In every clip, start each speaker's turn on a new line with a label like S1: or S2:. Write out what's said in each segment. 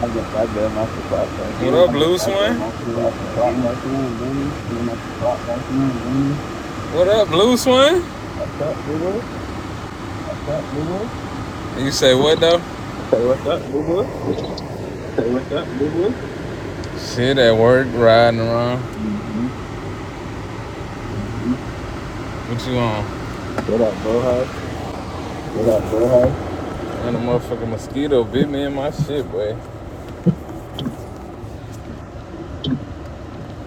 S1: I bet I better must have clocked back
S2: What
S1: in.
S2: up, Blue Swin?
S1: He must have clocked back in, did
S2: What up, Blue Swin?
S1: What's up, boo boo?
S2: You say what though?
S1: I said, what's up, boo boo?
S2: What's up, Blue? Shit at work, riding around.
S1: Mm-hmm.
S2: What you on?
S1: What up, bro?
S2: What up, bro? And a motherfucking mosquito bit me in my shit, boy.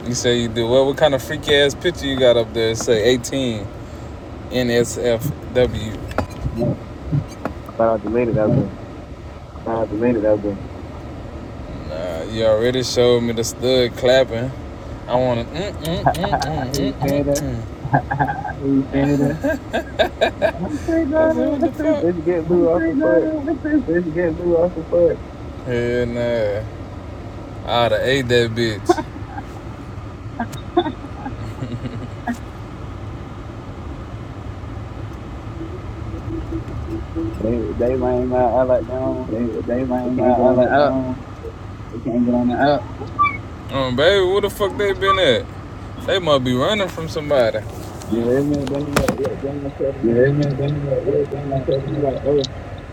S2: You say you do what? What kind of freaky ass picture you got up there? It Say 18 NSFW.
S1: Oh, I thought I deleted that bro.
S2: deleted that one. Nah, you already showed me the stud clapping. I wanna mm mm mm mm mm
S1: you saying
S2: mm
S1: that?
S2: mm. Blue Canada.
S1: I am saying
S2: I said,
S1: that.
S2: what the fuck?
S1: Let's get
S2: I'm
S1: blue off the
S2: saying, nah,
S1: foot.
S2: what's this? Let's get blue off the fuck. Hell nah. I'd ate that bitch.
S1: They, they lame out. I like them.
S2: They, they
S1: They
S2: like my,
S1: can't get
S2: I
S1: on the
S2: like
S1: up.
S2: them. They can't get on the app. Um, baby, where the fuck they been at? They must be running from somebody.
S1: You hear me? Then they look, look, then I tell the
S2: Yeah,
S1: nigga,
S2: they been, they been like, yeah, they
S1: hey, I'm
S2: been like,
S1: like, he like,
S2: nigga,
S1: hey,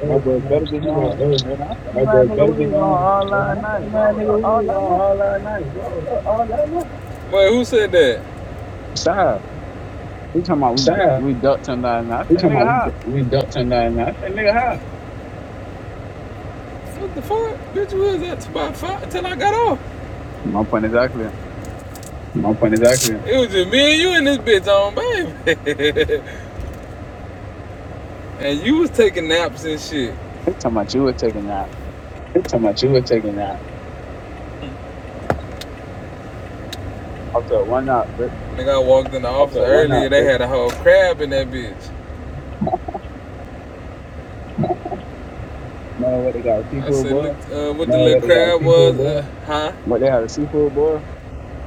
S1: my boy better be
S2: he
S1: on.
S2: like,
S1: Man, I
S2: oh,
S1: said,
S2: my
S1: my
S2: boy
S1: nigga,
S2: better
S1: we
S2: be
S1: was on
S2: gone.
S1: all
S2: And I
S1: last night. Bro,
S2: about a
S1: all
S2: nigga, we
S1: all
S2: was
S1: last
S2: on
S1: night.
S2: all our night, bro, all our night. Wait, who said that?
S1: Stop. He talking about we
S2: Sam.
S1: we ducked him last night. I
S2: We
S1: said,
S2: talking
S1: nigga, how?
S2: about we, we ducked ten dollars. I said, nigga, how? What the fuck? Bitch, we was at about five till I got off.
S1: My point exactly.
S2: My point exactly. It was just me and you and this bitch on, baby. and you was taking naps and shit.
S1: He talking about you were taking that.
S2: He talking about you were taking naps.
S1: I said, why not? But
S2: Nigga, I walked in the office earlier. They had a whole crab in that bitch.
S1: know what they got? a
S2: I
S1: Seafood
S2: said,
S1: boy.
S2: look, uh, what the little crab was, uh, huh?
S1: What they had a seafood boy?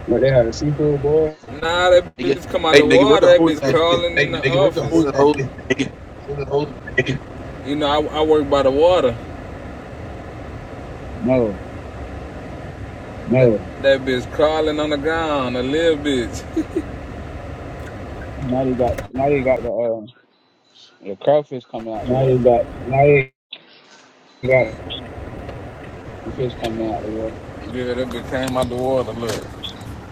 S2: But they had a seafood boy. Nah, that
S3: Nigga,
S2: bitch come out
S3: hey
S2: the
S3: nigga, where
S2: water.
S3: the
S2: That
S3: hoes
S2: bitch
S3: at? Nigga,
S2: crawling in the office.
S3: where the hoes at? Nigga,
S2: You know, I, I work by the water.
S1: No.
S2: No, That bitch crawling on the ground, a little bitch.
S1: Now they got now they got the uh, the crawfish coming out the
S2: now you
S1: water.
S2: got now you got the fish coming out of the water. Yeah, that bitch came out the water, look.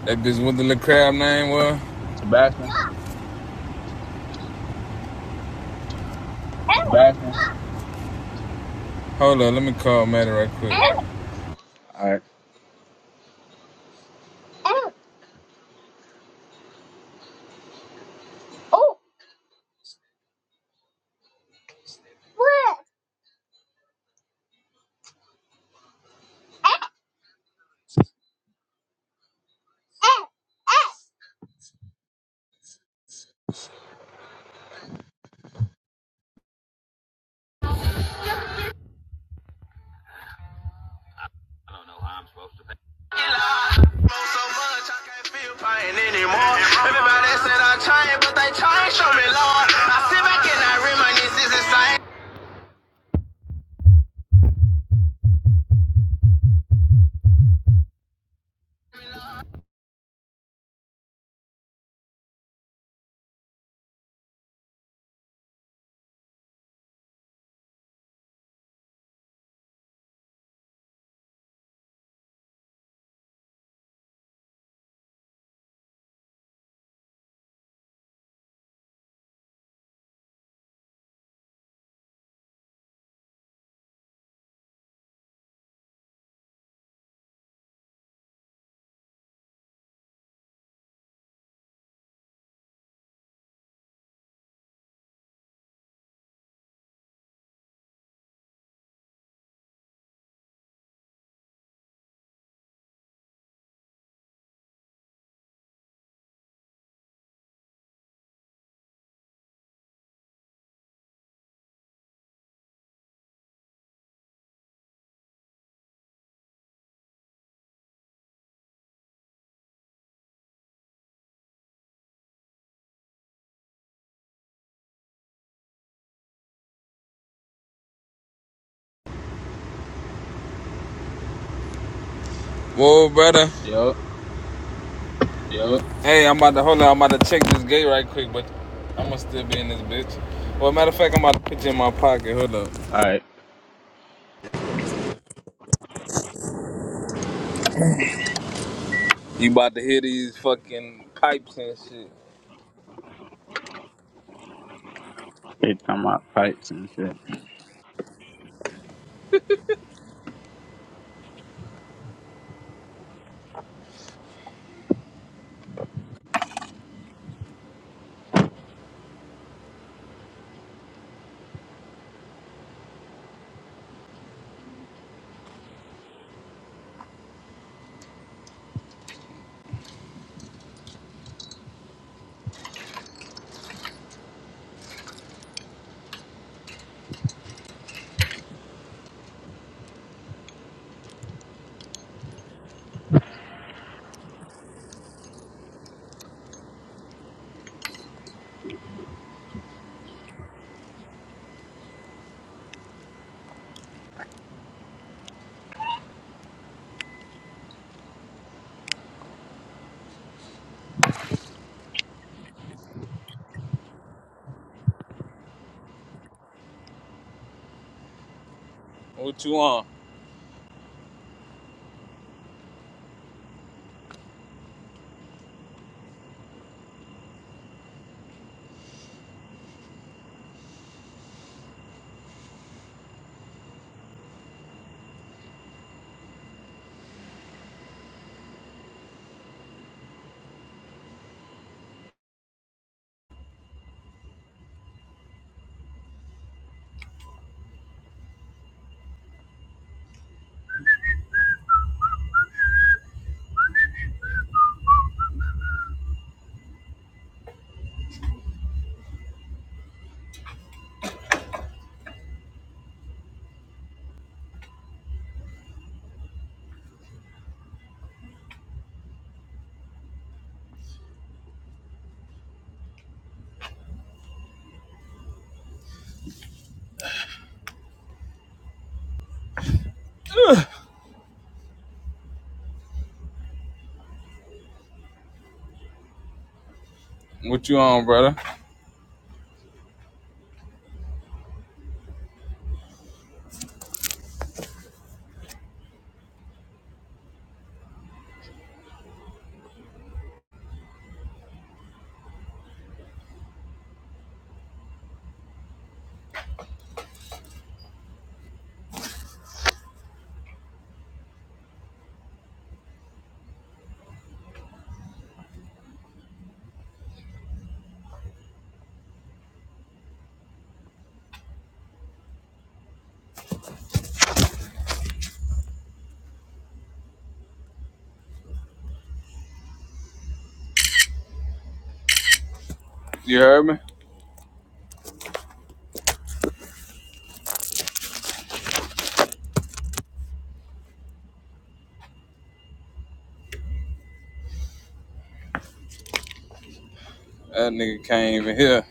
S2: That bitch, what the little crab name was?
S1: Sebastian.
S2: Tobacco. Hold up, let me call Maddie right quick.
S1: All right.
S2: Whoa, brother.
S1: Yo.
S2: Yo. Hey, I'm about to, hold on, I'm about to check this gate right quick, but I'm gonna still be in this bitch. Well, matter of fact, I'm about to put you in my pocket, hold up.
S1: All right.
S2: You about to hear these fucking pipes and shit.
S1: They talking about fights and shit.
S2: What you on? Ugh. What you on, brother? You heard me? That nigga can't even hear.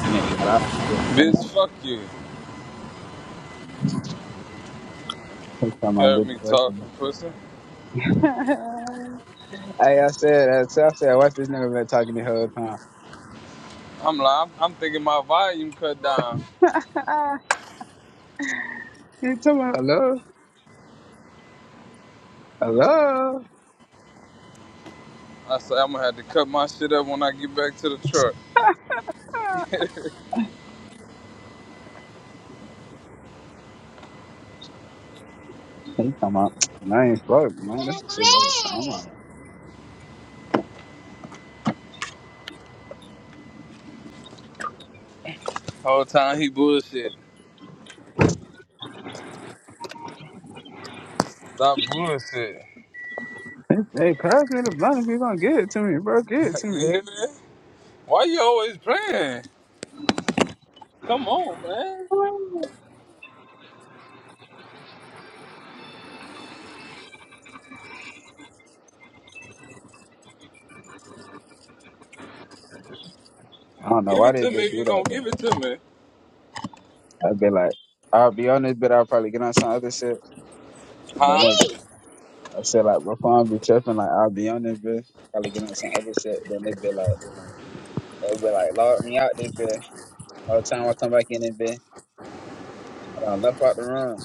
S1: And they got out shit funny.
S2: Bitch, fuck you.
S1: They talking about
S2: Heard
S1: good
S2: me
S1: twerking.
S2: talking, pussy.
S1: hey, I said, I said, I said, watch this nigga been talking the whole time.
S2: I'm like, I'm, I'm thinking my volume cut down.
S1: Ah, He talking about, hello, hello.
S2: I said, I'm gonna have to cut my shit up when I get back to the truck.
S1: He talking about, man, I ain't fuck, man. This shit I was- I'm like,
S2: Whole time he bullshit. Stop bullshit.
S1: Hey, pass me the blunt if you gonna get it to me, bro. Get it to
S2: you
S1: me.
S2: hear me? Why you always playing? Come on, man.
S1: I don't know
S2: Give
S1: why
S2: it
S1: they
S2: to me
S1: been
S2: if
S1: do
S2: you gonna
S1: that,
S2: give
S1: though.
S2: it to me.
S1: I'd be like, I'll be on this, but I'll probably get on some other shit. And then
S2: Huh?
S1: like, I said, like, before I be tripping, like, I'll be on this, bitch, probably get on some other shit. Then they be like, It be like locked me out this bit. All the time I come back in this bit, I done left out the room.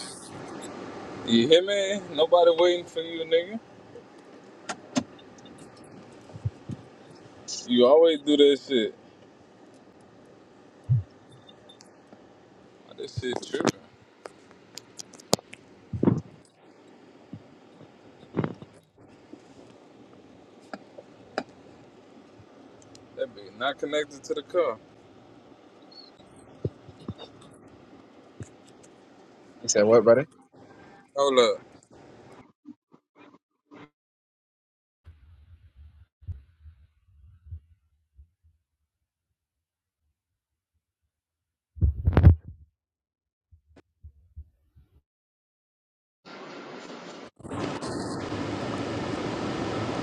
S2: You hear me? Nobody waiting for you, nigga. You always do that shit. This shit tripping. That bitch not connected to the car.
S1: He said, "What, brother?"
S2: Hold up.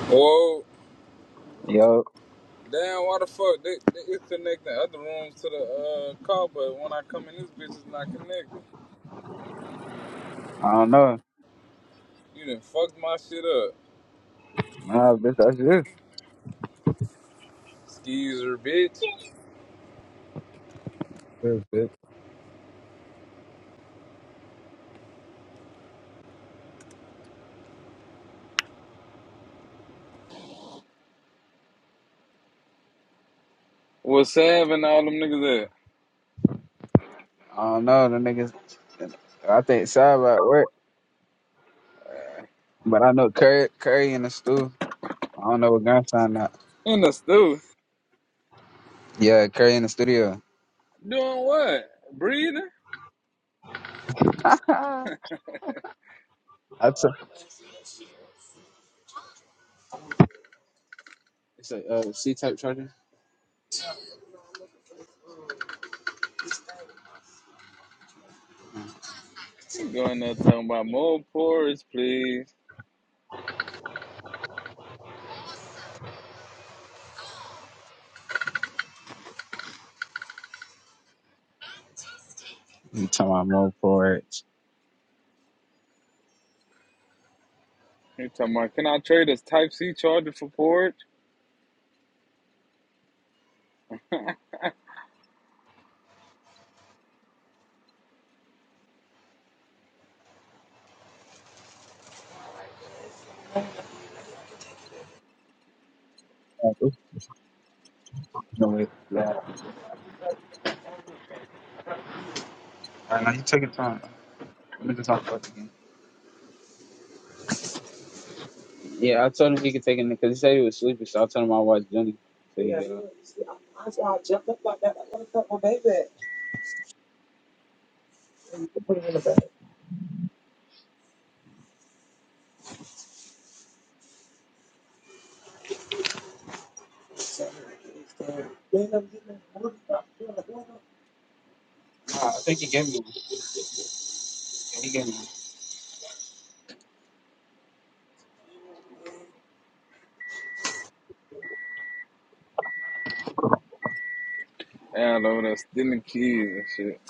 S2: Whoa.
S1: Yo,
S2: Damn, why the fuck they, they is connecting other rooms to the uh, car, but when I come in, this bitch is not connecting.
S1: I don't know.
S2: You done fucked my shit up,
S1: Nah, bitch, that's it.
S2: skeezer bitch.
S1: That's it.
S2: What's Sav and all them niggas at?
S1: I don't know. The niggas, I think side about work, but I know Curry, Curry in the stew. I don't know what gun sign that.
S2: In the stew.
S1: Yeah, Curry in the studio.
S2: Doing what? Breathing?
S1: That's a. It's a uh, C-type charger.
S2: He going there talking about more porridge, please.
S1: You talking about more ports?
S2: He talking about, can I trade this Type C charger for porridge?
S1: No way. Yeah. All right, now you take your time. Let me just talk about the game. Yeah, I told him he could take it because he said he was sleepy, so I told him I watched Johnny. So yeah.
S2: And over there stealing keys and shit.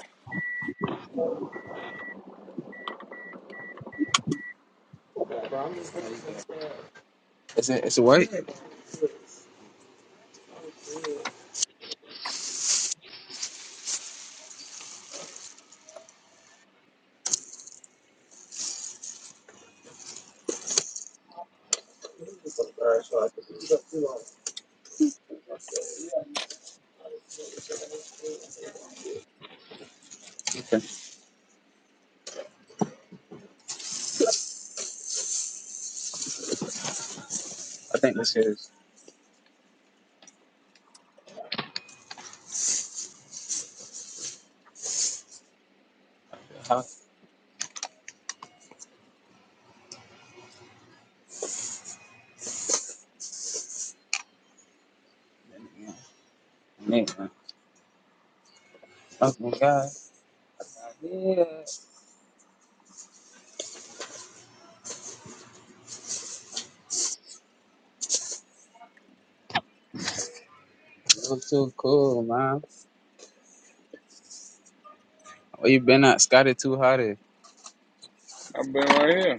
S1: Is it? Is it white? Okay. I think this is. Oh man. Oh my god. Yeah. You're too cool, man. Where you been at? Scotty too hot. eh?
S2: I've been right here.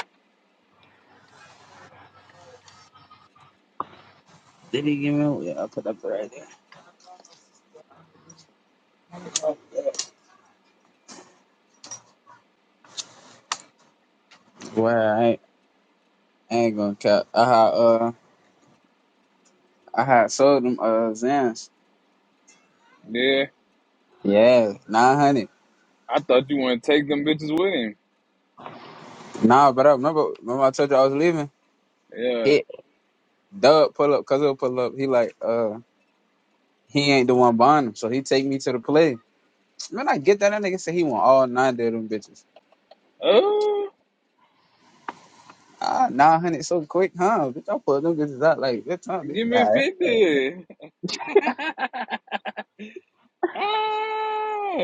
S1: Did he give me? Yeah, I put up right there. Well, I ain't, I ain't gonna cap. I had uh, I had sold them uh Zans.
S2: Yeah,
S1: Yeah, nine hundred.
S2: I thought you want to take them bitches with him.
S1: Nah, but I remember. Remember I told you I was leaving.
S2: Yeah.
S1: He Doug pull up, because pull up. He like uh. He ain't the one buying them, so he take me to the play. Man, I get that. That nigga said he want all nine of them bitches.
S2: Oh.
S1: Ah, 900 so quick, huh? Bitch, I pulled them bitches out like that time. Bitch,
S2: Give me
S1: all right.
S2: 50. ah,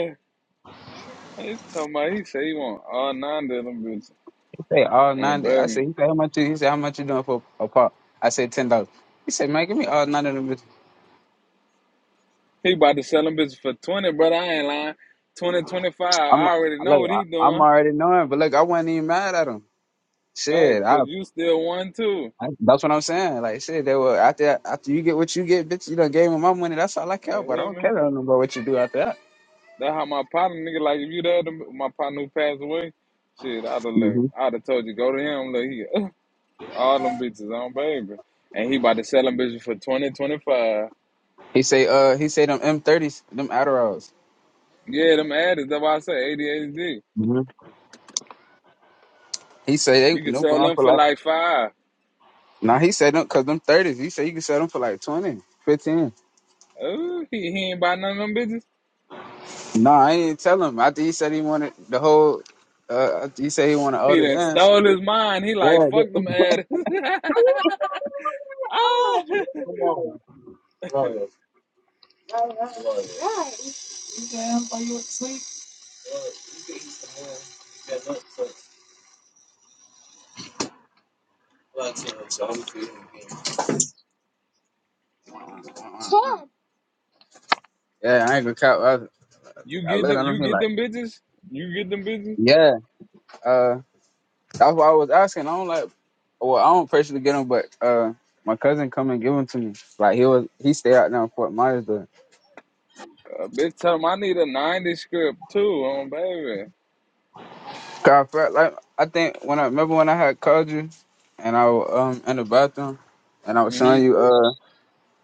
S2: he talking about he say he want all nine of them bitches.
S1: He said, all
S2: On
S1: 90. I
S2: baby.
S1: said, he said, how much you, he said, how much you doing for a pop? I said, $10. He said, man, give me all 90 of them bitches.
S2: He about to sell them bitches for 20, brother. I ain't lying. 20 25.
S1: I'm,
S2: I already know
S1: look,
S2: what
S1: I,
S2: he
S1: I'm
S2: doing.
S1: already knowing, but look, I wasn't even mad at him.
S2: Facts,
S1: Shit, I,
S2: cause you still one too.
S1: I, that's what I'm saying. Like, shit, they were, after, after you get what you get, bitch, you done gave me my money. That's all I care
S2: You
S1: about. I
S2: hear
S1: don't
S2: me?
S1: care nothing about what you do after that.
S2: That's how my partner nigga like if you the other my partner who passed away, shit, I'd have
S1: hmm
S2: looked. I'd have told you go to him, look here. All them bitches on baby. And he about to sell them bitches for 20 25.
S1: He say, uh, he say them M30s, them Adderalls.
S2: Yeah, them addicts. That's why I say ADHD.
S1: hmm He say, they,
S2: You can
S1: no
S2: sell
S1: going
S2: them
S1: for
S2: for
S1: like
S2: like five.
S1: Nah, he said them because them thirties. He said you can sell them for like twenty, fifteen.
S2: Ooh, he, he ain't buy none of them bitches.
S1: 15. Nah, I didn't tell him. I think he said he wanted the whole. Uh, he said he wanted
S2: He
S1: older the
S2: done
S1: lens.
S2: stole his mind. He
S1: Yeah.
S2: like fuck them
S1: the-
S2: addicts. ah,
S1: Uh-uh. Yeah, I ain't gonna count. I,
S2: you
S1: I
S2: get
S1: looked
S2: them.
S1: at him.
S2: You
S1: He
S2: get
S1: like,
S2: them bitches. You get them bitches.
S1: yeah. Uh, that's why I was asking. I don't like. Well, I don't personally get them, but uh, my cousin come and give them to me. Like he was, he stay out now in Fort Myers.
S2: A bitch tell him I need a ninety script too, on baby.
S1: 'Cause I felt like I think when I remember when I had called you, and I was um in the bathroom, and I was showing
S2: Mhm.
S1: you uh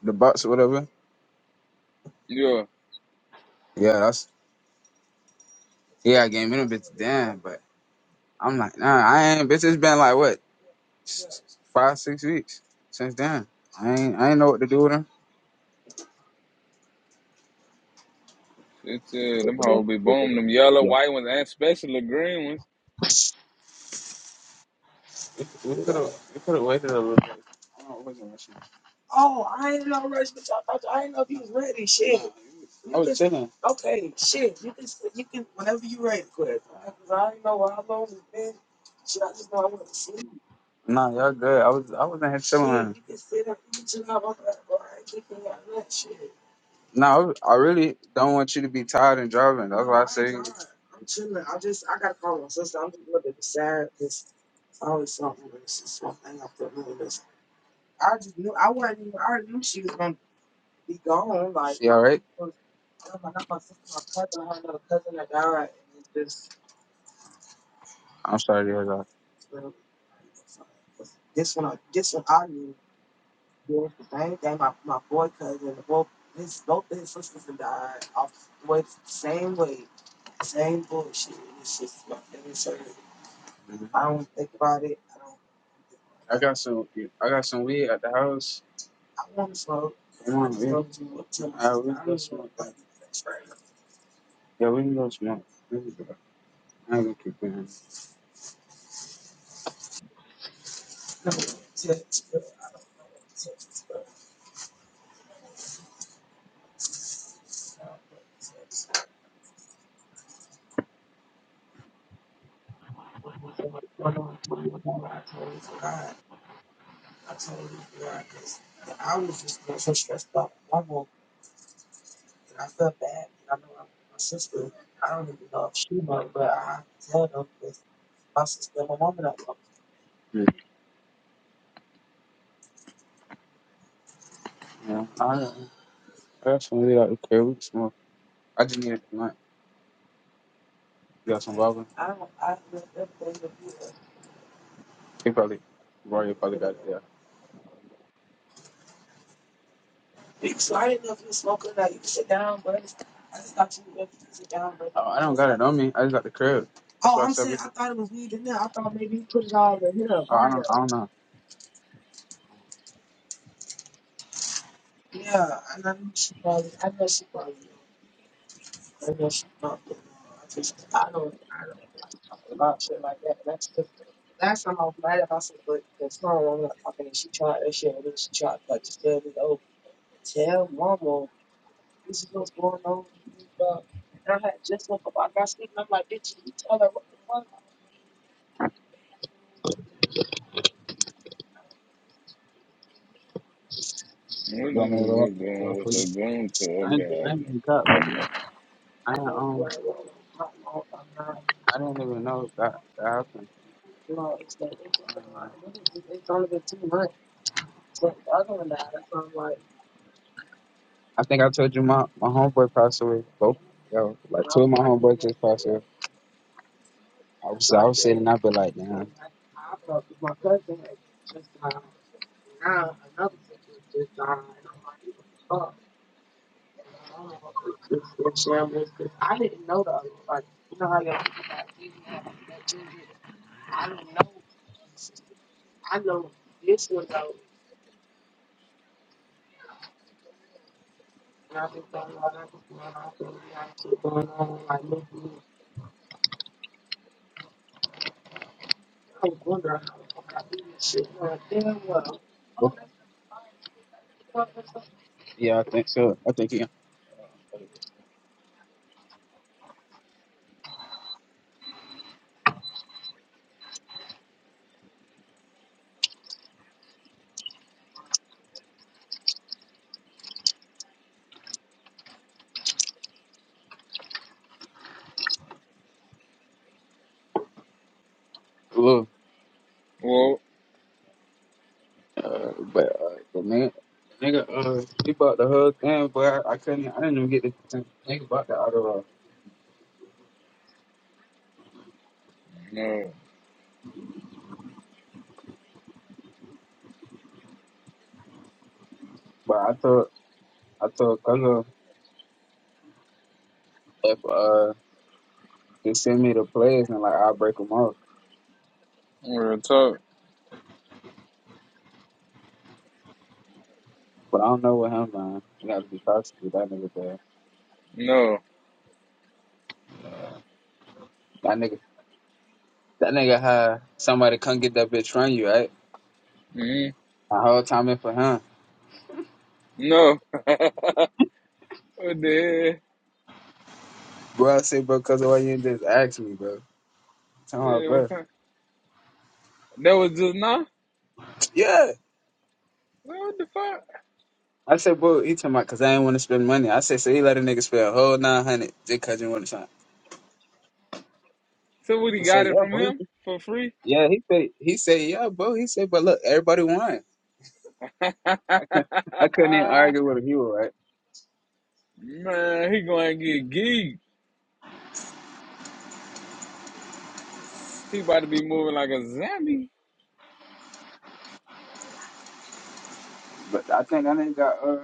S1: the box or whatever.
S2: Yeah.
S1: Yeah, that's yeah. I gave me the bitch then, but I'm like nah, I ain't bitch. It's been like what s- s- five six weeks since then. I ain't I ain't know what to do with him.
S2: It's uh, them hoes be boom. Them yellow, white ones, and special the green ones.
S1: You could have waited a little. I wasn't rushing. Feeling. Nah, y'all good. I was I wasn't. hit- Nah, I, was- I really don't want you to be tired and driving. You all right? I'm sorry to hear that. I got some I got some weed at the house. The Windows Month. I look at this. Yeah. I, I got some really like, okay, we smoke. I just need it tonight. You got some bubble? You probably, Roy you probably, got it, yeah. Oh, I don't got it on me. I just got the crib. I don't know.
S2: What
S1: You
S2: this
S1: want me to
S2: is
S1: go up?
S2: this
S1: Go
S2: going?
S1: up for
S2: What's
S1: you?
S2: it going to? Oh
S1: I ain't, I
S2: God.
S1: ain't even cut. I, ain't, um, I didn't even know that, that happened. I think I told you my, my homeboy passed away. Both, yo, like, my homeboy, I was out and I'd be like, damn. Yeah, I think so. I think he, look.
S2: Well,
S1: Uh, but uh, the man, the nigga, uh, he bought the whole thing, but I, I couldn't, I didn't even get the think about the auto.
S2: no.
S1: But I told, I told Kungo if uh, just send me the plays and like I'll break them off.
S2: Real talk.
S1: But I don't know what him man. You gotta be cautious with that nigga there.
S2: No.
S1: That nigga, that nigga had somebody come get that bitch from you, right?
S2: mm
S1: The whole time in for him,
S2: No. What the hell?
S1: bro. I said, bro, cause why you didn't just ask me, bro? Tell my
S2: Yeah, what
S1: bro,
S2: kind? That was just now?
S1: yeah.
S2: What the fuck?
S1: I said, bro, he talking about, cause I ain't want to spend money. I said, so he let a nigga spend a whole nine hundred just cause you want to.
S2: Somebody
S1: He said,
S2: got it
S1: "Yeah,
S2: from
S1: bro."
S2: him for free?
S1: Yeah, he said, he said, "Yeah, bro." He said, "But look, everybody won."
S2: Man,
S1: I couldn't, I couldn't even argue with him. You were right,
S2: he going to get geeked. He about to be moving like a zombie.
S1: but I think I nigga got uh,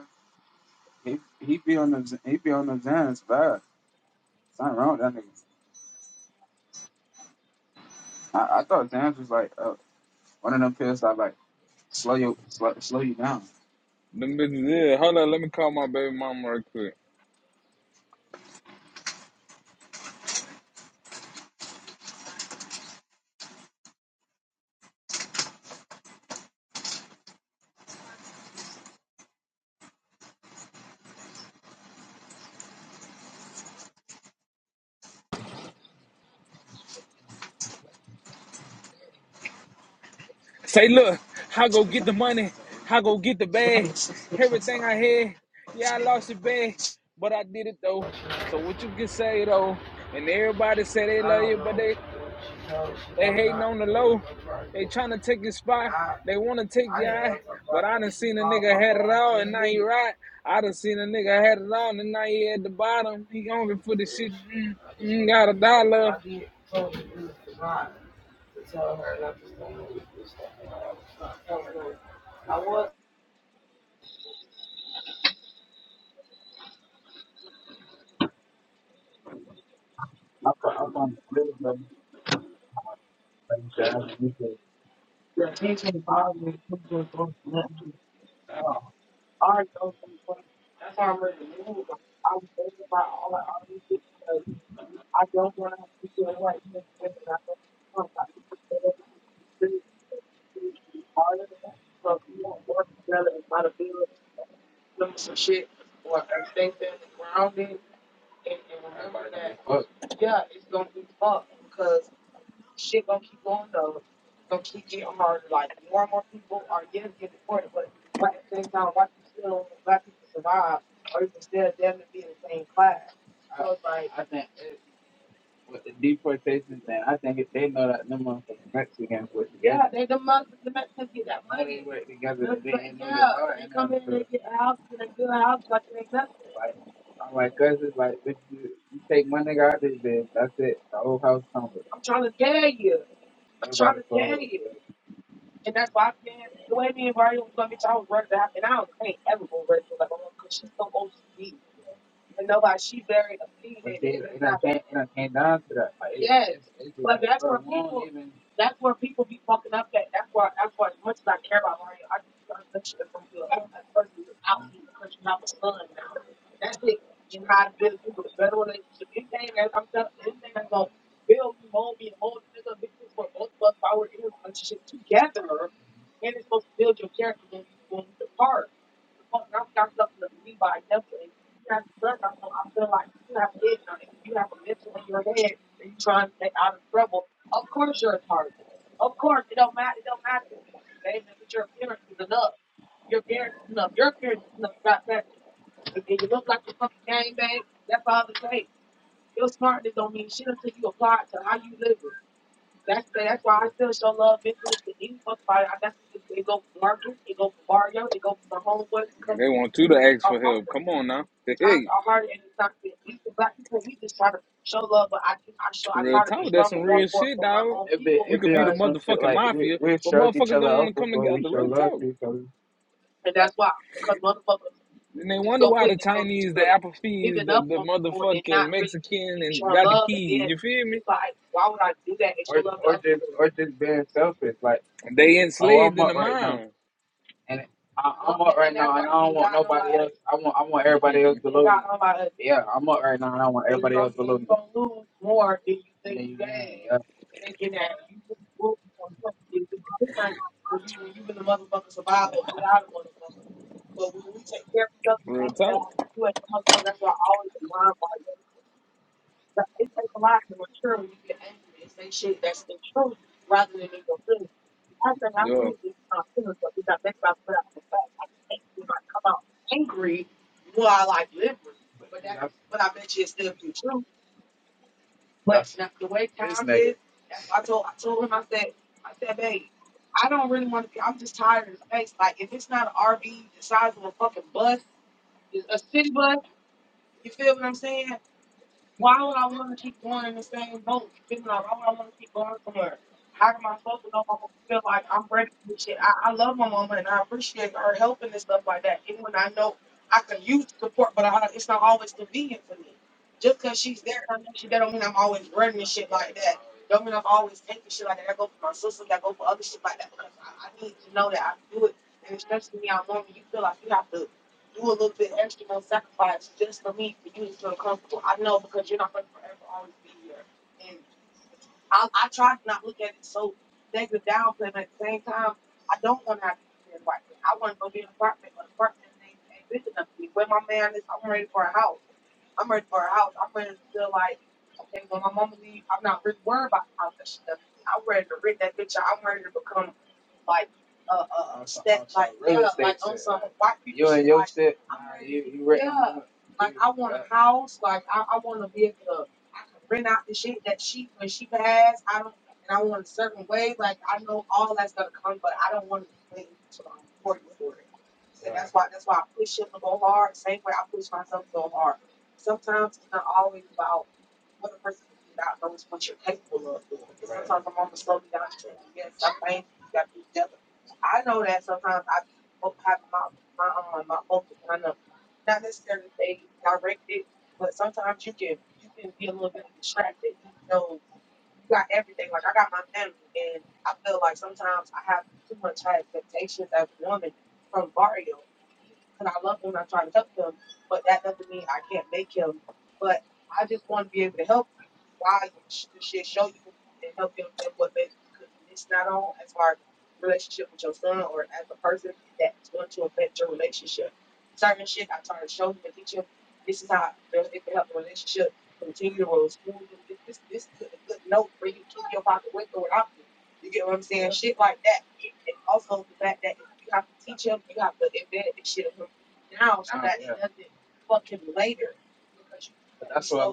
S1: he he be on the he be on the Zans vibe. Something wrong with that nigga. I, I thought Zans was like uh, one of them pills that like slow you slow, slow you down.
S2: Them bitches, yeah. Hold on, let me call my baby mama right quick. Say, look, I go
S1: I
S2: get
S1: thought-
S2: the money. I go get the bag. Everything I had. Yeah, I lost it bad, but I did it though. So what you can say though, and everybody say they love you, but they They hating on the low. They trying to take your spot. They want to take your eye. But I done seen a nigga had it all and now he right. I done seen a nigga had it all and now he at the bottom. He hungry for the shit. Mm, mm, got a dollar.
S1: I thought the pills that like, Zans, you said, But I think it, with the deportation thing, I think if they know that them motherfucking Mexicans with the gas. Like, I'm like, cuz it's like, bitch, you, you take one nigga out this bitch, that's it. The whole house tumble. And, and I came down to that. Like, it's, it's even
S2: They want you to ask for help. Come on now. Hey, real talk. That's some real shit, dog. We could be the
S1: some shit
S2: motherfucking
S1: like, we,
S2: mafia,
S1: we
S2: but
S1: stroke each
S2: motherfuckers
S1: other
S2: don't want
S1: up
S2: to come
S1: before we
S2: together.
S1: show
S2: Real
S1: love
S2: talk.
S1: to each other.
S2: And they wonder why the Chinese, the Applebee's, the, the motherfucking Mexican, and got the keys. You feel me?
S1: Just, or just being selfish. Like,
S2: They
S1: oh, I'm
S2: enslaved in
S1: up
S2: the
S1: right now.
S2: mind.
S1: And I, I want I want everybody else, but yeah, I'm up right now. And I want everybody
S2: Real talk. Yeah.
S1: else. That's it. You, you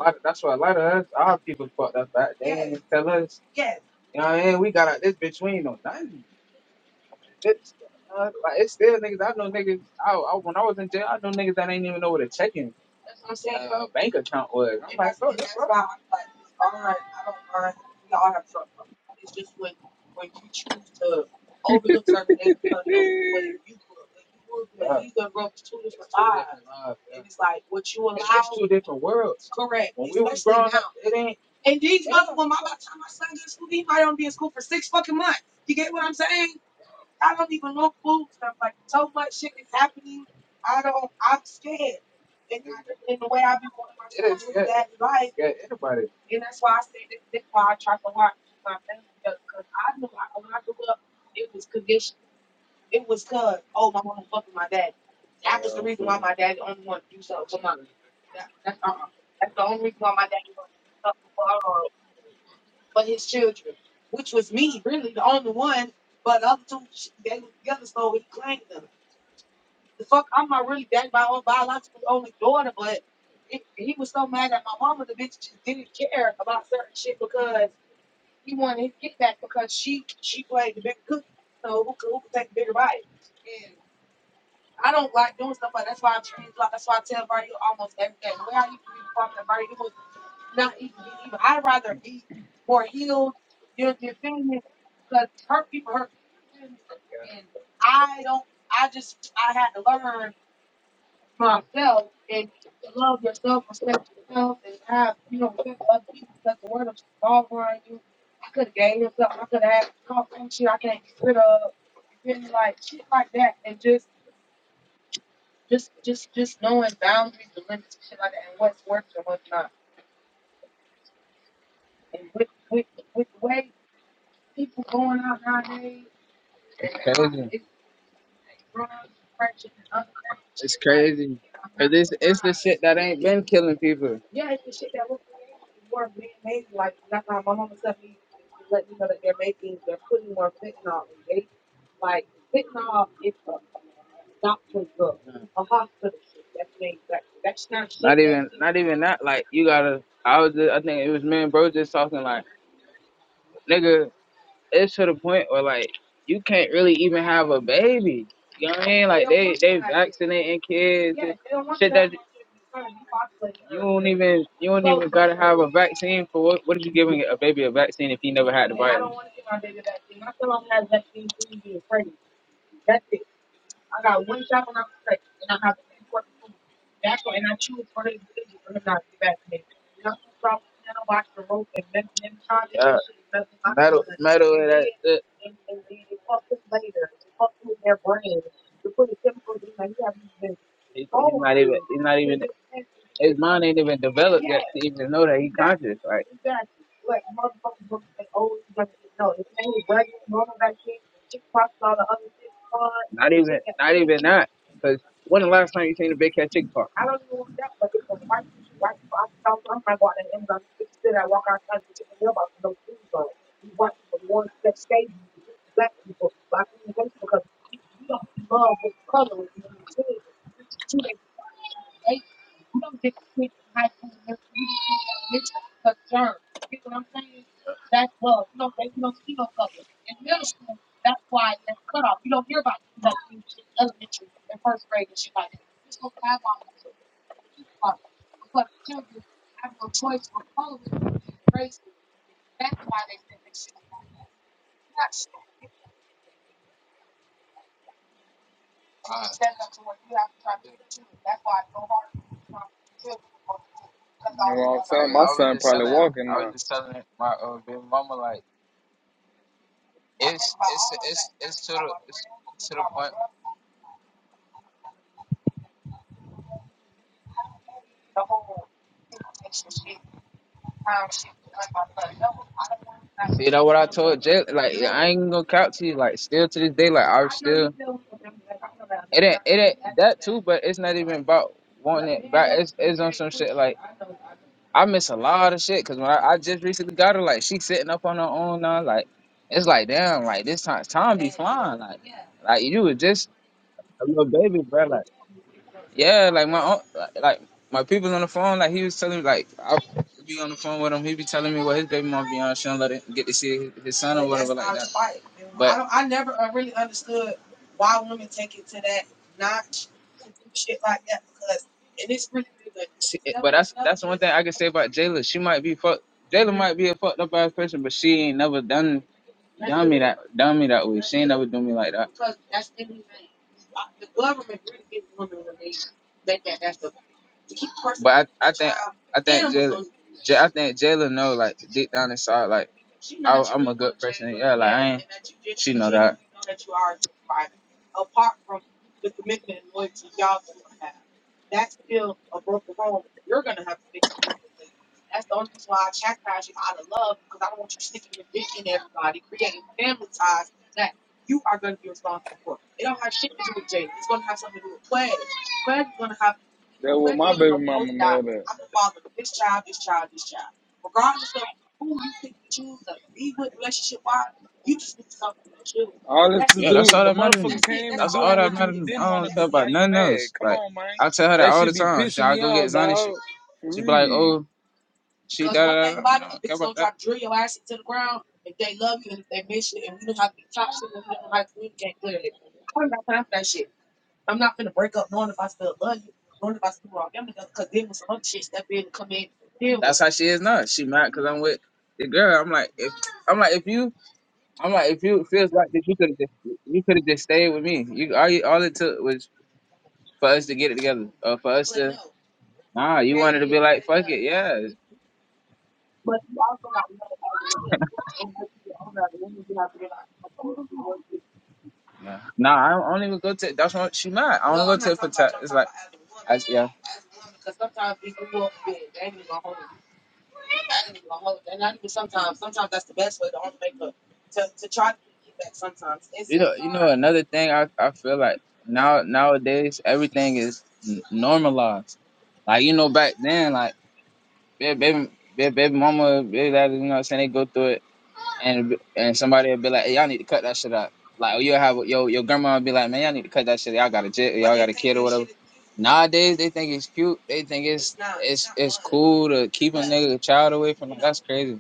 S1: I- that's why a lot of us, our people fucked up. Back. Tell us, you know what I mean? We got out this bitch. We ain't know nothing. It's, uh, like, it's still niggas. I know niggas. I, I when I was in jail, I know niggas that ain't even know what a checking a bank account was.
S2: you
S1: Uh, two different worlds. It ain't got anybody.
S2: know
S1: Crazy, crazy. That ain't been killing people. Even that, like, you gotta. I was. Just, I think it was me and bro just talking. Like, nigga, it's to the point where like you can't really even have a baby. You know what I mean? Like, And, and kids, even you want vaccine for what? What are you giving a baby a vaccine if he never had? it? His mind ain't even developed. to even know that he gorgeous. Like, not even that. Because when the last time you seen a big cat chicken park?
S2: what I'm saying? My son probably walking now.
S1: Just telling my uh, big mama, like, it's it's to, to jail. Like, I ain't gonna count to you. Like, still to this day, like, I do, but it's not even about wanting It's, it's on shit. Like, I miss a lot of shit. Because when I, I just recently got her, like, she sitting up on her own now. Like, it's like, damn, like, this time, time be flying. Like, like you was just a little baby, bro. like. Yeah, like my own, like like, my people's on the phone. Like he was telling me, like I be on the phone with him. He be telling me what his baby mom be on. She don't let it get to see his, his son. I can say about Jayla, she might be fucked. Jayla might be a fucked up ass person, but she ain't never done that, done me that way. Never do me like that. But I, I, I think, I think Jayla know, like deep down inside, like
S2: That what my baby mama mad at. All this to do,
S1: that's all
S2: the
S1: that matters
S2: motherfucker came and doing what you didn't want to do. Now
S1: about
S2: you
S1: nothing
S2: mad.
S1: else.
S2: Come
S1: Like
S2: on, man.
S1: I tell her that
S2: That
S1: all the
S2: should be
S1: time. She,
S2: pissing
S1: I
S2: me
S1: go get
S2: off,
S1: Zani. She,
S2: dog. For
S1: she be like,
S2: real.
S1: oh, she. That's how she is now. She mad because I'm with the girl. I'm like, if I'm like, if you I'm like, if you it feels like this, you could have just you could have just stayed with me. You all, you all it took was for us to get it together. Uh, for us, nah, you yeah, yeah. nah. Nah, I don't, I don't even go to. That's what she mad. I yeah. Oh, Another thing, I I feel like now nowadays everything is n- normalized. Like you know, back then, like ba- baby, baby, baby mama, baby daddy, you know what I'm saying? They go through it, and and somebody will be like, "Hey, y'all need to cut that shit out." Like you'll have your your grandma would be like, "Man, y'all need to cut that shit. Y'all got a jet. Nowadays they think it's cute. They think it's cool to keep child away from. That's crazy.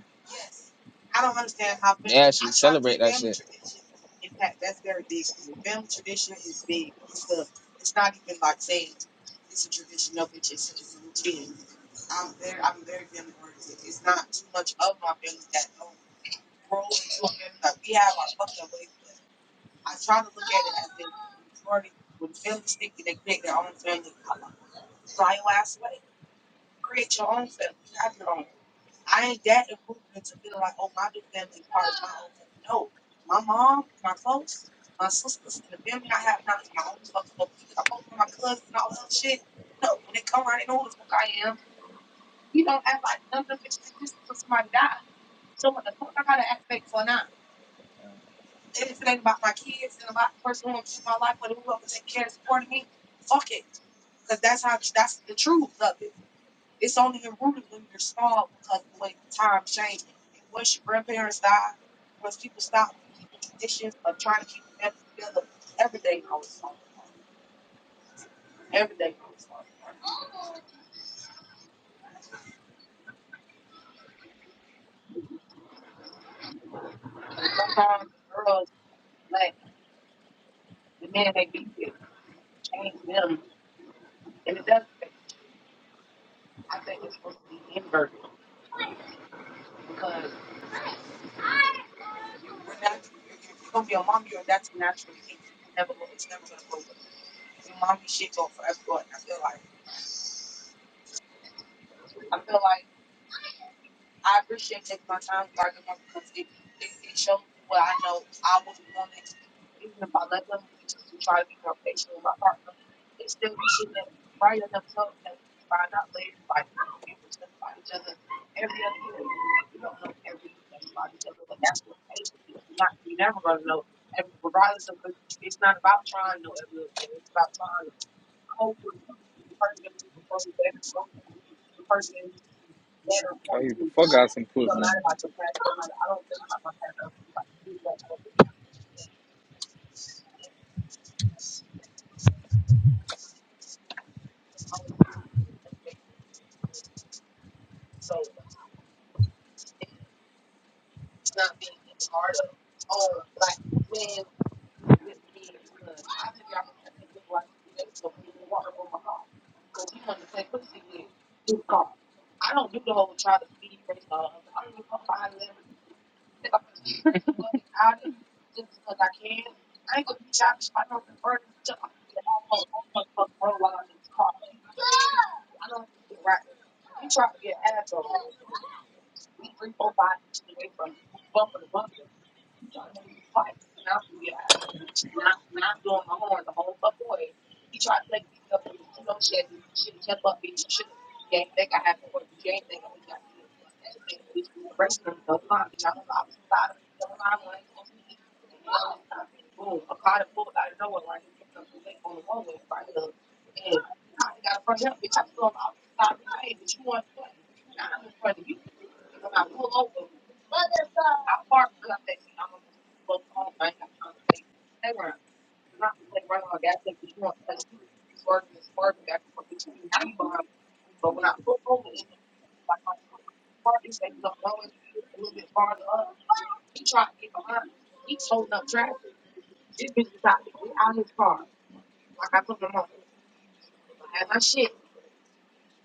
S2: I eat the fuck out some pussy.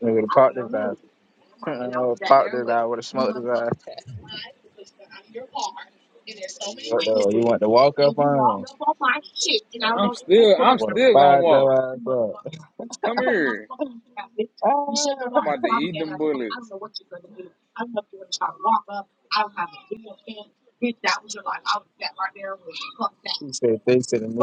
S1: Nigga, the with a smash. You want to walk
S2: I'm still, I'm still gonna walk. Come here.
S1: Ah,
S2: I'm about to eat them bullets.
S1: She said three to the knees.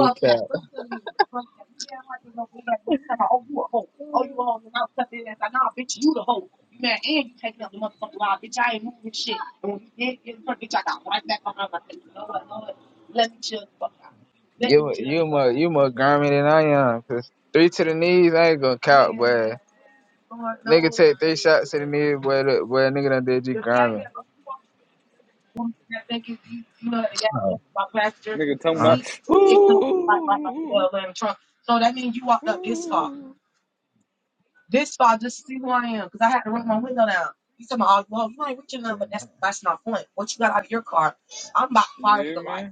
S1: You more, you more garmy than I am. 'cause three to the knees, I ain't gonna count. Three to the knees, where the where a nigga done did
S2: Nigga talking about, ooh, ooh, ooh. Yeah, man.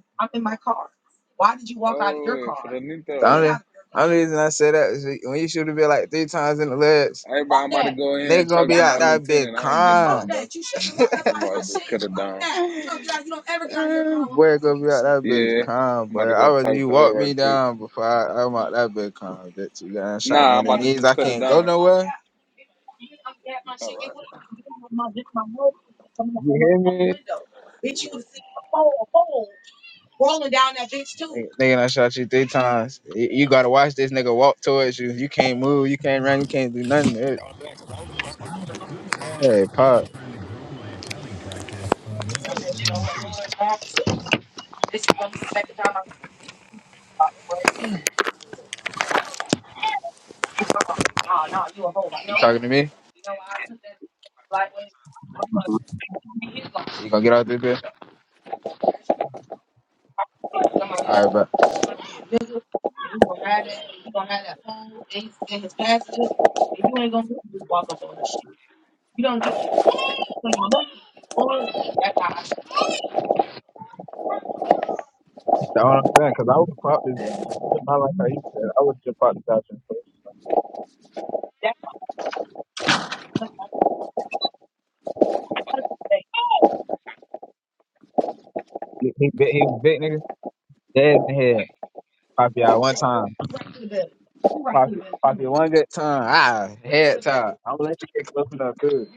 S2: Oh, wait,
S1: The only,
S2: Frenito.
S1: only reason I say that is when you shoot a bit like three times in the legs,
S2: Hey, bro, I'm about to go
S1: and
S2: in
S1: they
S2: and
S1: gonna
S2: talk to my
S1: out that bitch
S2: lieutenant. I ain't
S1: calm.
S2: getting off, though. I'm about to cut it down.
S1: Boy, gonna be that bitch
S2: Yeah,
S1: calm,
S2: I'm
S1: boy.
S2: about to
S1: I
S2: go
S1: rather
S2: talk
S1: you
S2: to her
S1: walk me
S2: right quick.
S1: down before I, I'm out that bitch calm, bitch. You got shot
S2: Nah, I'm about to
S1: knees.
S2: just
S1: I
S2: cut
S1: can't.
S2: it down. All right.
S1: Nigga done shot you three times. Y- You gotta watch this nigga walk towards you. You can't move, you can't run, you can't do nothing. It- Yeah, pop. You know what I mean? You gonna get out this bitch? All right, bro. That's all I'm saying, cause I would pop this bitch. Like you said, I would just, he, he, big- he was big nigga, dead in the head. Pop you out one time. You One good time. Ah, head. I'm gonna let you get close enough, too.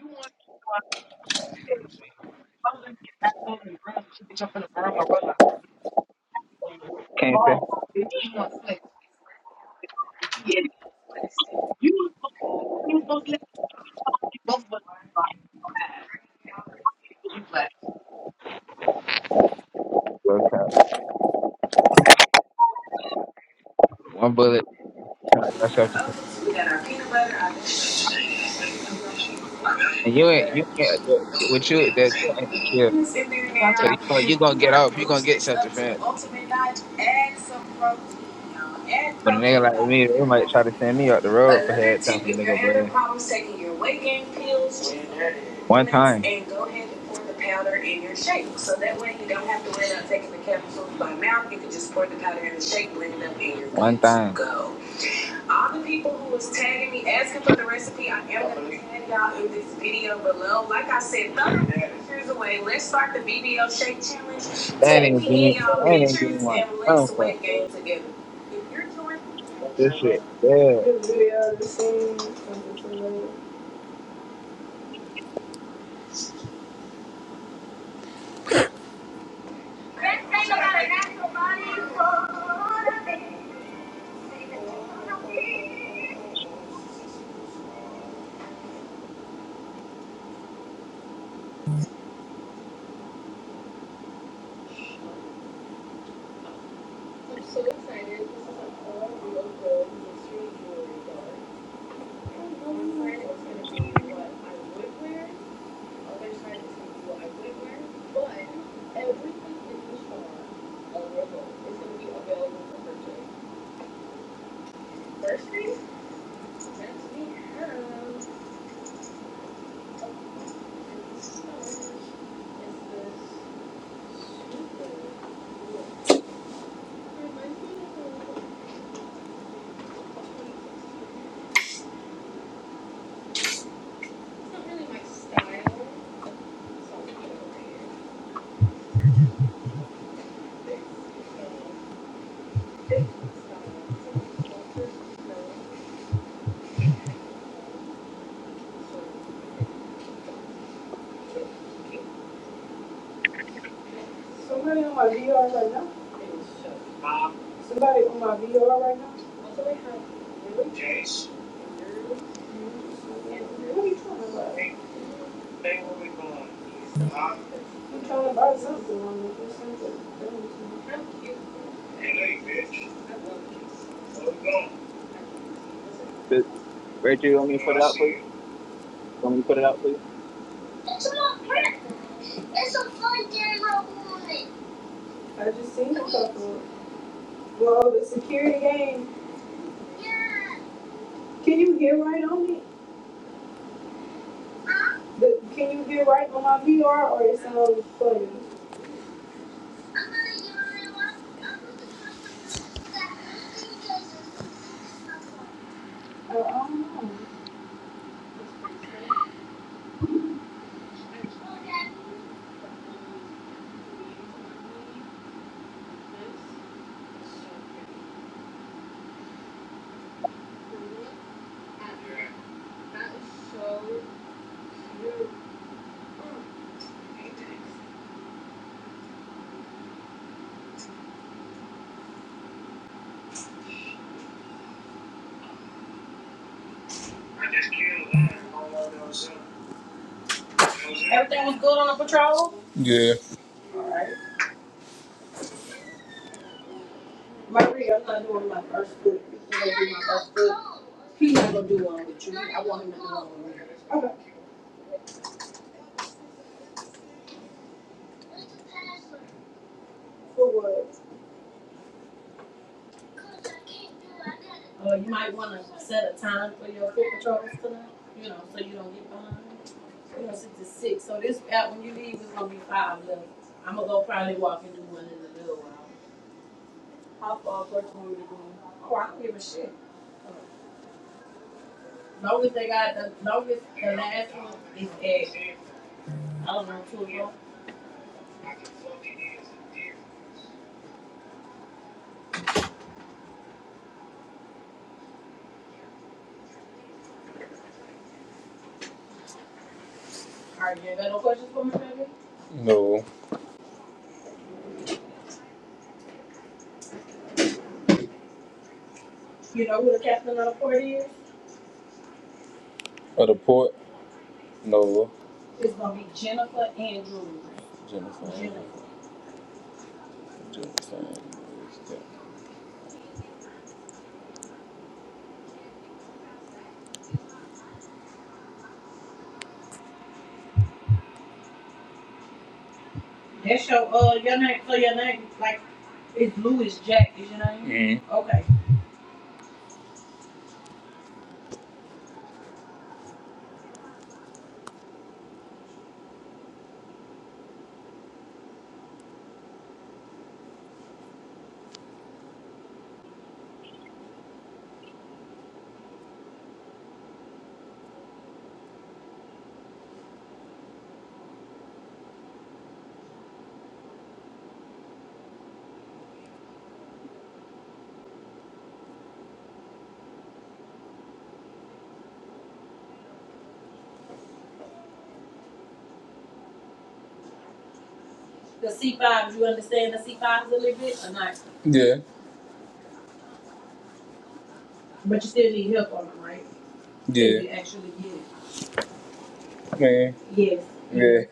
S1: Can't go cop. One bullet. That's self defense. And you ain't, you can't, with you, that that ain't the kill. So you, gonna- you gonna get off, you gonna get self defense. But a nigga like me, they might try to send me up the road for head tapping the nigga, but One time. One time. They ain't even give me, they ain't even give me my phone for it, bro. This shit, yeah. This, Reggie, you want me to put it out for you? You want me to put it out for you?
S2: Yeah. No. Or the port? No. Jennifer. Jennifer. Mm. Yeah. Yeah, man. Mm. Yeah.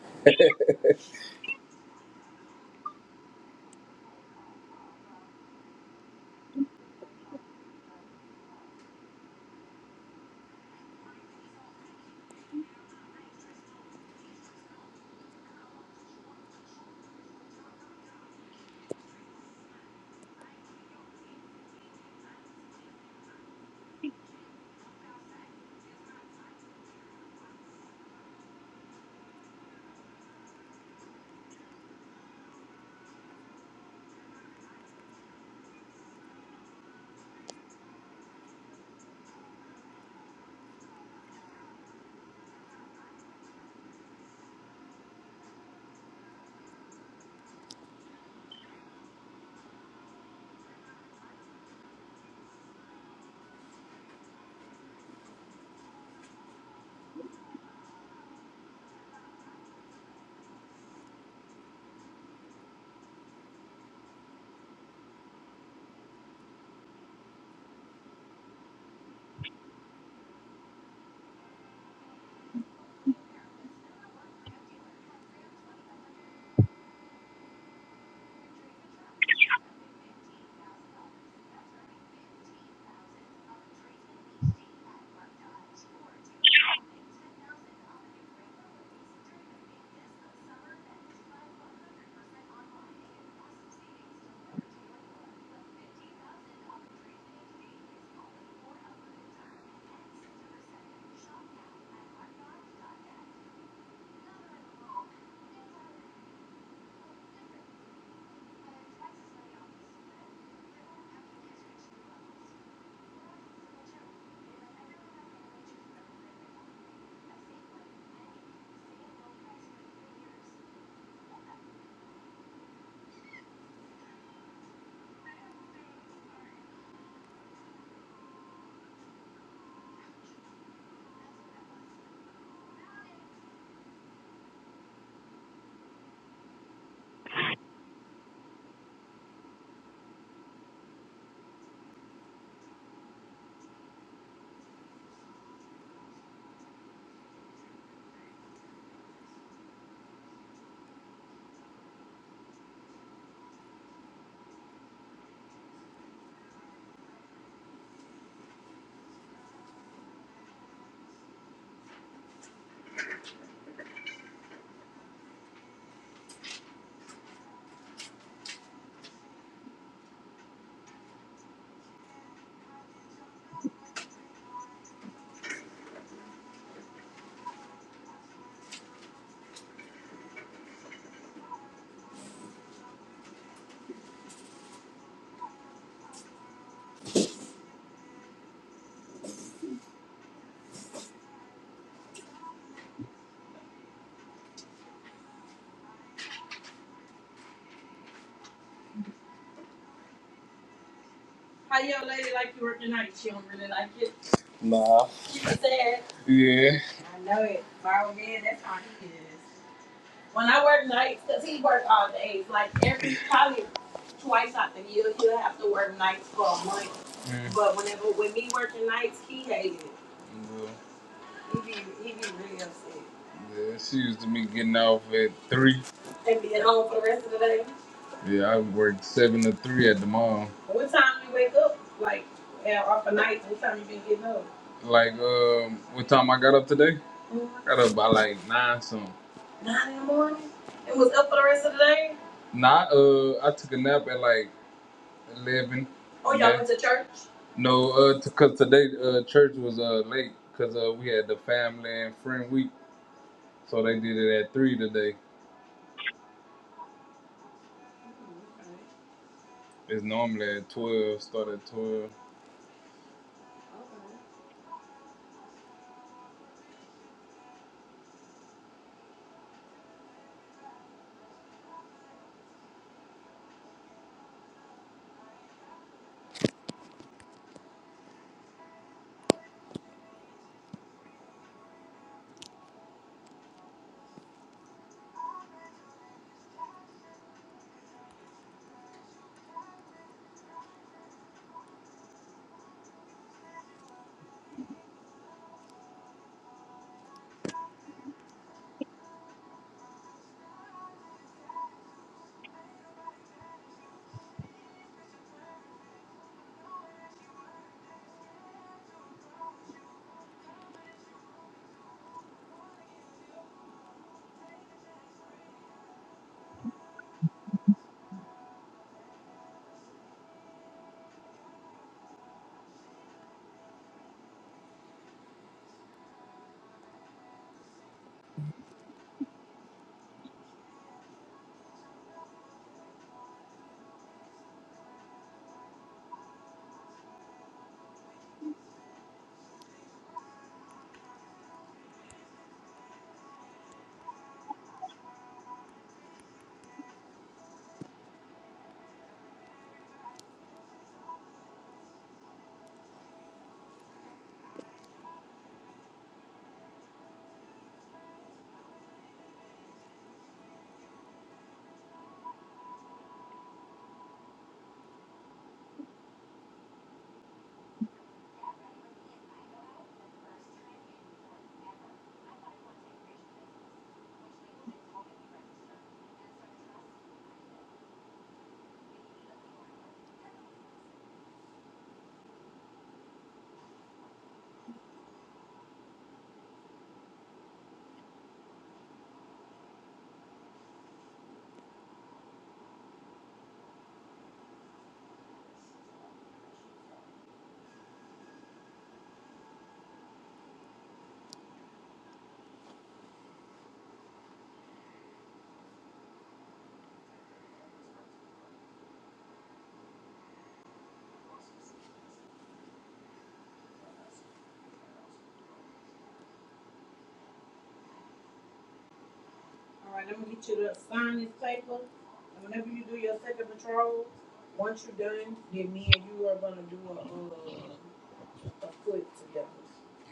S2: Nah. Yeah. Mm. Well, Yeah, she used to me getting off at three. Yeah, I worked seven to three at the mall. Like, um, what time I got up today? I got up by like nine something. Nah, uh, I took a nap at like eleven. No, uh, t- cause today uh church was uh late, cause uh we had the family and friend week, so they did it at three today. It's normally at twelve, start at twelve.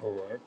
S2: All right.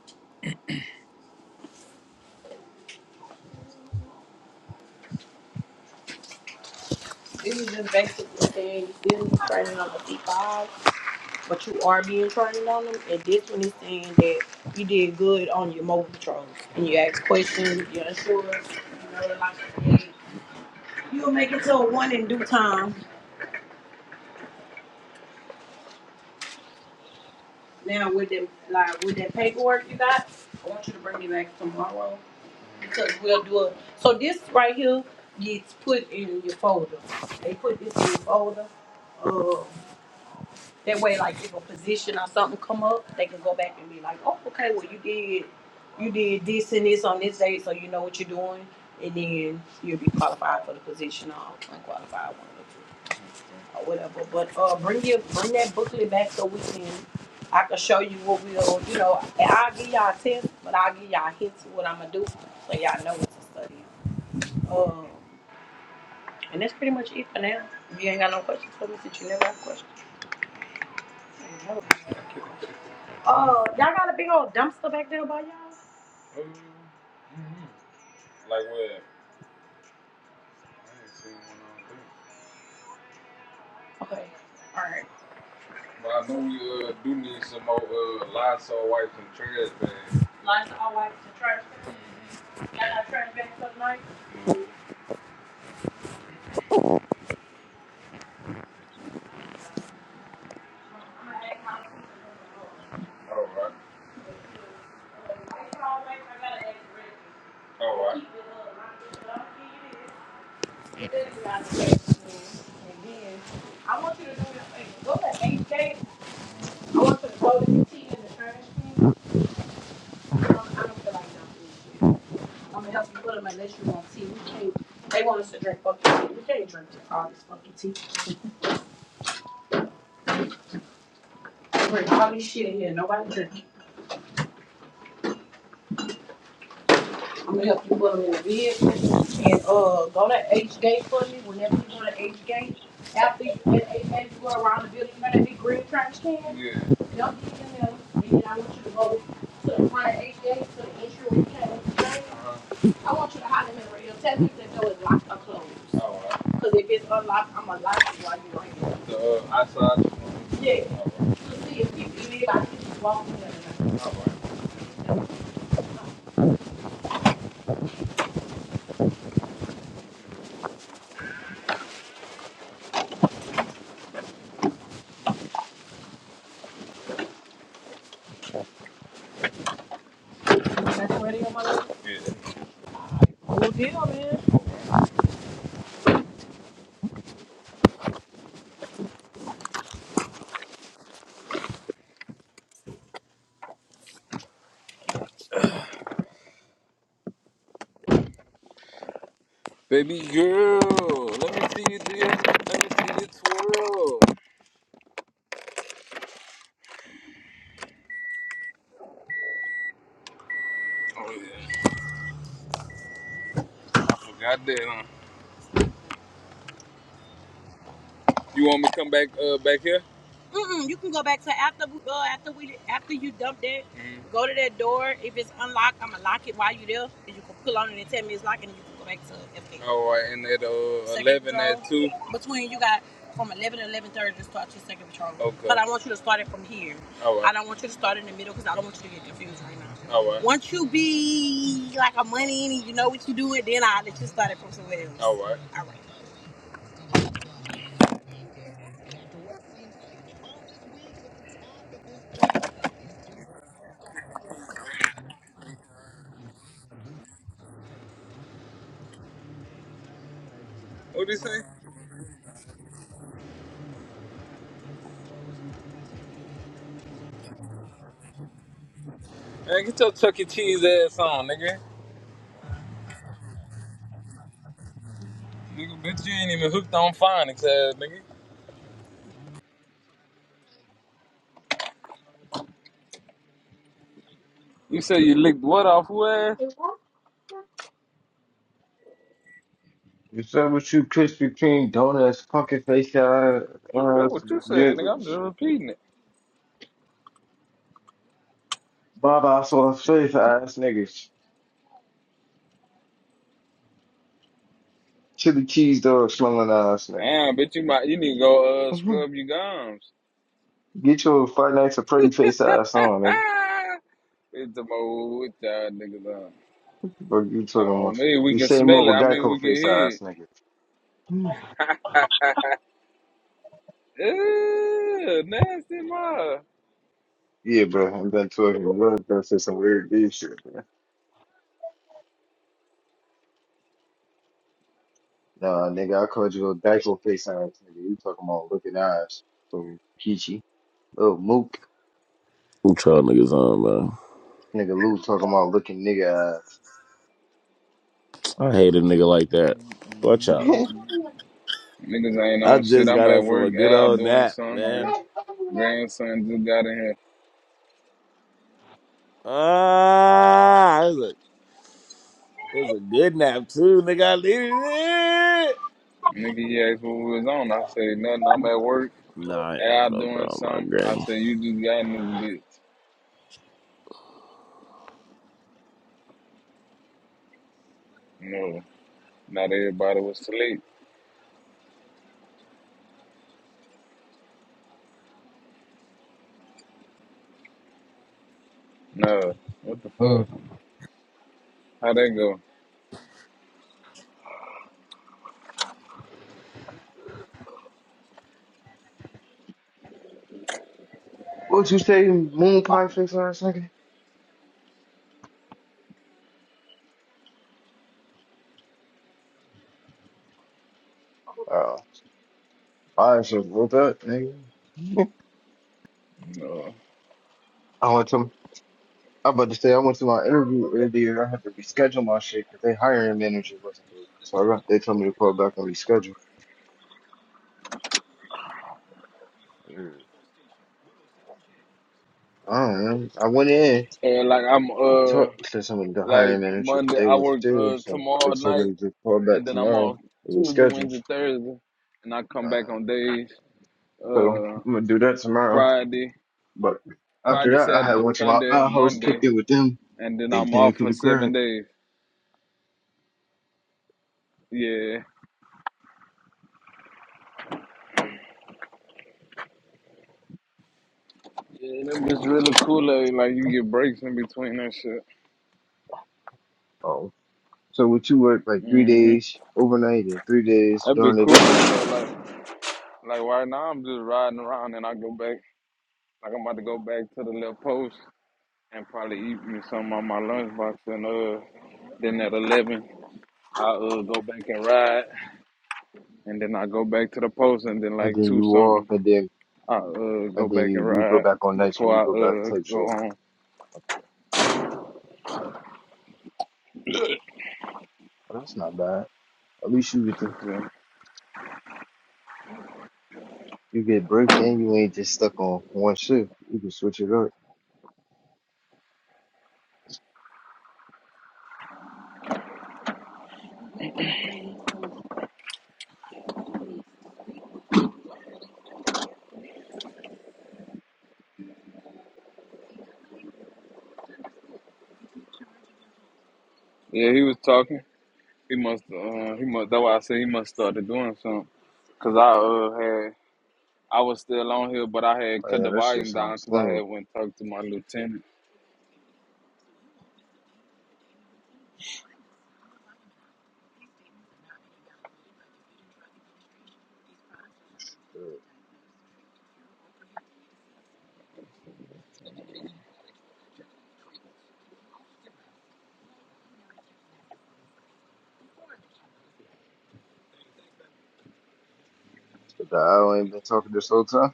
S2: Mm-hmm. Like what? I ain't seen one on there. But I know we uh, do need some more uh, Lysol wipes and trash bags. All right. All Yeah. Uh-huh. All right. So I saw I just Baby girl, let me see you do your, let me see you twirl. Oh yeah, I forgot that. Huh? You want me to come back uh back here? Mhm. All right, and at uh two. All right, all right, all right. What do you say? Man, get your Chuck E. Cheese ass on, nigga. Nigga, bitch, you ain't even hooked on phonics ass, nigga. You said you licked what off who ass?
S4: What's up with you, Krispy Kreme donuts, pumpkin face ass,
S2: Nigga, that's
S4: ass
S2: what you said, nigga. I'm just
S4: niggas,
S2: repeating it.
S4: Baba sauce face ass niggas, chili cheese dog smelling ass niggas.
S2: Damn, bitch, you might you need to go uh
S4: Mhm.
S2: scrub your gums.
S4: Get your Five Nights at pretty
S2: it's
S4: face ass on, nigga.
S2: the mode with y'all niggas on.
S4: What you talking
S2: Oh
S4: about?
S2: man, we
S4: You
S2: can
S4: say more
S2: smell it.
S4: with
S2: I mean, we
S4: Geico
S2: can
S4: face
S2: hear
S4: ass nigga. Mm.
S2: it. Ew, nasty mother.
S4: Yeah, bro, I'm done talking. I'm gonna say some weird dude shit, man. Nah, nigga, I called you a Geico face ass nigga. You talking about looking ass, so peachy, little mook,
S5: What y'all niggas on, man?
S4: nigga. Lou talking about looking nigga ass.
S5: I hate a nigga like that. Watch out.
S2: Niggas ain't
S5: I
S2: on shit.
S5: just
S2: I'm
S5: got up
S2: at
S5: from
S2: work,
S5: a good
S2: out
S5: old
S2: doing
S5: nap,
S2: something,
S5: man.
S2: man. Grandson just got in here.
S5: Ah, it was a, it was a good nap, too, nigga. I needed it.
S2: Nigga, he asked what we was on. I said nothing. I'm at work,
S5: Nah, I am,
S2: out
S5: no,
S2: doing
S5: bro. My
S2: something. I
S5: granny.
S2: said you just got in this bitch. No, not everybody was asleep. No, what the fuck?
S1: mm.
S2: How that go?
S4: what you say, moon pie face last second? Oh, I should have wrote that, nigga.
S2: No.
S4: I went to, I'm about to say, I went to my interview earlier. I had to reschedule my shit because they hiring manager wasn't there. So I got, they told me to call back and reschedule. Mm. I don't know. I went in
S2: And like I'm
S4: to
S2: uh.
S4: talk to somebody, the
S2: Like
S4: hiring manager, but
S2: Monday,
S4: they
S2: I
S4: wasn't
S2: work
S4: there.
S2: uh,
S4: So they
S2: tomorrow
S4: told me
S2: night,
S4: to just call
S2: and
S4: back
S2: then I'm
S4: tomorrow
S2: off
S4: and
S2: Tuesday,
S4: reschedule.
S2: Wednesday, Thursday, and I come back
S4: Uh,
S2: on days
S4: so
S2: uh,
S4: I'm going to do that tomorrow.
S2: Friday,
S4: But after
S2: Friday,
S4: that, I had
S2: Saturday,
S4: a bunch my
S2: Sunday,
S4: uh, hoes
S2: Monday,
S4: kicked it with them.
S2: and then
S4: Then
S2: I'm
S4: came
S2: off
S4: to
S2: for
S4: the
S2: seven
S4: crib.
S2: days. Yeah, yeah, and that bitch really cool. Like, like you get breaks in between that shit.
S4: Oh, so would you work like three
S2: hmm
S4: days overnight and three days
S2: That'd be
S4: during the
S2: cool.
S4: day,
S2: though, Like, like right now, I'm just riding around, and I go back. Like I'm about to go back to the little post and probably eat me some on my lunchbox and uh. Then at 11. I uh go back and ride, and then I go back to the post, and then
S4: and
S2: like
S4: then
S2: two
S4: you off,
S2: something,
S4: and then
S2: I uh go
S4: and then
S2: back and
S4: you you go
S2: ride
S4: back on nights when
S2: before
S4: you
S2: I
S4: go back
S2: uh
S4: type
S2: go
S4: shit.
S2: home.
S4: Well, that's not bad. At least you get to,
S2: It's, uh,
S4: you get breaks and you ain't just stuck on one shift. You can switch it up.
S2: yeah, he was talking. He must uh he must. That's why I said he must started doing something. Cause I uh had I was still on here, but I had
S4: Oh,
S2: cut the
S4: yeah, that shit
S2: volume down
S4: sounds
S2: because I had
S4: slow.
S2: went talk to my lieutenant.
S4: Shit. The guy I ain't been talking this whole time.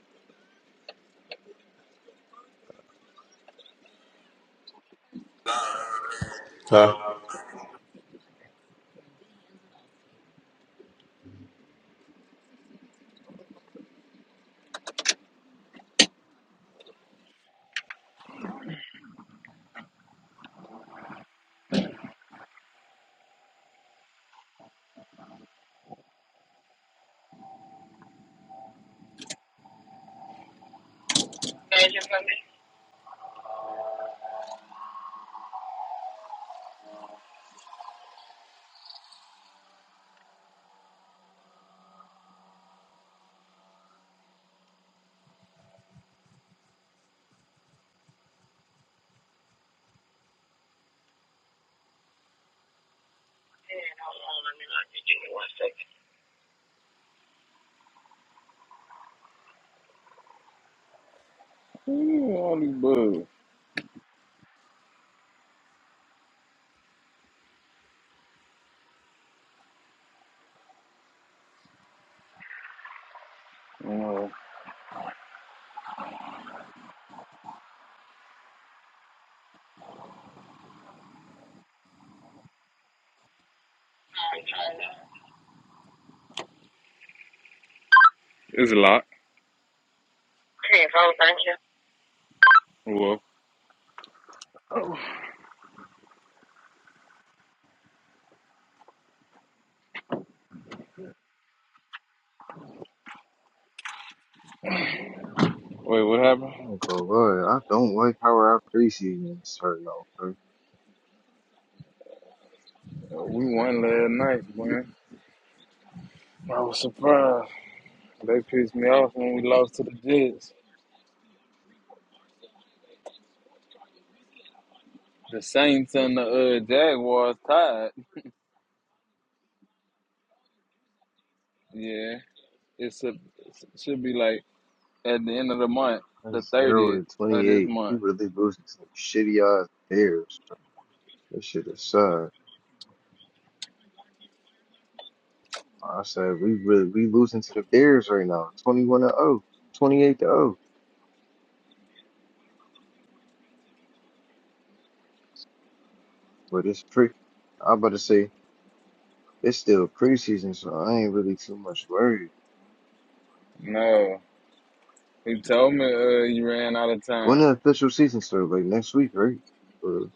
S5: Huh?
S2: Ooh, all these bugs. Uh, it's a lot. Well, wait, what happened?
S4: I'm going go, boy, I don't like how our preseason is starting off.
S2: Uh, We won last night, man. I was surprised. They pissed me off when we lost to the Jets. The Saints and the uh, Jaguars tied. Yeah, it's a, it should be like at the end of the month, the
S4: That's Harold
S2: thirtieth
S4: at
S2: of this
S4: 28. We
S2: month.
S4: really losing some shitty ass Bears. bro. This shit is sad. I said we really we losing to the Bears right now. 21 to zero, twenty-eight to 0. But it's pre. I about to say it's still preseason, so I ain't really too much worried.
S2: No, he told me uh, you ran out of time.
S4: When the official season start, like next week, right? But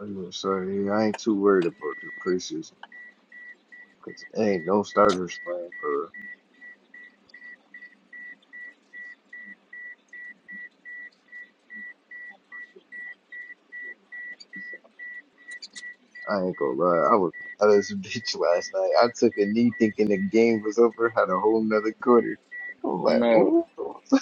S4: I am gonna say I ain't too worried about the preseason because ain't no starters playing for real. I ain't gonna lie. I was out of this bitch last night. I took a knee thinking the game was over, had a whole nother quarter. I'm like,
S2: No,
S4: oh,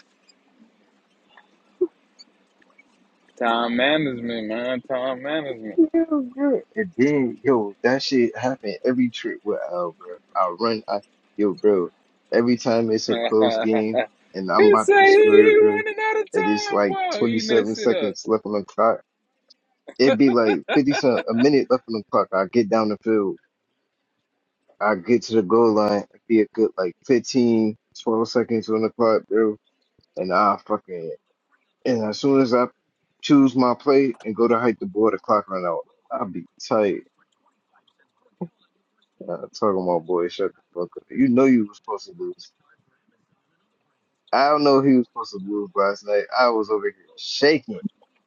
S2: time management, man, time management.
S4: yeah. yeah. And then, yo, that shit happened every trip with Al, bro. I run, I, yo, bro, every time it's a
S2: he
S4: close game and I'm about to
S2: said
S4: score,
S2: he
S4: bro,
S2: running out of
S4: and it's
S2: time.
S4: like
S2: Boy, eating that
S4: 27
S2: shit up.
S4: seconds left on the clock, it'd be like 50 se- a minute left on the clock. I get down the field. I get to the goal line, be a good like 15, 12 seconds on the clock, bro. And I fucking and as soon as I choose my play and go to hike the board, the clock run out. I'll be tight. Uh, talking about boy, shut the fuck up. You know you was supposed to lose. I don't know if he was supposed to lose last night. I was over here shaking.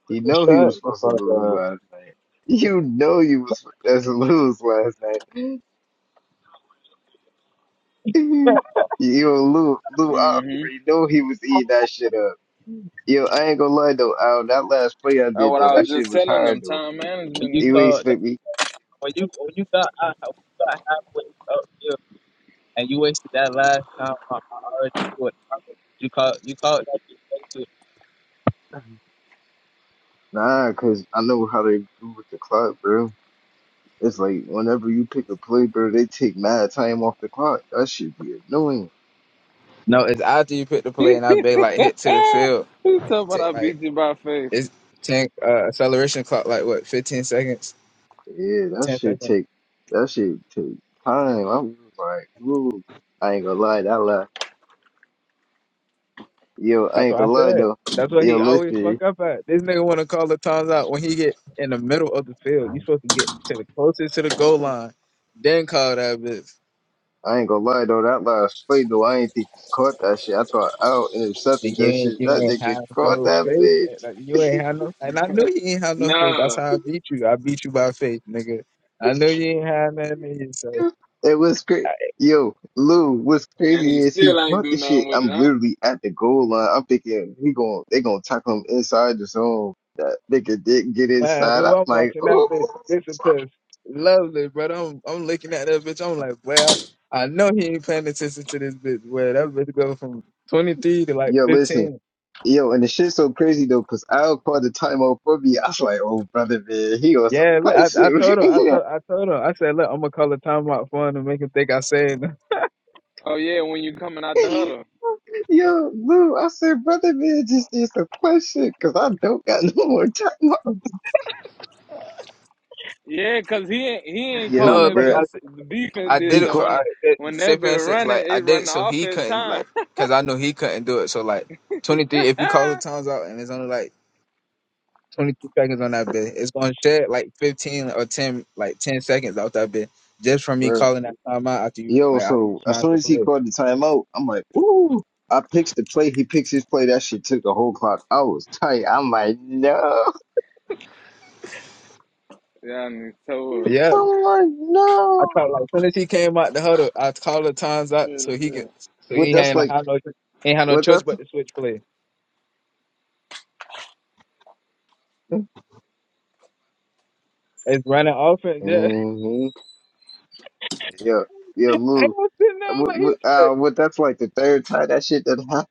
S4: You know he
S1: Shut
S4: was
S1: the
S4: supposed to
S1: fuck
S4: lose
S1: up.
S4: last night. You know you was supposed to lose last night. Yo, Lou, Lou
S2: hmm
S4: Alfrey, know he was eating that shit up. Yo, I ain't gonna lie though, Al, that last play I
S2: That's
S4: did
S2: what
S4: though,
S2: I was
S4: that shit
S2: just
S4: was
S2: telling
S4: hard
S2: them.
S4: though.
S2: Time
S1: When
S2: management,
S1: you
S4: You
S2: nigga.
S4: ain't
S1: called, that-
S4: expect me.
S1: when you when you got out, when you got halfway up here, and you wasted that last time. I, I already knew it. You called, you called that
S4: Nah, cause I know how they do with the clock, bro. It's like whenever you pick a play, bro, they take mad time off the clock. That should be annoying.
S1: No, it's after you pick the play
S2: he
S1: and I beg like hit to the field.
S2: talking
S1: like.
S2: about
S1: hit,
S2: I
S1: like
S2: beat you by faith.
S1: It's ten uh, acceleration clock like what, fifteen seconds,
S4: Yeah, that
S1: ten
S4: shit
S1: seconds.
S4: take that shit take time. I was like, whoa. I ain't gonna lie, that lie. Yo, I
S1: That's
S4: ain't
S1: what I
S4: gonna lie
S1: said.
S4: though.
S1: That's what
S4: Yo,
S1: he always
S4: listen.
S1: fuck up at. This nigga want to call the times out when he get in the middle of the field. You supposed to get to the closest to the goal line, then call that bitch.
S4: I ain't gonna lie though, that last play though, I ain't think he caught that shit. I thought out
S1: Then
S4: intercepted
S1: You
S4: that
S1: ain't,
S4: shit.
S1: you
S4: That
S1: ain't
S4: nigga
S1: have
S4: caught
S1: no
S4: that
S1: faith. and, Like,
S4: bitch.
S1: you ain't have no, and I knew you ain't have no faith. That's
S2: Nah,
S1: how I beat you. I beat you by faith, nigga. I knew you ain't have nothing in you, so.
S4: It was crazy. Yo, Lou, what's
S2: and
S4: crazy
S2: he
S4: is he
S2: still ain't
S4: caught
S2: do
S4: the shit.
S2: nothing with it,
S4: I'm
S2: huh?
S4: literally at the goal line. I'm thinking he going they gonna tackle him inside the zone. That nigga didn't get
S1: Wow,
S4: inside.
S1: Lou,
S4: I'm
S1: I'm
S4: like,
S1: watching that
S4: oh.
S1: bitch disappear. Lovely, but I'm I'm looking at that bitch. I'm like, well, I know he ain't paying attention to this bitch. Well, that bitch go from 23 to like
S4: Yo, listen.
S1: 15.
S4: Yo, and the shit's so crazy though, cause Al called the timeout for me. I was like, oh brother man, he on some
S1: Yeah, look, I,
S4: spicy
S1: I told him, I
S4: right
S1: told, I told him, I said, look, I'm gonna call a timeout for him to make him think I said. nothing."
S2: Oh yeah, when you coming out the
S4: here.
S2: huddle.
S4: Yo, Lou, I said, brother man just did some plus shit, cause I don't got no more timeouts.
S2: Yeah, cause he ain't he ain't call
S4: Yo,
S1: No,
S2: that
S1: look,
S4: bruh,
S1: I,
S2: bitch the defense
S1: I
S2: did
S1: did
S4: he
S1: it
S2: so
S1: for,
S4: called,
S1: I,
S2: when
S1: it,
S2: when
S1: say
S2: that
S1: for
S2: bitch
S1: instance,
S2: running,
S1: like I
S2: it
S1: did
S2: run
S1: it
S2: the
S1: so he
S2: offense
S1: couldn't,
S2: time.
S1: like, cause I knew he couldn't do it. So like 23, if you call the times out and it's only like 22 seconds on that bit. It's gonna shed like 15 or 10, like 10 seconds off that bit just from me
S4: bruh.
S1: calling that time out after you,
S4: Yo,
S1: like after you
S4: so as
S1: smash
S4: soon
S1: the
S4: as he
S1: play.
S4: called the timeout, I'm like, ooh. I picks the play, he picks his play. That shit took a whole clock. I was tight. I'm like, no.
S2: yeah, I need to toe
S1: But
S2: up.
S1: yeah,
S4: I'm like,
S1: I
S4: no.
S1: called like as soon as he came out the huddle, I called the times out
S2: Yeah,
S1: so he
S2: yeah.
S1: can, so
S4: What
S1: he
S4: that's
S1: ain't no
S4: like,
S1: have no ain't had no
S4: what
S1: choice
S4: that's,
S1: but to switch play.
S4: hmm
S1: It's running offense. Yeah,
S4: yeah, yeah,
S1: I
S4: Lou.
S1: was sitting there I was
S4: What,
S1: like he.
S4: what, uh, what that's like the third time that shit that happened.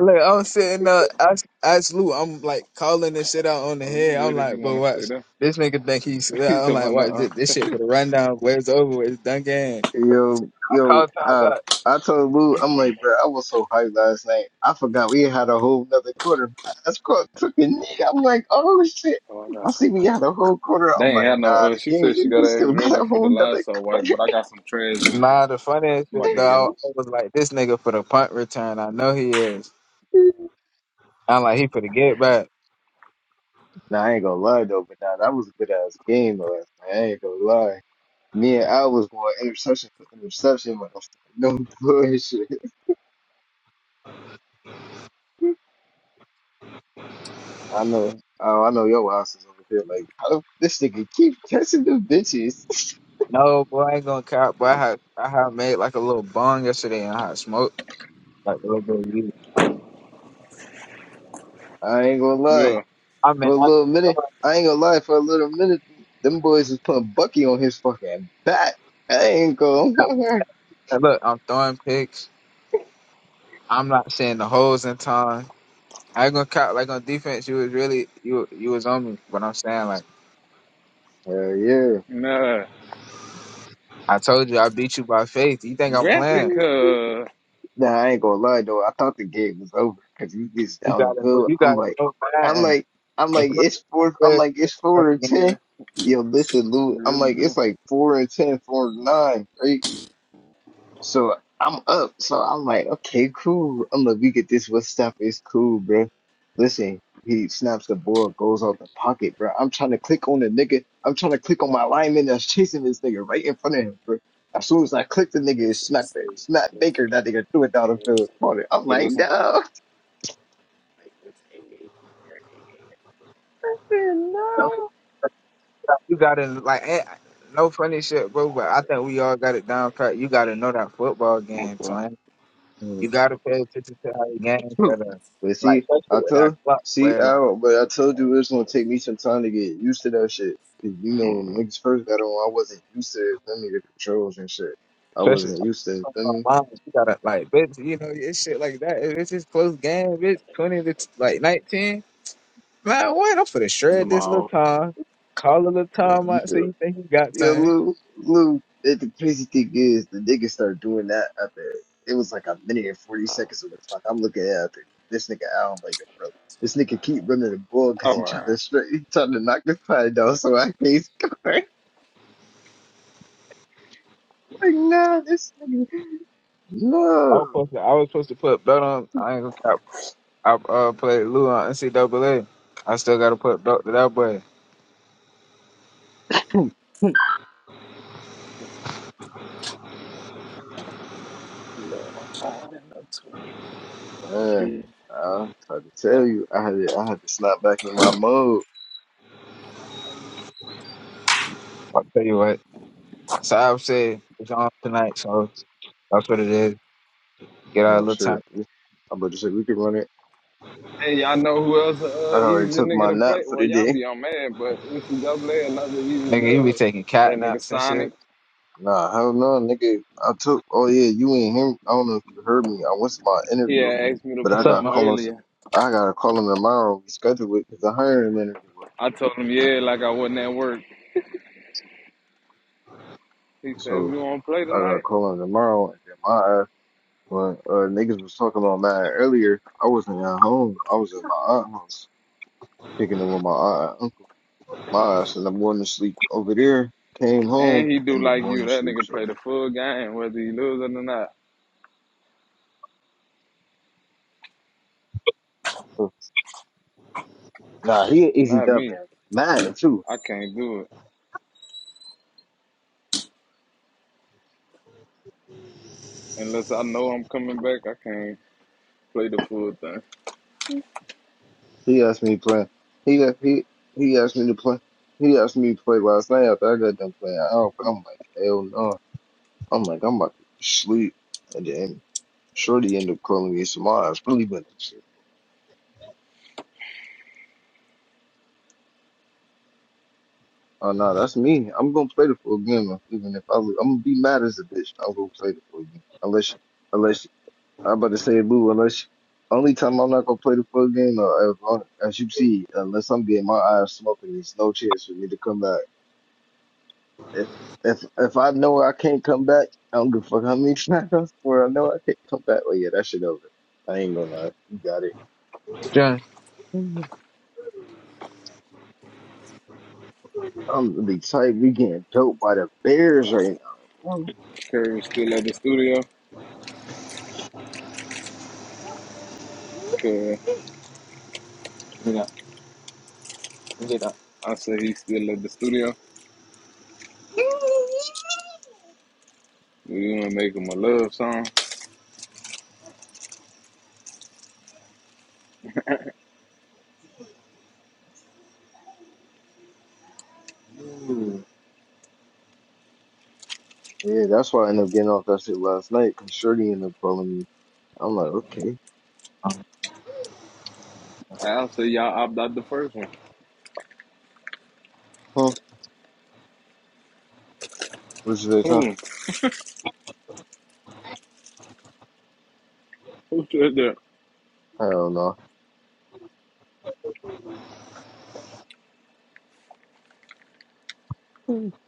S1: Look, I'm sitting there, ask, ask Lou, I'm like calling this shit out on the
S2: Oh, you
S1: head. I'm
S2: good if you
S1: like, but
S2: wanna stay
S1: watch,
S2: there.
S1: this nigga think he's,
S2: he
S1: I'm like,
S2: talking about
S1: watch
S2: nuh
S1: this, this shit for the rundown, where it's over with, it's done game.
S4: Yo, yo,
S1: called times
S4: uh,
S1: out.
S4: I told Lou, I'm like, bro, I was so hyped last night. I forgot we had a whole another quarter. I scored, took a knee. I'm like, oh shit.
S2: Oh, I
S4: I
S2: got
S4: see
S2: some
S4: we
S2: uh
S4: had a whole quarter.
S2: they
S4: I'm
S2: ain't
S4: like,
S2: had
S4: nah,
S2: no uh
S4: the
S2: she said she
S4: game, we
S2: gotta
S4: still
S2: ask
S4: got
S2: Reggie
S4: a
S2: for the
S4: whole
S2: live
S4: another
S2: so white,
S4: quarter.
S2: but I got some trash in it.
S1: Nah, the funniest
S2: I'm about
S1: shit,
S2: to get them.
S1: dog. I was like, this nigga for the punt return. I know he is. I'm like, he for the get back.
S4: nah, I ain't gonna lie though, but nah, that was a good ass game last night. I ain't gonna lie. Me and Al was going interception for interception, like, no bullshit. I know, oh, I know your ass is over there. Like, how the- this nigga keep catching the bitches.
S1: No, boy, I ain't gonna cop. Boy, I had, I had made like a little bong yesterday and I had smoked like a little bit of weed.
S4: I ain't gonna
S2: Yeah.
S4: lie.
S1: I mean,
S4: For a
S1: I
S4: little
S1: just
S4: minute, I ain't gonna lie. For a little minute, them boys was putting Bucky on his fucking back. I ain't gonna.
S1: throwing, and look, I'm throwing picks. I'm not seeing the holes in time. I ain't gonna cop like on defense. You was really you you was on me, but I'm saying like
S4: Hell yeah.
S2: Nah.
S1: I told you, I beat you by faith. You think I'm playing?
S2: Graphic, uh,
S4: Nah, I ain't gonna lie though. I thought the game was over because he gets
S1: You
S4: down the
S1: gotta know.
S4: field.
S1: You
S4: I'm
S1: gotta
S4: like,
S1: know.
S4: I'm like, I'm like, it's four. I'm
S1: man.
S4: like, it's four and
S1: If
S2: yeah,
S4: ten. Yo, listen,
S2: you
S4: Lou. I'm
S2: really
S4: like,
S2: do.
S4: it's like four and ten, four and nine, right? So I'm up. So I'm like, okay, cool. I'm like, we get this. What stuff is cool, bro? Listen, he snaps the ball, goes out the pocket, bro. I'm trying to click on the nigga. I'm trying to click on my lineman that's chasing this nigga right in front of him, bro. As soon as I click the nigga, it's not, it's not Baker. That nigga threw it down the field. Caught it. I'm
S2: For
S4: like,
S2: this one?
S4: no,
S1: you You gotta like, eh, no funny shit, bro. But I think we all got it down pat. You gotta know that football game,
S2: Okay.
S1: son. You
S4: no.
S1: gotta pay attention to how the games that are
S4: But
S1: like,
S4: see, I
S1: especially with that
S4: told
S1: clock,
S4: see,
S1: where
S4: I
S1: like,
S4: don't, but I told you it's gonna take me some time to get used to that shit. 'Cause You know,
S2: okay.
S4: when niggas first got on, I wasn't used to it. Feel me, the controls and shit. I
S1: especially.
S4: wasn't used to it. Feel me,
S1: online, You gotta like, bitch, you know, it's shit like that. If it's just close game, bitch, twenty to t- like nineteen. Man, what? I'm finna shred this little
S2: Tomorrow.
S1: time. Call a little
S2: Gotcha.
S1: time out
S4: yeah,
S1: so you think you got
S4: yeah,
S1: time.
S4: little, little. And the crazy thing is, the niggas started doing that after it was like a minute and forty seconds of the clock. I'm looking at after this nigga out, I'm like, bro, this nigga keep running the ball because
S2: All
S4: he trying
S2: right.
S4: to straight, he trying to knock the pie down, so I can't score. Like, nah, this nigga,
S1: I was
S4: no.
S1: supposed to, I was supposed to put bet on. I ain't gonna cap. I uh, played Lou on NCAA. I still got to put up to that boy.
S4: Yeah,
S2: Cute.
S4: I tried to tell you, I had to, I had to snap back in my mode.
S1: I'll tell you what. Saab said it's on tonight, so that's what it is. Get
S4: Oh
S1: out a little
S4: shit.
S1: time.
S4: we- I'm about to say we could run it.
S2: Hey, y'all know who else
S4: I
S2: uh easy
S4: already took my
S2: nigga to
S4: nap
S2: play?
S4: for
S2: Well,
S4: the
S2: y'all
S4: day.
S2: be on man, but NCAA another easy
S1: Nigga, you be
S2: dub.
S1: taking
S2: That
S1: cat
S2: nigga
S1: naps and
S2: Sonic,
S1: shit.
S4: Nah, hell no, nigga. I took. Oh yeah, you ain't hear. I don't know if you heard me. I went to my
S2: he
S4: interview,
S2: had asked me to
S4: but I
S1: What's
S2: play
S4: got
S1: up,
S4: to
S2: him
S1: man?
S4: call him.
S2: earlier.
S4: I gotta call him tomorrow. We scheduled it because the hiring manager was.
S2: I
S4: sick.
S2: told him yeah, like I wasn't at work. He said
S4: So
S2: you want to play
S4: I gotta
S2: tonight,
S4: call him tomorrow. And then my ass, when uh, niggas was talking about mine earlier, I wasn't at home. I was at my aunt's house, kicking it with my aunt. and uncle. my ass and I'm going to sleep over there. Came home,
S2: and he do
S4: ended up
S2: like you.
S4: going to
S2: That
S4: sleep.
S2: nigga
S4: So,
S2: play the full game whether he loses or not.
S4: nah, he an easy
S2: Not
S4: dub
S2: me.
S4: man. Mine too.
S2: I can't do it unless I know I'm coming back. I can't. play the full thing.
S4: He asked me to play. He he he asked me to play. He asked me to play last night after I got done playing out, but I'm like, hell no. I'm like, I'm about to sleep. And then Shorty ended up calling me some eyes. Really went to sleep. Oh no, that's me. I'm gonna play the full game, even if I lose. I'm gonna be mad as a bitch. I'm gonna play the full game unless I'm about to say, boo, unless only time I'm not gonna play the full game, uh, as, long- as you see, unless I'm getting my eyes smoking, there's no chance for me to come back. If if if I know I can't come back, I don't give a fuck how many times I swear I know I can't come back. Well, yeah, that shit over. I ain't gonna lie, you got it.
S1: John.
S4: Mhm. I'm really tight. We getting dope by the Bears right now. Mm.
S2: Curry's still at the studio. Cause
S1: You know, you get up.
S2: I say he's still at the studio. We wanna make him a love song.
S4: Yeah, that's why I ended up getting off that shit last night. Cause Shorty ended up calling me. I'm like, okay,
S2: I'll say y'all opt out the first one.
S4: huh? What's this, huh?
S2: Who? Who said that?
S4: I don't know.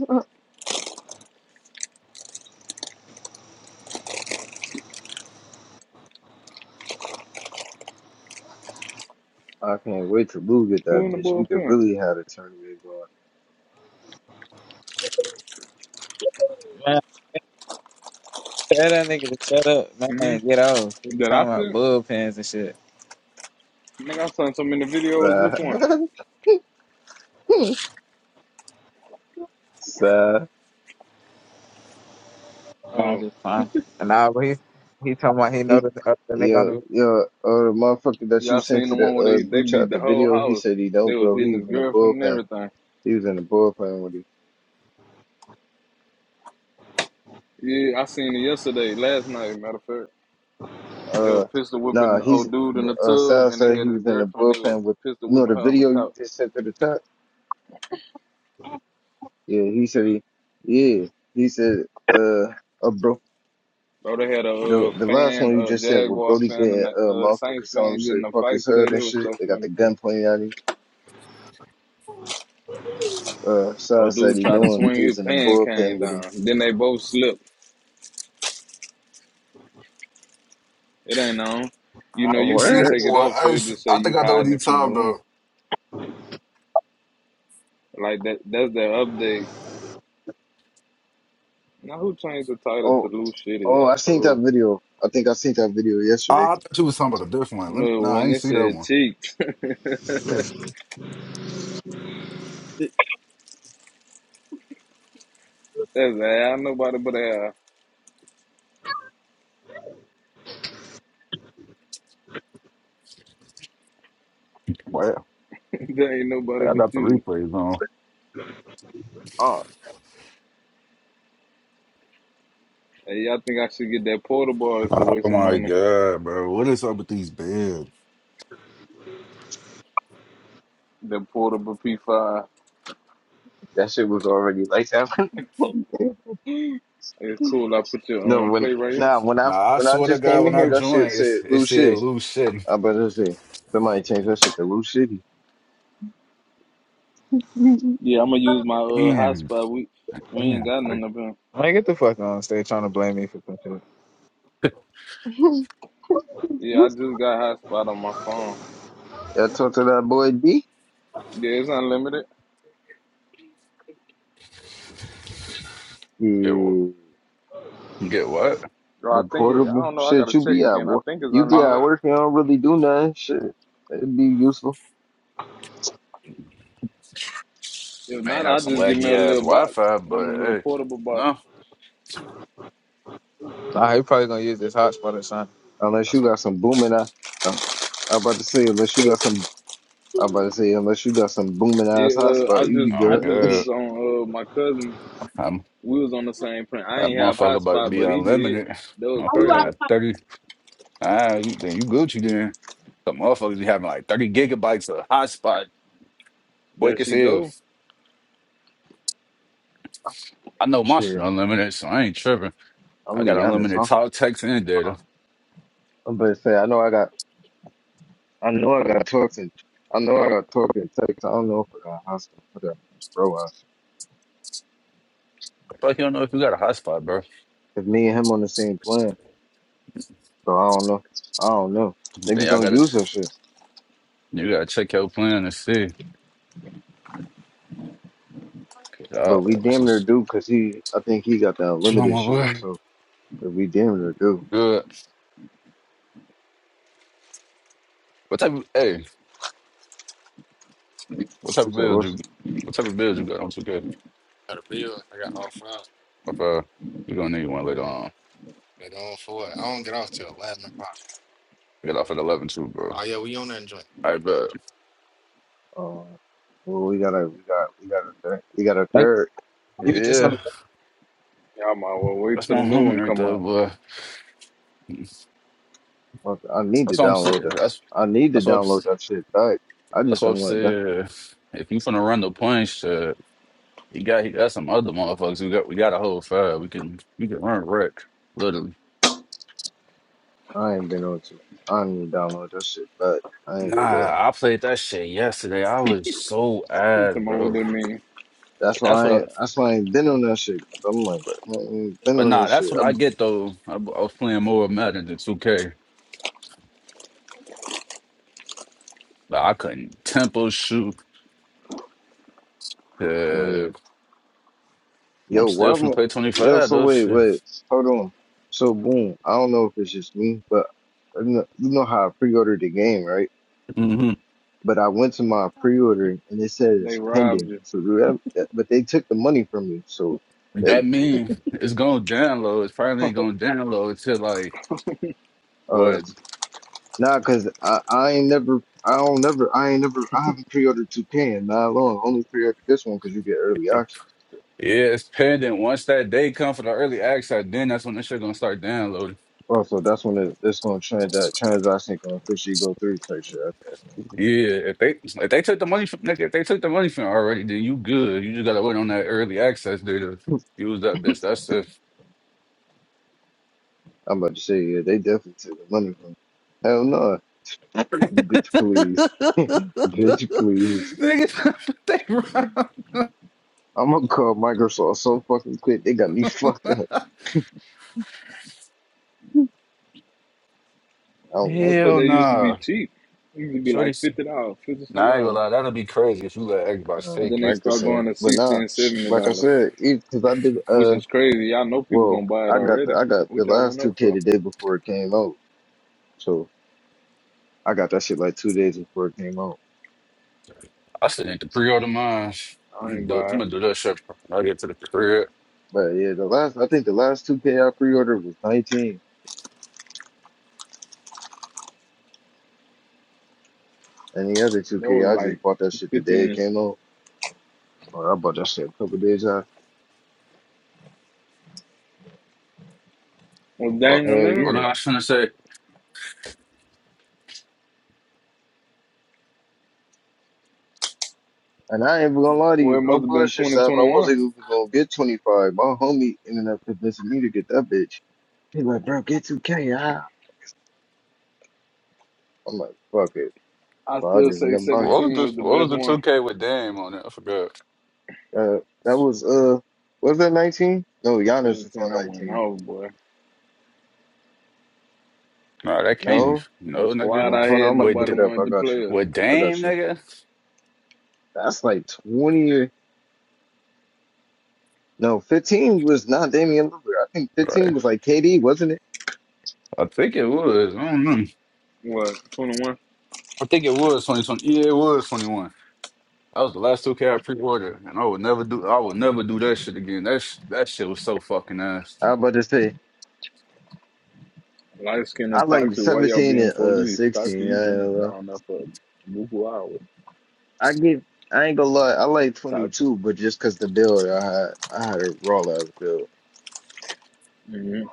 S4: I can't wait to Lou get
S2: Who
S4: that
S2: in the
S4: bitch. We could
S2: bullpen?
S4: really have a tournament
S1: Man, tell that nigga to shut up, man, and
S2: Mm-hmm.
S1: get off. He was
S2: That I
S1: talking about
S2: said.
S1: bullpens and shit.
S2: Nigga, I sent so many videos. Which one?
S4: going. Sigh.
S1: Nah, I'm
S2: Oh,
S1: just fine. And nah, but he, he talking about he know the, uh, the nigga on
S4: Yo,
S1: the...
S4: yo, oh, the motherfucker that you
S2: y'all
S4: sent
S2: seen the
S4: to the
S2: one where
S4: uh,
S2: they, they
S4: group
S2: beat
S4: chat,
S2: the
S4: the
S2: whole
S4: video, he
S2: house.
S4: said he
S2: They
S4: don't,
S2: was
S4: bro. He
S2: hitting his
S4: was in the
S2: girlfriend and
S4: bullpen.
S2: everything.
S4: He was in the bullpen with he,
S2: Yeah, I seen it yesterday, last night, matter of fact. They were
S4: uh,
S2: pistol whipping
S4: nah,
S2: the
S4: he's,
S2: old dude in the
S4: uh,
S2: tub,
S4: Sal
S2: and they
S4: said
S2: had
S4: he
S2: his
S4: was in the
S2: girlfriend. They was
S4: bullpen with,
S2: pistol
S4: you know,
S2: whipping
S4: the
S2: her on the
S4: video you
S2: couch.
S4: just sent to the chat? Yeah, he said he, yeah, he said, uh, uh, bro.
S2: Bro, they had a uh,
S4: The the last
S2: fan,
S4: one you
S2: a
S4: just said with
S2: Jaguar
S4: Brody
S2: fan, and
S4: getting
S2: a
S4: uh
S2: uh, Saints
S4: motherfucker telling him
S2: fan getting in
S4: straight
S2: a
S4: fuck his
S2: fight today.
S4: head and
S2: That was
S4: shit.
S2: so
S4: They got the
S2: funny. Too.
S4: gun pointed at him. Uh Sai
S2: Old
S4: said
S2: dude
S4: he
S2: tried to
S4: knew him.
S2: swing
S4: He
S2: his
S4: was in the
S2: pan cane
S4: bullpen with
S2: down.
S4: him.
S2: Then they both slipped. It ain't on. You know
S4: Oh
S2: you
S6: Hey, see
S2: can't
S6: that
S4: word?
S2: take it
S6: one?
S2: off,
S6: I,
S2: so
S6: ain't
S2: it
S6: see-
S2: just say
S6: I think
S2: you
S6: I know what
S2: hiding
S6: you
S2: it from the
S6: talking
S2: room.
S6: about.
S2: Like that. That's the update. Now who changed the title to
S4: Oh
S2: Lou Shitty?
S4: oh
S2: I
S4: I seen that
S2: told.
S4: video. I think I seen that video
S6: Oh,
S4: yesterday.
S6: I thought you was talking about a different one. Let me,
S2: No,
S6: nah, I
S2: when
S6: ain't
S2: they
S6: see that
S2: said
S6: one.
S2: cheeks, that's
S6: Look,
S2: like, I nobody but I.
S6: Wow,
S2: there ain't
S6: I
S2: nobody
S6: got
S2: but
S6: the
S2: you.
S6: replays on.
S4: Oh
S2: Hey, y'all think I should get that portable? It's a
S6: Oh
S2: waste of
S6: my
S2: money.
S6: god, bro, what is up with these beds?
S2: The portable P5.
S4: that shit was already like that
S2: It's cool. I put your
S4: no
S2: um
S4: when
S2: play right here.
S4: nah when I
S6: Nah, I
S4: when I
S6: swear to
S4: just came
S6: God, when
S4: in
S6: I
S4: here
S2: Oh,
S4: that
S2: All
S4: shit
S6: joined,
S2: right.
S4: said
S6: it's, it
S4: Lou
S6: said
S4: Shitty.
S6: loose shit.
S4: I better say somebody changed that shit to Lou Shitty.
S2: Yeah, I'm gonna use my uh
S6: Damn,
S2: hotspot. We we ain't
S6: damn,
S2: got
S6: like,
S2: none of them.
S1: Man, get the fuck on stage trying to blame me for some shit.
S2: Yeah, I just got hotspot on my phone.
S4: I talked to that boy D.
S2: Yeah, it's unlimited.
S6: get what?
S4: Yeah.
S6: Get what?
S2: Or I
S4: The
S2: think it. I
S4: portable
S2: don't know. I
S4: shit,
S2: gotta
S4: you
S2: check
S4: be at
S2: again. I
S4: work.
S2: think it's
S4: You be at
S2: unlimited.
S6: Uh,
S4: work. You don't really do nothing. Shit, it'd be useful
S2: If
S6: may
S2: not,
S6: have
S2: I'll
S6: some
S2: just give me
S6: laggy
S2: a
S6: ass
S2: little box,
S6: Wi-Fi,
S2: one of
S6: but
S2: them little
S6: hey,
S2: portable box.
S6: no,
S1: Nah, he probably gonna use this hotspot or something.
S4: unless
S6: that's
S4: you
S6: fine.
S4: got some booming. I, uh, I about to say unless you got some. I about to say unless you got some booming ass
S2: Yeah,
S4: hot
S2: uh, I
S4: spot, you be
S2: just I
S6: I'm
S4: good.
S2: just
S6: good.
S2: was on uh my cousin.
S6: I'm,
S2: We was on the same print. I
S6: that
S2: ain't have
S6: motherfucker about to
S2: hotspot,
S6: be
S2: but he did.
S6: unlimited.
S2: That was
S1: How you
S6: Motherfucker
S1: out
S2: crazy.
S6: had thirty. Ah, you then you Gucci then. The motherfuckers be having like 30 gigabytes of hotspot.
S2: There
S6: Quick as
S2: she
S6: hell.
S2: go.
S6: I know my shit
S4: Shit,
S6: unlimited, so I ain't tripping.
S4: I'm gonna
S6: I got
S4: be honest,
S6: unlimited
S4: huh?
S6: talk, text, and data.
S4: Uh, I'm about to say I know I got. I know I got talks and I know I got talk and text. I don't know if I got hot spot. I got a bro. uh,
S6: Fuck, you don't know if you got a hotspot, bro.
S4: If me and him on the same plan, so I don't know. I don't know.
S6: Then
S4: Niggas
S6: y'all
S4: don't
S6: gotta
S4: use that shit.
S6: you gotta check your plan and see. Uh,
S4: But we
S6: that's
S4: damn near
S6: just
S4: do because he, I think he got the
S6: chill,
S4: unlimited
S6: my
S4: shit.
S6: boy.
S4: So if we damn near do.
S6: Good. What type of hey? What type
S4: We
S6: of
S4: said,
S6: build
S4: what's,
S6: you? What type of build you got on 2K? If uh, you gonna need one later on. Get off at 11 too, bro. I bet.
S4: uh, well, we got a, we got, we got a third, we got a
S1: Like,
S4: third.
S1: you just on.
S6: Yeah,
S2: Y'all might well wait
S6: that's my
S2: till the new
S4: Shit.
S6: homie
S2: one
S6: right
S2: come
S6: there,
S2: out.
S6: boy.
S4: Fuck, I need
S6: That's
S4: to
S6: what I'm
S4: download
S6: saying.
S4: that.
S6: That's
S4: I need to
S6: that's what I'm,
S4: download
S6: s-
S4: that shit back. I
S6: that's
S4: just
S6: what I'm
S4: don't want to.
S6: saying. If you finna run the punch, uh, you got you got some other motherfuckers. We got we got a whole five. We can we can run wreck literally.
S4: I ain't been on to. I ain't even download that shit back. I ain't gonna lie.
S6: Nah, I played that shit yesterday. I was so
S2: You tell
S6: ad,
S2: me what
S6: bro.
S2: that mean.
S4: That's
S6: But that's
S4: why
S6: what I.
S4: I, ain't, that's why I ain't been on that shit. i am like,
S6: But,
S4: I ain't been
S6: but
S4: on
S6: nah,
S4: this
S6: that's
S4: shit.
S6: what I
S4: I'm,
S6: get though. I, I was playing more Madden than 2K. Like I couldn't tempo shoot.
S4: Yeah."
S6: Uh, I'm
S4: Yo, why
S6: still
S4: am
S6: finna
S4: I,
S6: play
S4: yo,
S6: 25
S4: so
S6: though.
S4: wait,
S6: Shit.
S4: wait, hold on. So boom, I don't know if it's just me, but I kn- you know how I pre-ordered the game, right?
S6: hmm
S4: But I went to my pre-order and it said
S2: They
S4: it's
S2: robbed
S4: pending.
S2: you.
S4: So whoever- but they took the money from me. So they,
S6: That mean it's gonna download. It's probably gonna download till like.
S4: uh,
S6: What?
S4: nah, cause I, I ain't never, I don't never, I ain't never, I haven't pre-ordered 2K in not long. Only pre-ordered this one cause you get early
S6: Yeah,
S4: access.
S6: it's pending. Once that day come for the early access, then that's when this shit gonna start downloading.
S4: Also, that's when it, it's gonna trans that transaction gonna officially go through type shit.
S6: Yeah, if they if they took the money from if they took the money from it already, then you good. You just gotta wait on that early access day to use that bitch. That's it.
S4: I'm about to say, yeah, they definitely took the money from me. Hell no. Bitch, please. Bitch, please.
S6: Niggas, they wrong.
S4: I'm gonna call Microsoft so fucking quick. They got me fucked up. I don't
S2: I
S4: really
S2: thought
S6: Hell
S4: give
S2: they used to be
S6: nah.
S2: cheap. It used to be
S6: Shorty,
S2: like fifty dollars, fifty
S6: nah,
S2: something
S6: I ain't gonna
S2: dollars.
S6: lie. That'll be crazy if you let
S4: a
S6: Xbox
S2: And
S4: uh,
S6: take
S2: then they
S6: you.
S2: start going
S4: Microsoft.
S2: to
S4: But
S2: sixty
S4: nah,
S2: and seventy
S4: like I
S2: dollars,
S4: said, because I did,
S2: which
S4: uh,
S2: is crazy. Y'all know people
S4: well,
S2: gonna buy it
S4: I got
S2: already.
S4: the, I got the
S2: Which I went
S4: last
S2: up
S4: 2K
S2: for.
S4: the day before it came out. So I got that shit like two days before it came out.
S6: I still need to pre-order mine.
S2: I
S6: I'm
S2: ain't
S6: gonna do,
S2: buy
S6: I'm
S2: it.
S6: gonna do that shit. when I get to the crib.
S4: But yeah, the last, I think the last 2K I pre-ordered was 19. And the other
S2: That was
S4: 2K, I
S2: like
S4: just bought that shit the day
S2: fifteen.
S4: it came out. Or I bought that shit a couple days now.
S2: Was
S6: What,
S2: Daniel
S4: Hell
S2: Leonard?
S6: what am
S4: yeah.
S6: I trying to say?
S4: And I ain't even gonna lie to
S2: Well,
S4: you,
S2: it
S4: no
S2: must have been
S4: bullshit
S2: twenty
S4: stuff. I
S2: twenty one.
S4: wasn't even gonna get 25. My homie ended up convincing me to get that bitch. He like, bro, get 2K. Ah. I'm like, fuck it.
S2: I
S4: So I
S2: still
S4: just ended
S2: say
S4: up buying
S6: What
S4: that
S6: was
S2: seventeen
S4: shit.
S2: was the
S6: the What was
S2: best
S6: the two
S2: one.
S6: K with Dame on it? I forgot.
S4: Uh, that was, uh, was that 19? No, Giannis was
S2: Seventeen,
S4: on
S2: I went
S4: 19.
S2: off, boy.
S6: No, that can't be.
S4: No?
S2: The
S6: No, nigga,
S2: squad
S4: Well,
S2: I
S4: hold on,
S2: had,
S4: I'm about to
S6: with
S2: nobody
S4: look
S6: D-
S4: it up.
S2: wanted
S4: I
S2: to
S4: got you.
S2: play us.
S6: with
S4: I
S6: Dame,
S4: got you.
S6: nigga.
S4: That's like 20 or, no, 15 was not Damian Lillard. I think 15
S6: Right.
S4: was like KD, wasn't it?
S6: I think it was. I don't know.
S2: What twenty one?
S6: I think it was twenty twenty. Yeah, it was twenty one. That was the last two K I pre ordered, and I would never do. I would never do that shit again. That sh- that shit was so fucking ass.
S4: I was about to say.
S2: Light skinned
S4: I
S2: and
S4: like
S2: toxic. Why y'all
S4: 17
S2: being
S4: and uh
S2: police? Toxic,
S4: 16. I,
S2: you
S4: ain't gonna
S2: been
S4: lie.
S2: down there for a good hours.
S4: I get I ain't gonna lie, I like
S2: Toxic.
S4: 22, but just 'cause the build I had I had a raw ass build.
S2: hmm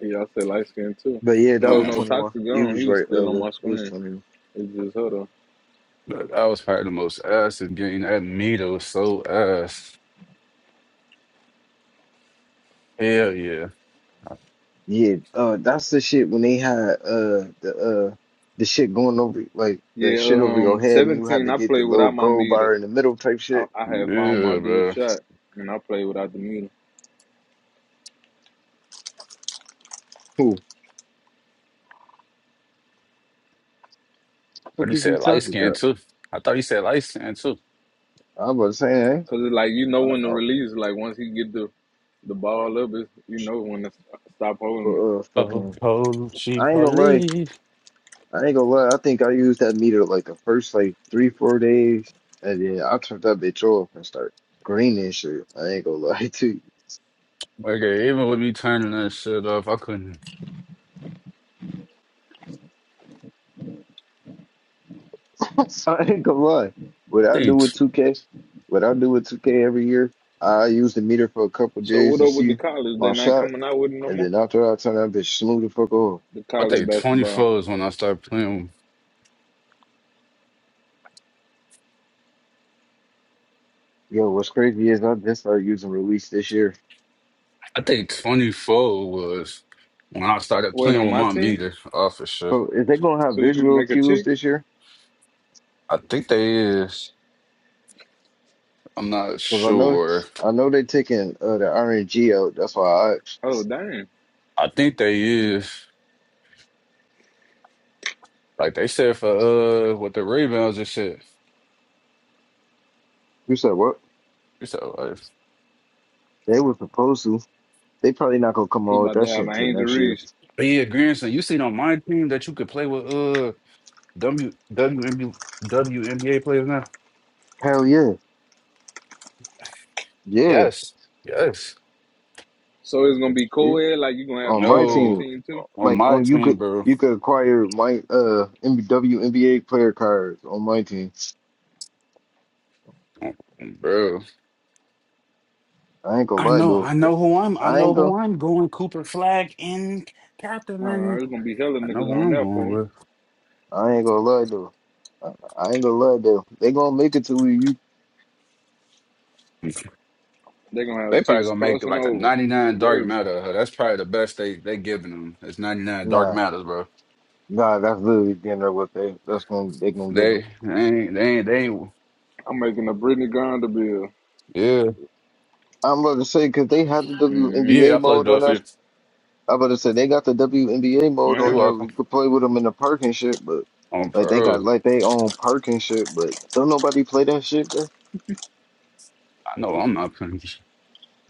S2: He also light skinned too.
S4: But yeah, that
S2: Oh
S4: was
S6: Nah,
S2: no,
S4: 21.
S2: Toxic
S4: You
S2: gone.
S4: was
S2: He was
S4: right,
S2: still on
S4: Elo.
S2: my
S4: It was
S2: screen.
S4: 21.
S2: It's just hold on.
S6: that, that was probably the most ass game. That meter was so ass. Hell yeah,
S4: Yeah, uh that's the shit when they had uh the uh the shit going over like the
S2: Yeah,
S4: shit over your
S2: um,
S4: head and you had
S2: seventeen.
S4: to
S2: I
S4: get the
S2: played
S4: little
S2: without my
S4: gold
S2: meter.
S4: bar in the middle type
S2: I,
S4: shit.
S2: I had found my
S6: yeah,
S2: dude
S6: bro.
S2: shot, and I played without the meter.
S4: Who the
S6: But
S4: fuck
S6: he
S4: is you
S6: said light
S4: toxic
S6: skin
S4: at?
S6: too. I thought he said light skin too.
S4: I'm about to say, eh?
S2: Cause it's like you know
S4: I,
S2: when to
S4: I,
S2: release. Like once he get the the ball up, it's, you know when to st- stop
S4: but,
S2: holding it.
S4: uh,
S6: Oh,
S4: fucking,
S6: oh, she
S4: I ain't gonna lie.
S6: police.
S4: I ain't gonna lie. I think I used that meter like the first like three, four days, and then I turned that bitch off and started greening shit. I ain't gonna lie to you.
S6: Okay, even with me turning that shit off, I couldn't. I
S4: So I ain't gonna lie. What I do
S6: think t-
S4: with 2K, what I do with 2K every year, I use the meter for a couple
S2: So
S4: days
S2: what
S4: to
S2: up with the
S4: see
S2: college? They
S4: my
S2: not
S4: shot,
S2: coming out with it no
S4: and
S2: more.
S4: then after I turn that bitch smooth the fuck off.
S2: The
S6: I
S2: college
S6: think
S2: basketball.
S6: 24 is when I started playing.
S4: Yo, what's crazy is I just started using release this year.
S6: I think 24 was when I started
S2: Wait
S6: playing
S2: on
S6: with
S2: my
S6: my
S2: team,
S6: meter officer.
S4: So is they gonna have
S2: so you can
S4: visual
S2: make a
S4: cues
S2: chick.
S4: this year?
S6: I think they is. I'm not
S4: Because I know,
S6: sure.
S4: I know they taking uh, the RNG out. That's why I.
S2: Oh
S4: asked.
S2: damn,
S6: I think they is. Like they said for uh what the Ravens and shit.
S4: You said what?
S6: So like,
S4: They were supposed to. They probably not gonna come
S2: he
S4: out with
S2: about to
S4: that shit
S2: have an
S4: until
S2: Angel
S4: next year.
S2: Reese.
S6: but yeah, grandson, you seen on my team that you could play with uh W WNBA players now?
S4: Hell yeah, yeah.
S6: Yes. Yes.
S2: So it's gonna be
S4: yeah.
S2: co-ed, like you gonna
S4: On
S2: have
S4: my
S2: chicks on your
S4: team,
S6: No,
S2: team too.
S6: on
S4: like
S6: my
S4: on you
S6: team,
S4: could
S6: bro.
S4: you could acquire my uh MW player cards on my team.
S6: Bro.
S4: I ain't gonna
S6: I
S4: lie
S6: know,
S4: though.
S6: I know who I'm. I
S4: I
S6: know
S4: ain't gonna
S6: who I'm going. Cooper Flag and
S2: Uh,
S6: Catherine.
S2: it's gonna be hella
S6: I know who
S2: niggas on
S6: I'm
S2: that
S6: going
S2: fool.
S6: with.
S4: I ain't gonna lie though. I, I ain't gonna lie though. They gonna make it to where you
S2: They gonna
S6: They
S2: have
S6: probably
S2: chicks
S6: gonna make
S2: crossing
S6: like a
S2: over. Oh,
S6: 99 dark
S2: baby,
S6: matter. huh? That's probably the best they they giving them. It's 99 dark
S4: nah
S6: matters, bro.
S4: nah. That's literally the end of what they that's gonna they gonna give them.
S6: They they ain't they ain't they ain't.
S2: I'm making a Brittany Grinder bill.
S6: Yeah,
S4: I'm about to say because they had the
S2: Mm-hmm.
S6: yeah. I
S4: WNBA
S6: plugged
S4: mode
S6: it
S4: on
S6: up for
S4: that.
S6: you.
S4: I'm about to say they got the WNBA mode
S6: You
S4: on
S6: are
S2: Man,
S4: there.
S6: welcome.
S4: We could play with them in the park and shit, but
S6: Um,
S4: like they
S6: bro.
S4: got like they own park and shit, but don't nobody play that shit. Bro.
S6: I know I'm not playing.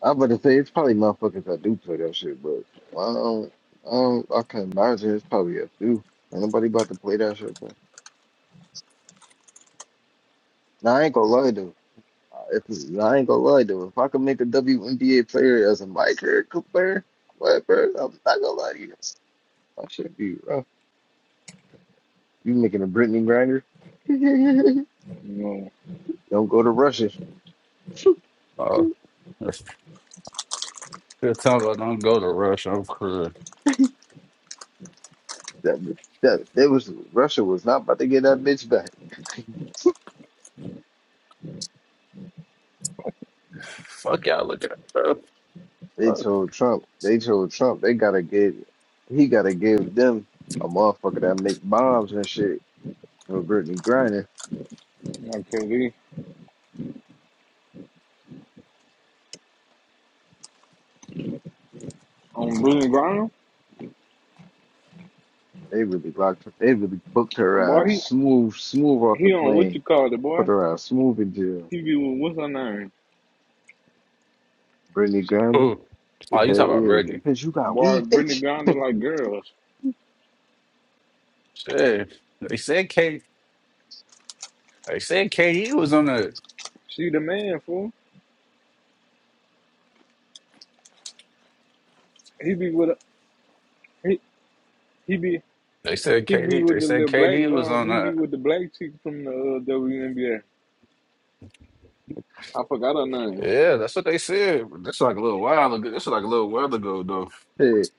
S4: I'm about to say it's probably motherfuckers that do play that shit, but I don't, I don't, I can imagine it's probably a few. Ain't nobody about to play that shit, bro. Now I ain't gonna lie though. If nah, I ain't gonna lie though, if I could make a WNBA player as a my character player, what, bro? I'm not gonna lie to you. That should be rough. You making a Brittany grinder? Don't
S2: you know,
S4: go to Russia.
S6: Oh, that's good time. I don't go to rush. I'm cool.
S4: That, that they was Russia was not about to get that bitch back.
S6: Fuck y'all. Look at that,
S4: They
S6: bro.
S4: told Trump. They told Trump they gotta give. He gotta give them a motherfucker that make bombs and shit for Brittany Griner.
S2: like KD on Brittany Grinder.
S4: They really locked. They really booked her
S2: Boy,
S4: eyes
S2: he
S4: smooth, smooth off the
S2: he on what
S4: plane.
S2: you call it,
S4: Put
S2: boy.
S4: her eyes smooth in jail.
S2: He be with what's her name?
S4: Brittany Griner.
S6: Oh,
S4: Yeah,
S6: oh, you talking about
S4: yeah. That
S6: Reggie?
S4: bitch, you got
S2: Boy,
S4: weed,
S2: Brittany
S4: bitch.
S2: Grinder like girls.
S6: Shit. They said K. They said KD was on the.
S2: She the man fool. He be with a, he he be.
S6: They said
S2: He be
S6: KD.
S2: with
S6: They
S2: the
S6: said
S2: little black,
S6: KD was
S2: um,
S6: on
S2: he be
S6: the.
S2: with the black chick from the uh, WNBA. I forgot her name.
S6: Yeah, that's what they said. That's like a little while ago. That's like a little while ago, though.
S4: Shit,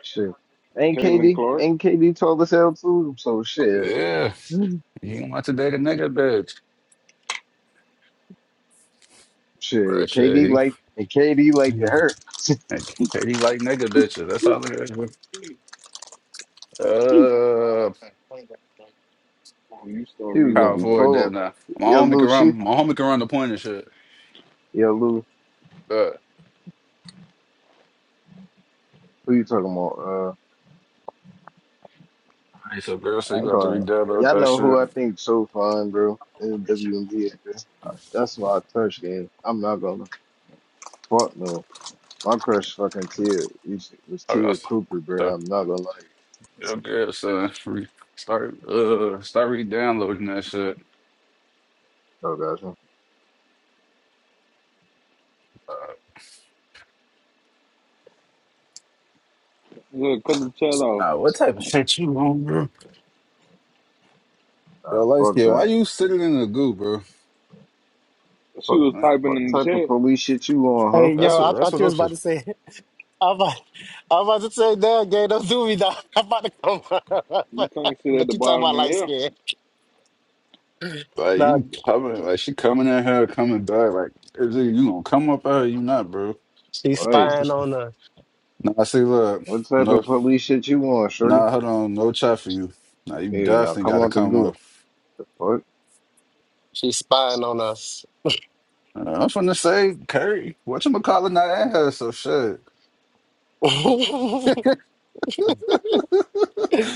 S4: shit. Ain't
S2: Caitlin
S4: KD?
S2: Clark,
S4: Ain't KD tall as hell too? So shit.
S6: Yeah, he don't want to date a nigga bitch, but
S4: Shit,
S6: shit,
S4: KD
S6: he.
S4: like and KD like it hurt.
S6: Like, KD like nigga bitches. That's all it is.
S4: he was
S6: Uh,
S2: you still
S4: gonna
S6: power
S4: be
S6: forward
S2: re-downloading.
S6: there
S4: full.
S6: now. My
S4: Yo,
S6: homie can
S4: Lou, she,
S6: run. My homie can run the point and shit.
S4: yo, Lou,
S6: But
S4: who you talking about?
S6: all right, so girl,
S4: Uh,
S6: so
S4: I
S6: you
S4: ain't
S6: got to
S4: gonna.
S6: redouble with
S4: Y'all
S6: that
S4: know who
S6: shit.
S4: I think so fun, bro. In the WNBA, bro. That's my touch game. I'm not gonna fuck no. My crush fucking Tia used to- was
S6: I got
S4: Tia Cooper,
S6: stuff.
S4: bro. I'm not gonna lie.
S6: Okay, so re- start uh start re-downloading that shit.
S4: Oh gosh, man.
S6: Uh,
S2: Look, cut the chat off.
S6: nah, what type of shit you on, bro? Yo,
S4: nah,
S6: light
S4: fuck
S6: skin, why
S4: that.
S6: you sitting in the goo, bro?
S2: She
S4: Fuck
S2: was
S4: it.
S2: typing
S6: Like,
S4: what
S2: in the
S4: type of
S2: chat.
S4: police shit you on, huh?
S7: Hey,
S6: that's
S7: yo, I
S6: what that's
S7: thought
S6: what
S7: you
S6: I'm
S7: was
S6: saying.
S7: about to say. I'm about, I'm about to say, damn, gay, don't do me, dog. I'm about to come.
S2: You can't sit at
S7: but
S2: the
S7: you talking
S2: bottom
S7: about
S2: of
S7: light
S2: here.
S7: skin.
S6: Like
S7: Nah,
S6: you coming, like she coming at her, coming back. Like is it you gonna come up at her? You not, bro?
S7: she's
S4: All
S6: Fuck
S4: right,
S6: wrong with
S7: spying
S6: you?
S7: on us.
S6: Nah, see, look,
S4: what type
S6: no,
S4: of police shit you on, shorty?
S6: nah, hold on, no chat for you. Nah, you
S4: Yeah, now
S6: definitely
S4: come
S6: got to
S4: on the
S6: come
S4: goo.
S6: up.
S4: The fuck?
S7: She's spying on us.
S6: Uh, I'm finna say, Curry, what you not at her? So shit.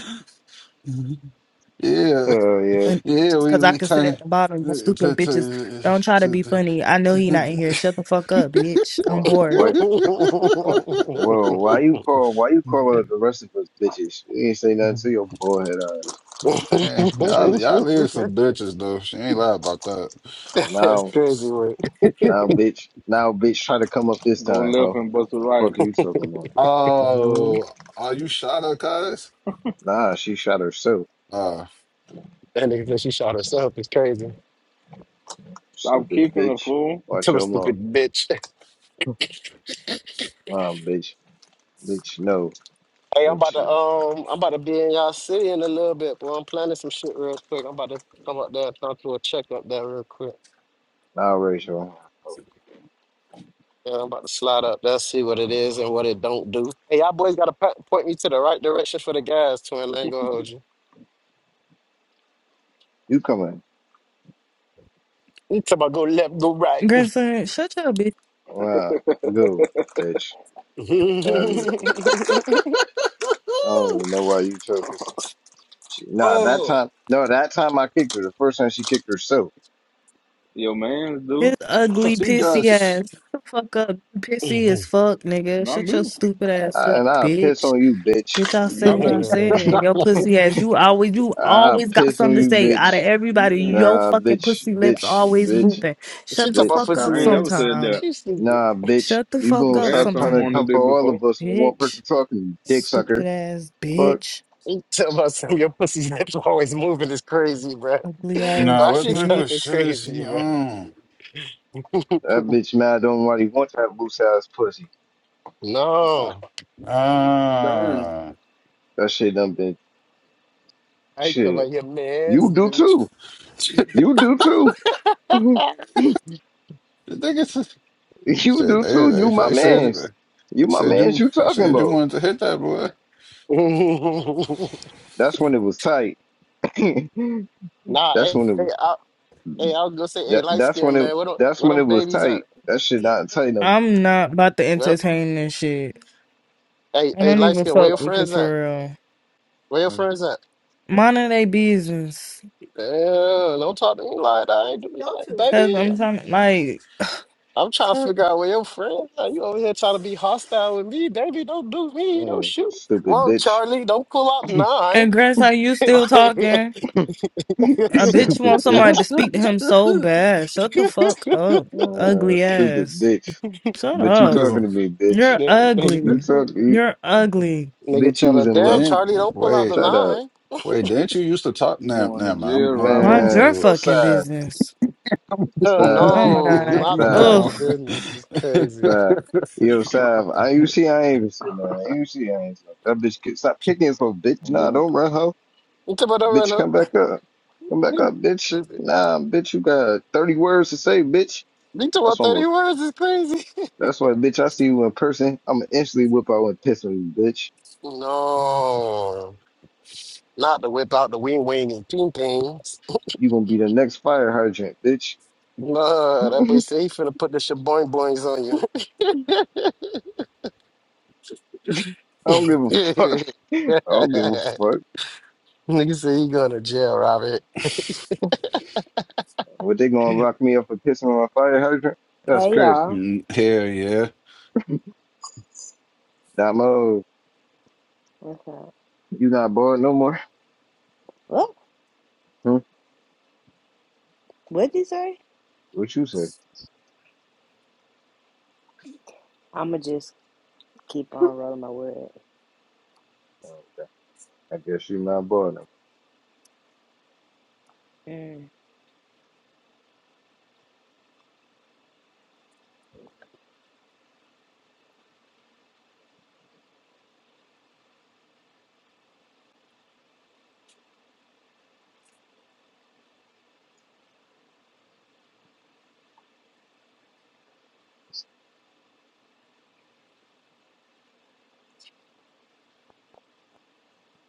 S6: Mhm. Yeah,
S4: Hell yeah.
S8: funny
S6: yeah,
S8: bitches,
S6: we
S8: cause I
S6: we
S8: can sit
S6: turn
S8: at the bottom. You
S6: to to
S8: stupid bitches,
S6: to
S8: don't try to
S6: to,
S8: be
S6: to,
S8: funny. I know he not in here. Shut the fuck up, bitch. I'm
S4: Or
S8: bored.
S4: why? Or whoa? Why you call? Why you call the rest of us bitches? We ain't say nothing to your bullhead ass,
S6: Man, y'all,
S4: bitch.
S6: y'all live some bitches though. She ain't lie about that.
S4: Uh,
S7: That's
S4: now,
S7: crazy, word.
S4: now, bitch. Now, bitch. Try to come up this
S2: Go
S4: time,
S2: left
S4: huh?
S2: and bust the right.
S4: Fuck are you talking about? hmm
S6: Oh, are you shot up, guys?
S4: Nah, she shot herself.
S6: Uh,
S7: That nigga said she shot herself. It's crazy.
S2: Stop
S4: Stupid
S2: kicking the
S4: bitch.
S2: fool.
S4: Watch
S7: Tell a
S4: your mouth.
S7: stupid bitch.
S4: Wow, bitch. Bitch, no.
S7: Hey, I'm about
S4: Bitch,
S7: to
S4: you.
S7: um, I'm about to be in y'all city in a little bit, but I'm planning some shit real quick. I'm about to come up there and talk to a check up there real quick.
S4: Now, Rachel.
S7: Yeah, I'm about to slide up there, see what it is and what it don't do. Hey, y'all boys gotta po- point me to the right direction for the gas, twin. I ain't gonna hold you.
S4: You coming?
S7: You talking about go left, go right.
S8: Grandson, shut your bitch.
S4: Wow. Go, bitch. Tired of you. I don't even know why you chose this. She, nah, that time, no, that time I kicked her. The first time she kicked herself,
S2: Your man's do.
S8: His ugly
S6: she got.
S8: pissy
S6: s-
S8: ass. Shut the fuck up. You Pissy as fuck, nigga.
S2: Not
S8: Shut your
S2: me.
S8: stupid ass
S4: uh, and
S8: up,
S4: I piss
S8: bitch.
S4: on you, bitch.
S8: Bitch, I said
S2: Not
S8: what I
S2: me.
S8: said. and Your pussy ass. You always, you
S4: I
S8: always got
S4: piss
S8: something
S4: on
S8: to
S4: you,
S8: say. Out of
S4: bitch.
S8: everybody,
S2: Mm-mm.
S8: your
S4: Nah,
S8: fucking
S4: bitch,
S8: pussy lips
S4: bitch,
S8: always
S4: bitch,
S8: moving.
S7: she
S8: Shut
S7: talking
S8: the
S7: about
S4: bitch.
S8: fuck
S7: pussy
S2: I
S8: up
S2: ain't never
S7: lips.
S2: said that.
S8: sometime.
S7: She stupid.
S4: Nah, bitch.
S8: Shut the
S4: You
S8: fuck
S4: gonna
S8: up
S4: stop trying
S2: Grandson
S4: to
S8: sometime,
S4: come
S2: wanted
S4: for
S2: it
S4: all
S2: before.
S4: of us when one
S8: bitch.
S4: person talking, you dick sucker.
S8: Stupid ass
S4: Fuck.
S8: bitch.
S7: You talking about some of your pussy lips always moving is crazy, bruh.
S8: Ugly
S6: Nah,
S7: Why
S8: ass
S6: what
S7: she
S6: type of
S7: talking
S8: bitch.
S6: shit is
S7: crazy,
S6: he
S7: bruh?
S6: on?
S4: That bitch mad on why he wants that loose ass pussy.
S7: No.
S2: Damn.
S6: Ah, uh,
S4: That shit done been
S7: I ain't talking
S4: shit.
S7: about your
S4: You
S7: man's
S4: do
S7: dude.
S4: too. You do too.
S6: the nigga.
S4: You
S6: Shit,
S4: do
S6: they
S4: too.
S6: they
S4: You my
S6: they said
S4: mans.
S6: you
S4: You
S6: they
S4: my
S6: said
S4: mans.
S6: you
S4: You
S6: they
S4: talking
S6: said you
S4: about?
S6: wanted to hit that boy.
S4: That's when it was tight. that's when
S7: nah,
S4: it
S7: hey, hey,
S4: was.
S7: I, hey, I was gonna say, hey,
S4: That,
S7: light
S4: that's when
S7: skin
S4: it.
S7: man, where them,
S4: That's
S7: where
S4: when it
S7: them
S4: was
S7: babies
S4: tight.
S7: at?
S4: That shit not tight no
S8: I'm not about to
S7: Well,
S8: entertain this shit.
S7: hey,
S8: I
S7: hey,
S8: don't
S7: light
S8: even
S7: skin, where your
S8: fuck with you
S7: friends at?
S8: for real.
S7: Where your
S4: more.
S7: friends at?
S8: Mind they business.
S7: Yeah, don't talk to me like
S8: What
S7: that. I
S8: school
S7: ain't
S8: you
S7: doing
S8: go
S7: that,
S8: to? Cause
S7: baby.
S8: I'm trying like,
S7: I'm trying to
S8: fuck.
S7: figure out where your friends are. You over here trying to be hostile with me, baby? Don't do me. Don't shoot.
S4: Yeah,
S7: me.
S4: stupid
S7: Whoa,
S4: bitch.
S7: Charlie, don't pull out nine.
S8: and Grant's like, you still talking? A bitch
S4: stupid
S8: wants somebody to
S4: bitch.
S8: speak to him so bad. Shut the fuck up,
S4: Uh,
S8: ugly
S4: stupid
S8: ass.
S4: bitch.
S8: Shut
S4: But you
S6: I
S8: up.
S6: just
S4: talking to me, bitch.
S8: You're
S7: Like-
S4: You
S8: ugly.
S4: talk. You,
S8: You're ugly.
S7: Nigga
S4: bitch, you
S7: tell her,
S4: was in
S7: damn,
S4: love with
S6: dang
S7: Charlie,
S4: me.
S7: don't pull out the
S6: wait
S4: Shut up,
S7: nine.
S6: wait didn't you used to talk
S2: You
S6: now
S2: going to
S6: now man
S2: jail,
S6: I'm I'm
S2: Robert.
S8: Mind
S6: going
S4: man.
S8: your
S6: mute.
S4: Yo,
S8: fucking
S4: side,
S8: business.
S7: Uh,
S4: side,
S8: Oh my
S7: no,
S8: god.
S7: not the
S6: I'm
S4: side.
S7: mind
S6: going.
S7: your
S8: Ugh.
S7: business. It's crazy.
S4: Nah, yo, Sav, I you see I ain't even say nothing. You see I ain't say that bitch. Get, stop picking so bitch. Nah,
S2: Yeah.
S4: don't run ho.
S7: You talking about don't run
S4: Bitch,
S7: up?
S4: come back up. Come back up, bitch. Nah, bitch, you got thirty words to say, bitch.
S7: You talking
S4: That's
S7: about
S4: what I'm.
S7: 30 words is crazy.
S4: That's why, bitch. I see you in person. I'm gonna instantly whip out and piss on you, bitch.
S7: No, not to whip out the wing wing and ping pings.
S4: You gonna be the next fire hydrant, bitch.
S7: No,
S4: I
S7: that boy say he finna put the shaboing boings on you.
S4: don't give a fuck. I don't give a fuck.
S7: Nigga say he going to jail, Robert.
S4: What they gonna lock me up for pissing on a fire hydrant? That's
S9: Hey
S4: crazy.
S9: y'all,
S6: Mm, Hell yeah,
S4: Damo,
S9: what's up?
S4: you not bored no more?
S9: What?
S4: Hmm?
S9: What'd you say?
S4: What you say?
S9: I'ma just keep on rolling my wood.
S4: Okay. I guess you not bought him.
S9: Mm,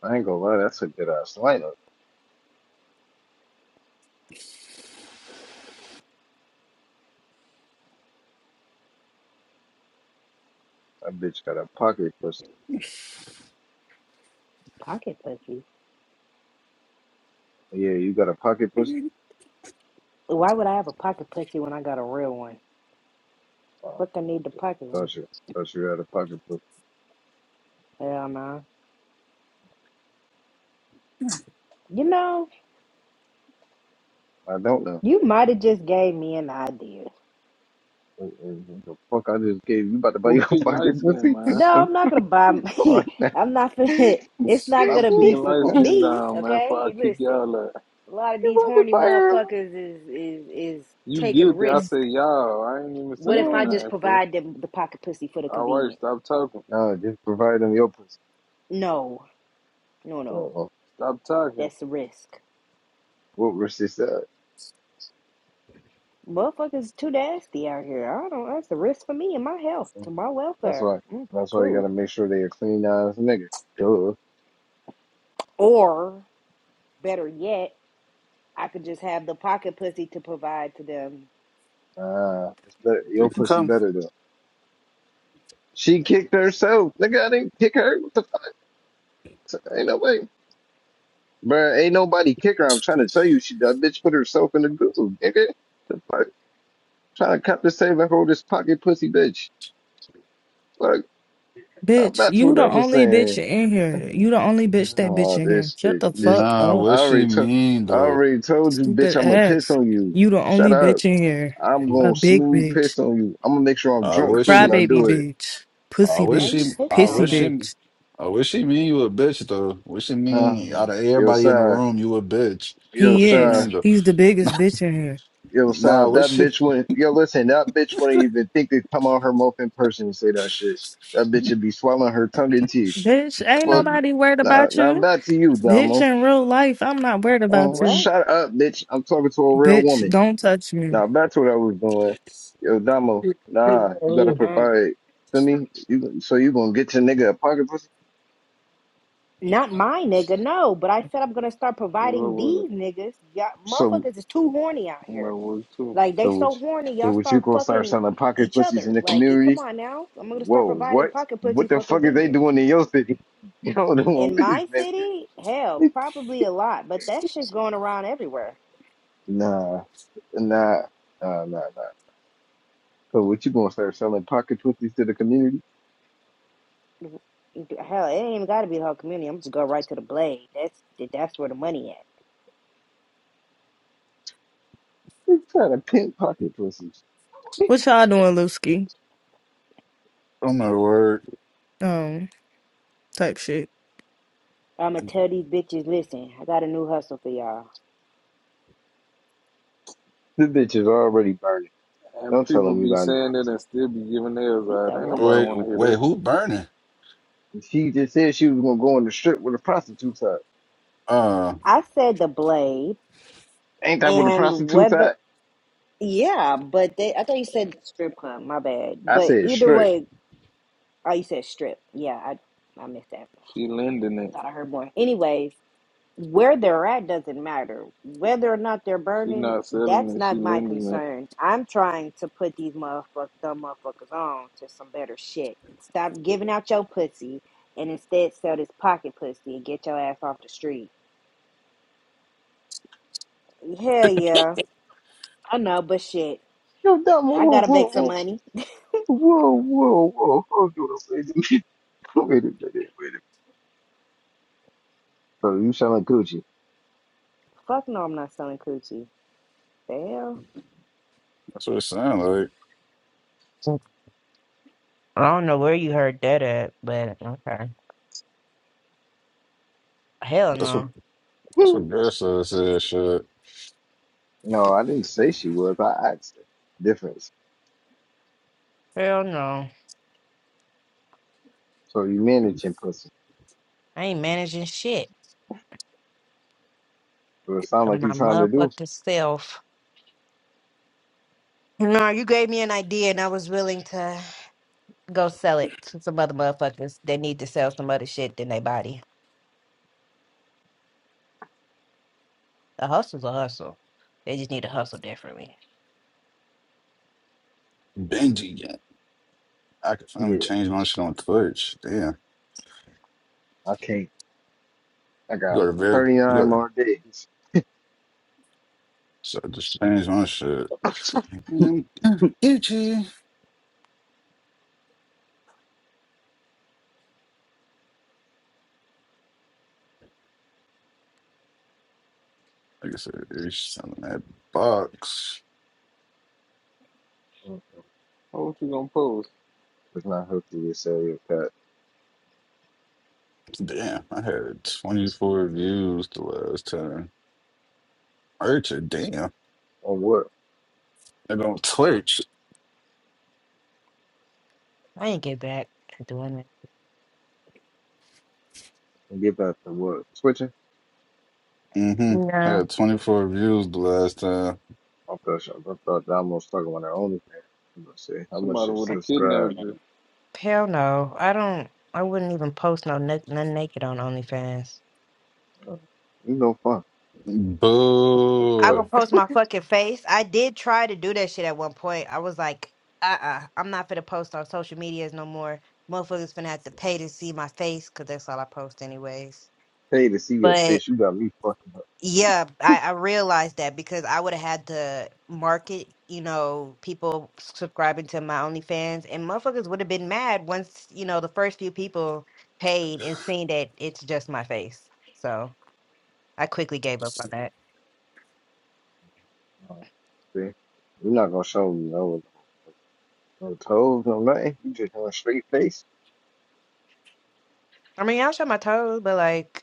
S4: I ain't gonna lie, that's a good ass lineup. That bitch got a pocket pussy.
S9: pocket pussy.
S4: Yeah, you got a pocket pussy?
S9: Why would I have a pocket pussy when I got a real one?
S4: Oh,
S9: Fuck, I need the pocket one.
S4: thought you, thought you had a pocket pussy.
S9: Hell no. You know,
S4: I don't know.
S9: you might have just gave me an idea.
S4: What what the fuck I just gave you about to buy
S2: Who
S4: your
S2: kicked light
S4: pocket
S2: skin,
S4: pussy?
S2: man?
S9: No, I'm not gonna buy. My,
S4: So, Come on. Now.
S9: I'm not for It's not
S2: Stop
S9: gonna
S2: kicking
S9: be
S4: you
S9: for
S2: light
S4: about
S2: skin
S9: me.
S2: down, man, before
S9: Okay,
S2: I kick
S9: listen.
S2: y'all out.
S9: A lot of these
S4: to
S9: horny
S4: buy her? a-
S9: motherfuckers is is is
S2: You
S9: taking
S2: guilty. I say,
S9: risk.
S2: y'all. I ain't even
S9: What
S2: say
S9: if
S2: no
S9: I
S4: Oh.
S9: just
S2: name, fool.
S9: provide them the pocket pussy for the
S2: All right,
S9: convenience?
S2: stop talking.
S4: No, just provide them your pussy.
S9: No. No, no,
S4: So,
S2: Stop talking.
S9: that's a risk.
S4: what Rusty said.
S9: Motherfuckers too nasty out here. I don't. That's the risk for me and my health, to my
S4: That's
S9: welfare.
S4: why.
S9: Mm,
S4: That's why you
S9: cool.
S4: gotta make sure they a clean ass nigga. Duh.
S9: Or better yet, I could just have the pocket pussy to provide to them.
S4: Ah, it's better.
S6: you
S4: Your
S6: can
S4: pussy
S6: come.
S4: better though. She kicked herself. Nigga, I didn't kick her. What the fuck? Ain't no way. Bruh, ain't nobody kick her. I'm trying to tell you, she that bitch put herself in the groove, nigga. The fuck? Trying to cut the save and hold this pocket pussy bitch. Fuck. Now
S8: Bitch,
S4: that's
S8: you
S4: what I
S8: the
S4: was
S8: only
S4: saying.
S8: bitch in here. You the only bitch that bitch
S4: Oh,
S8: in here.
S4: this
S8: Shut
S4: bitch
S8: the
S4: just
S8: fuck
S6: Nah,
S8: up,
S4: I
S6: what she
S4: already told
S6: mean
S4: I
S6: though?
S4: already told you, bitch,
S8: stupid
S4: I'ma piss
S8: ass.
S4: on you.
S8: You the
S4: Shut
S8: only
S4: up.
S8: bitch in here.
S4: I'm
S8: A
S4: gonna
S8: big
S4: smooth
S8: bitch.
S4: piss on you. I'm gonna make sure I'm
S6: Uh,
S4: drunk
S6: what
S4: too
S6: she?
S4: when I
S8: Crybaby
S4: do it.
S8: bitch.
S6: I
S8: Pussy
S9: Why
S6: wish
S9: are you
S6: he,
S8: bitch.
S6: I
S9: pissing
S8: Pissy
S9: on
S6: wish
S9: her?
S6: he,
S8: bitch.
S6: I wish he mean you a bitch though. Wish he mean
S4: Um,
S6: out of
S4: yo,
S6: everybody in the
S4: side.
S6: room you a bitch.
S4: Yo,
S8: He
S6: Wish he
S4: side.
S8: is.
S6: mean though.
S8: He's the biggest bitch in here.
S4: Yo,
S6: nah,
S4: Sav, that
S6: wish he.
S4: bitch wouldn't. Yo, listen, that bitch wouldn't even think to come on her mouth in person and say that shit. That bitch would be swallowing her tongue and teeth.
S8: Bitch, ain't
S4: But
S6: I'm
S8: nobody worried
S4: now,
S8: about
S4: now
S8: you.
S4: back to you,
S8: Bitch,
S4: Damo.
S8: in real life, I'm not worried about
S4: Um,
S8: you.
S9: What?
S4: shut up, bitch. I'm talking to a real
S8: Bitch,
S4: woman.
S8: don't touch me.
S4: Now back to what I was doing. Yo, Damo. Nah, you gotta
S9: Mm.
S4: provide. Feel me? You so you gonna get your nigga a pocket pussy?
S9: Not my nigga, no. But I said I'm gonna start
S2: What
S9: providing
S2: was
S9: these
S2: it?
S9: niggas. Y'all,
S4: So
S9: motherfuckers is too horny out
S2: I'm like,
S9: here.
S2: what too?
S9: Like they
S4: so what?
S9: so
S4: you-
S9: horny,
S4: So
S9: y'all
S4: what you
S9: start
S4: gonna start
S9: fucking
S4: selling pocket
S9: each
S4: pussies in
S9: other.
S4: the
S9: Like, eh, come
S4: community?
S9: on now. I'm gonna start
S4: Whoa,
S9: providing
S4: what?
S9: pocket pussy
S4: What the
S9: for
S4: fuck is they
S9: convenience.
S4: doing in your city? You know
S9: In my
S4: what
S9: city, hell, probably a lot, but that shit's going around everywhere.
S4: Nah, nah, nah, nah, nah. So what you gonna start selling pocket pussies to the community?
S9: Hell, it ain't even gotta be the whole community. I'm just go right to the blade. That's that's where the money
S4: They trying to pimp pocket pussies.
S8: What y'all doing, Looski?
S6: not word.
S8: Um, type shit.
S9: at. I'ma tell these bitches, listen, I got a new hustle for y'all.
S4: This bitch is already burning.
S2: And
S4: Don't tell
S2: people
S4: him you
S2: be
S4: got new
S2: saying it and still be giving theirs
S9: We
S2: out.
S9: said
S2: Ain't
S9: what?
S2: nobody
S6: Wait,
S2: want to hear
S6: wait,
S2: that.
S6: who burning?
S4: She just said she was gonna go on the strip with a prostitute at.
S6: Uh,
S9: I said the blade
S4: Ain't that what a
S9: and
S4: prostitute
S9: whether
S4: at?
S9: yeah, but they I thought you said strip club, my bad.
S4: I
S9: But
S4: said
S9: either
S4: strip.
S9: way, oh you said strip. Yeah, I I missed that.
S2: She lending it.
S9: Thought I heard more. Anyways, where they're at doesn't matter. Whether or not they're
S2: She
S9: burning,
S2: not selling
S9: that's
S2: it. She
S9: not my
S2: lending it.
S9: concern. I'm trying to put these motherfuckers, dumb motherfuckers on to some better shit. Stop giving out your pussy and instead sell this pocket pussy and get your ass off the street. Hell yeah. I know, but shit.
S4: Yo, dumb,
S9: I
S4: whoa, whoa,
S9: gotta make some
S4: whoa,
S9: money.
S4: whoa, whoa, whoa, whoa, whoa, wait a minute, wait a minute, wait a minute. So you selling Gucci?
S9: Fuck no, I'm not selling coochie. The
S6: that's what it sounds like.
S9: hell? I don't know where you heard that at, but okay. Hell
S6: That's what
S9: no.
S6: that's
S4: Hmm.
S6: what girl said. said shit.
S4: no, I didn't say she was. I asked her. Difference.
S9: Hell no.
S4: So you managing pussy.
S9: I ain't managing shit
S4: So it sounds
S9: but
S4: like
S9: my
S4: you trying to do.
S9: motherfucking self. No, you gave me an idea, and I was willing to go sell it to some other motherfuckers. They need to sell some other shit than their body. A hustle's a hustle. They just need to hustle differently.
S6: Benji, yeah. I could finally
S4: Yeah,
S6: change my shit on Twitch. Damn,
S4: I can't. I
S6: you
S4: got
S6: got to very, you
S4: 39
S6: got to
S4: more days.
S6: so just change my shit.
S4: Mm,
S6: Mm, mm, Gucci. Like I said, it's selling that box.
S2: Oh, what you gonna post?
S4: It's not healthy to say your cut
S6: Damn, I had 24 views the last time. Urcha, damn.
S4: or work.
S6: I don't Twitch.
S9: I ain't get back to doing it.
S4: And get back to work. Switching?
S6: Mm-hmm. I
S9: No.
S6: had 24 views the last time.
S4: I'm pushing. I thought that I'm gonna start on their only I'm gonna say how much
S2: Somebody
S4: you
S2: would have
S4: subscribe.
S2: kidnapped you.
S9: Hell no. I don't. I wouldn't even post no n- none naked on OnlyFans.
S4: Uh, you no fun.
S9: I
S4: What?
S9: go
S6: Boo.
S9: post my fucking face. I did try to do that shit at one point. I was like, uh uh-uh, uh, i am not finna post on social medias no more. Motherfuckers finna have to pay to see my face because that's all I post anyways.
S4: Pay to see your
S9: But
S4: face. You got me fucking up.
S9: yeah, I, I realized that because I would have had to market, you know, people subscribing to my OnlyFans, and motherfuckers would have been mad once, you know, the first few people paid and seen that it's just my face. So I quickly gave up on that.
S4: Uh, see? You're not gonna show me no, no no toes, no nothing. You just going straight face.
S9: I mean, I'll show my toes, but like,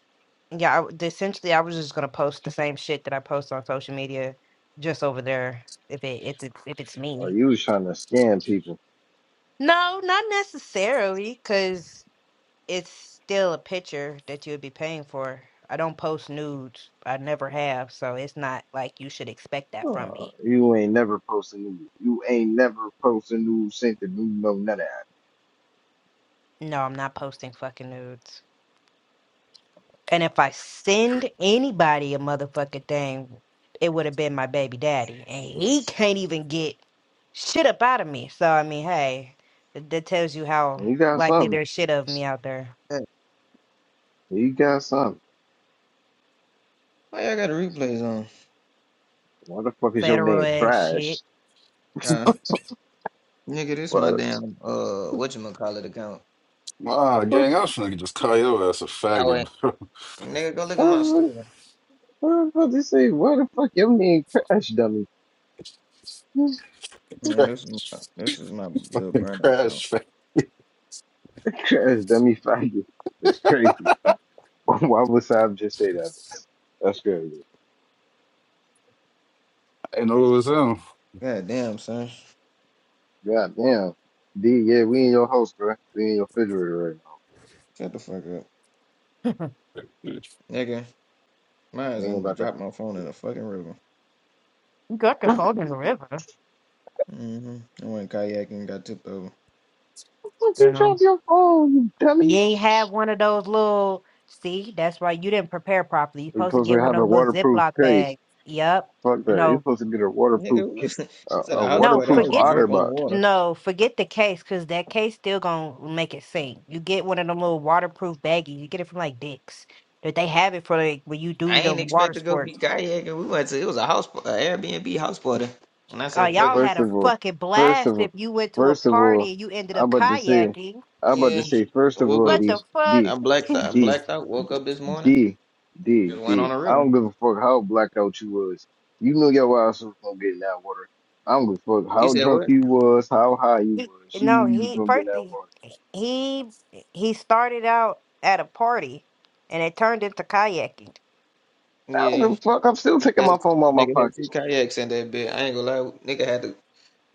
S9: yeah, I, w- essentially, I was just gonna post the same shit that I post on social media, just over there if it if it's if it's
S4: Or
S9: me.
S4: you was trying to scam people.
S9: No, not necessarily, it's still a picture that you would be paying for. I don't post nudes. I never have, so it's not like you should expect that from
S4: Uh,
S9: me.
S4: you ain't never post a nude. You ain't never post a nude, sent the new no none of that.
S9: No, I'm not posting fucking nudes. And if I send anybody a motherfucking thing, it would have been my baby daddy, and he can't even get shit up out of me. So I mean, hey, that, that tells you how
S4: And you got
S9: likely
S4: something.
S9: there's shit of me out there.
S10: Hey,
S4: You got something.
S10: why y'all got the replays on?
S4: Why the fuck is your
S9: Federal
S4: name
S9: ass shit.
S4: Crash?
S10: Uh, nigga, this
S4: What?
S10: my damn uh, whatchamacallit account.
S6: Wow,
S4: What?
S6: gang, I was trying to just call your ass a
S10: Oh wait,
S6: faggot, bro.
S10: nigga, go look at my
S4: What?
S10: story.
S4: What am I was about to say? Why the fuck your name Crash Dummy?
S10: Man, this is my, this is my little burner account.
S6: Crash. fag-
S4: Crash Dummy faggot. That's crazy. Why would Sam just say that? That's, that's crazy.
S6: I didn't know it was him.
S10: God damn, son,
S4: God damn. D, yeah, we in your house, bro. We in your refrigerator right now.
S10: shut the fuck up, nigga.
S4: We
S10: Mine's
S4: ain't
S10: and
S4: about
S10: dropped my phone in a fucking river.
S9: You Got the
S4: to.
S9: phone in the river.
S10: hmm I went kayaking, and got tipped over.
S4: What the fuck you dropped your phone, you dummy?
S9: You ain't have one of those little. See, that's right. You didn't prepare properly. You're
S4: You're
S9: supposed to
S4: supposed
S9: get
S4: to
S9: one
S4: have a
S9: of those little
S4: waterproof
S9: Ziploc
S4: case.
S9: bags. Yep.
S4: Fuck that. You're
S9: No,
S4: supposed to get a
S10: Nigga,
S4: waterproof
S10: we
S4: ki-
S10: was, we
S4: a,
S10: was at a
S4: a
S10: house
S9: no.
S10: party. I
S4: waterproof
S10: was
S9: Forget
S4: otter
S10: drunk on the
S4: box.
S10: water.
S9: no. Forget the case because that case still gonna make it sink. You get one of them little waterproof baggies. You get it from like Dick's. That they have it for like when you
S10: I
S9: do the
S10: ain't
S9: water
S10: expect to go be
S9: sports.
S10: kayaking. We went to it was a house, par- a Airbnb house party, and I
S9: Uh,
S10: said, "Fuck it."
S9: y'all had
S4: First
S9: a
S4: of all,
S9: fucking
S4: first
S9: blast
S4: of all,
S9: if you went to a
S4: first of all,
S9: party and you ended up
S4: I'm about to say,
S9: kayaking.
S4: I'm about
S10: Yeah,
S4: to say,
S10: I
S4: first of
S10: woke
S4: all,
S9: What
S10: up.
S4: D,
S9: the fuck?
S10: I
S4: D,
S10: blacked I
S4: D,
S10: blacked out. Woke up this morning.
S4: D, D,
S10: Just went on
S4: D.
S10: a
S4: I
S10: river.
S4: don't give a fuck how blacked out you was. You knew your ass was gonna get in that water. I don't give a fuck
S10: You
S4: how
S10: said
S4: drunk
S10: what?
S4: you was, how high you was. You knew
S9: no,
S4: you was
S9: he
S4: gonna get in that
S9: first.
S4: water.
S9: he eh, he started out at a party and it turned into kayaking.
S4: I don't give
S10: Yeah,
S4: a fuck. I'm still
S10: he
S4: taking
S10: had
S4: my phone out of my
S10: nigga had
S4: pocket.
S10: two kayaks in that bit. I ain't gonna lie. Nigga had to.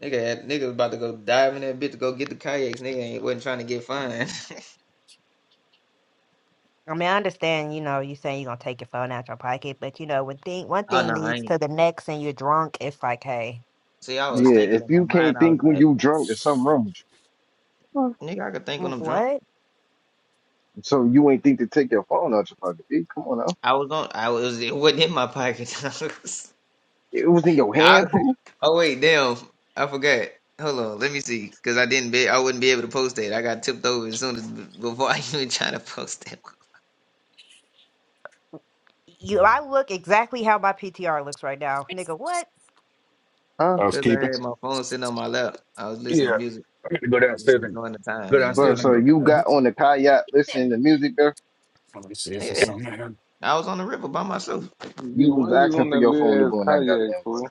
S10: Nigga had nigga was about to go dive in that bit to go get the kayaks. Nigga ain't wasn't trying to get fined.
S9: I mean, I understand, you know, you saying you're gonna take your phone out your pocket, but you know, when thing one
S10: oh
S9: thing
S10: no, I
S9: leads
S10: ain't.
S9: to the next and you're drunk, it's like, hey,
S10: See, I was
S4: Yeah,
S10: thinking in
S4: if
S10: my
S4: you
S10: mind.
S4: can't
S10: I was
S4: think when
S10: like,
S4: you drunk, there's something wrong with you. Huh.
S10: nigga, I could think when
S9: mm,
S10: I'm drunk.
S9: what?
S4: So you ain't think to take your phone out your pocket. B. Come on now.
S10: I was on. I was. It wasn't in my pocket.
S4: It was in your
S10: I,
S4: hand, fool.
S10: oh wait, damn, I forgot. Hold on, let me see, cause I didn't be, I wouldn't be able to post that. I got tipped over as soon as before I even tried to post that,
S9: You I look exactly how my PTR looks right now. Nigga, what?
S4: Huh?
S6: I was
S10: cause I
S6: keeping.
S10: had my phone sitting on my lap. I was listening
S6: Yeah.
S10: to music,
S6: I gotta go
S10: just
S6: downstairs and
S10: enjoying the
S6: go
S10: time, and then
S4: Bro,
S6: downstairs
S10: after
S6: and
S4: so
S10: that,
S6: grab
S4: you got
S6: it.
S4: on the kayak listening to music there.
S6: Let me see if it's
S10: yeah,
S6: something there.
S10: I was on the river by myself.
S2: D,
S4: You was
S2: why you
S4: asking
S2: on
S4: for
S2: that
S4: your phone to
S2: little ass
S4: go in that
S2: kayak,
S4: goddamn water.
S2: fool?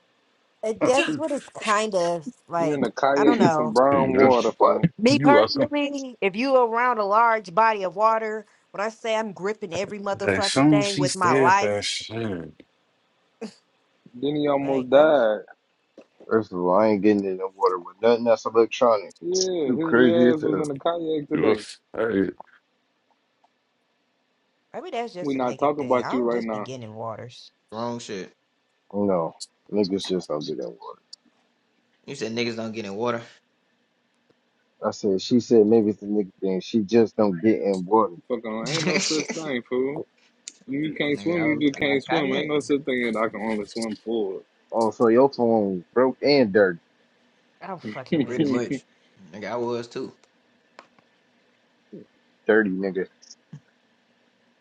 S9: Uh, That's what it's kind of
S2: You in
S9: like,
S2: a
S9: I
S2: kayak
S9: don't
S2: in some
S9: know.
S6: Here you
S2: brown
S4: What the
S6: go.
S2: water,
S4: fuck?
S2: fool.
S9: Me
S6: You welcome.
S9: personally, if you around a large body of water, when I say I'm gripping every
S6: As
S9: motherfucking
S6: soon as
S9: thing
S6: she
S9: with my
S6: said
S9: life,
S6: that shit.
S2: Then he almost
S9: like what?
S2: died.
S4: First of all, I ain't getting in the water with nothing that's electronic.
S2: Yeah, his
S4: You crazy
S2: little
S4: as
S2: ass was
S4: hell.
S2: in a kayak today.
S6: Oof. I,
S9: Maybe that's
S2: We
S9: just a
S2: not
S9: nigga
S2: talking
S9: thing.
S2: about
S9: I
S2: you
S9: don't
S2: right
S9: just be
S2: now.
S9: getting waters.
S10: Wrong shit.
S4: No. Niggas just don't get in water.
S10: You said niggas don't get in water.
S4: I said, she said maybe it's the nigga thing. She just don't get in water.
S2: Fuck on, ain't no such thing, fool. When you can't
S10: Nigga,
S2: swim,
S10: I
S2: you
S10: was
S2: just
S10: I was
S2: can't swim. Ain't no
S10: kayaking
S2: such thing that I can only swim forward.
S4: Also, your phone broke and dirty.
S9: I'm fucking
S10: pretty
S9: weak.
S2: I
S10: much. Nigga, I was too.
S4: Dirty nigga.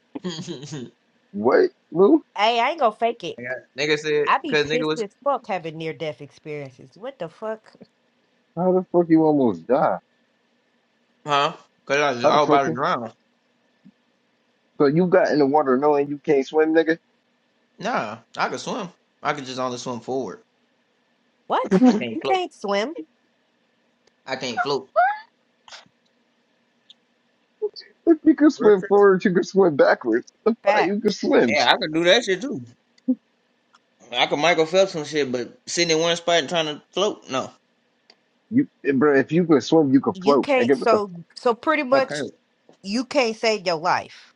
S10: nigga,
S4: What, Lou?
S9: Hey, I ain't gonna fake it.
S10: nigga said,
S9: I be
S10: cause nigga
S9: pissed
S10: was
S9: as fuck having near death experiences. What the fuck?
S4: How the fuck you almost die?
S10: huh? Cause I was
S4: How the
S10: all
S4: fuck?
S10: about to
S4: you-
S10: drown.
S4: So you got in the water knowing you can't swim, nigga.
S10: Nah, I could swim. I could just only swim forward.
S9: What?
S10: I
S4: if
S10: can't
S9: You
S10: float.
S9: can't swim.
S10: I can't float.
S4: you can
S10: Real
S4: swim
S10: shit.
S4: forward, you can swim backwards. The fuck,
S9: Fact.
S4: you can swim.
S10: Yeah, I could do that shit too. I could Michael Phelps some shit, but sitting in one spot and trying to float, no,
S4: You, bro, if you can swim, you can
S9: You
S4: float,
S9: can't
S4: nigga. What the
S9: so
S4: fuck,
S9: so pretty
S10: I
S9: much
S10: can't.
S9: you can't save your life.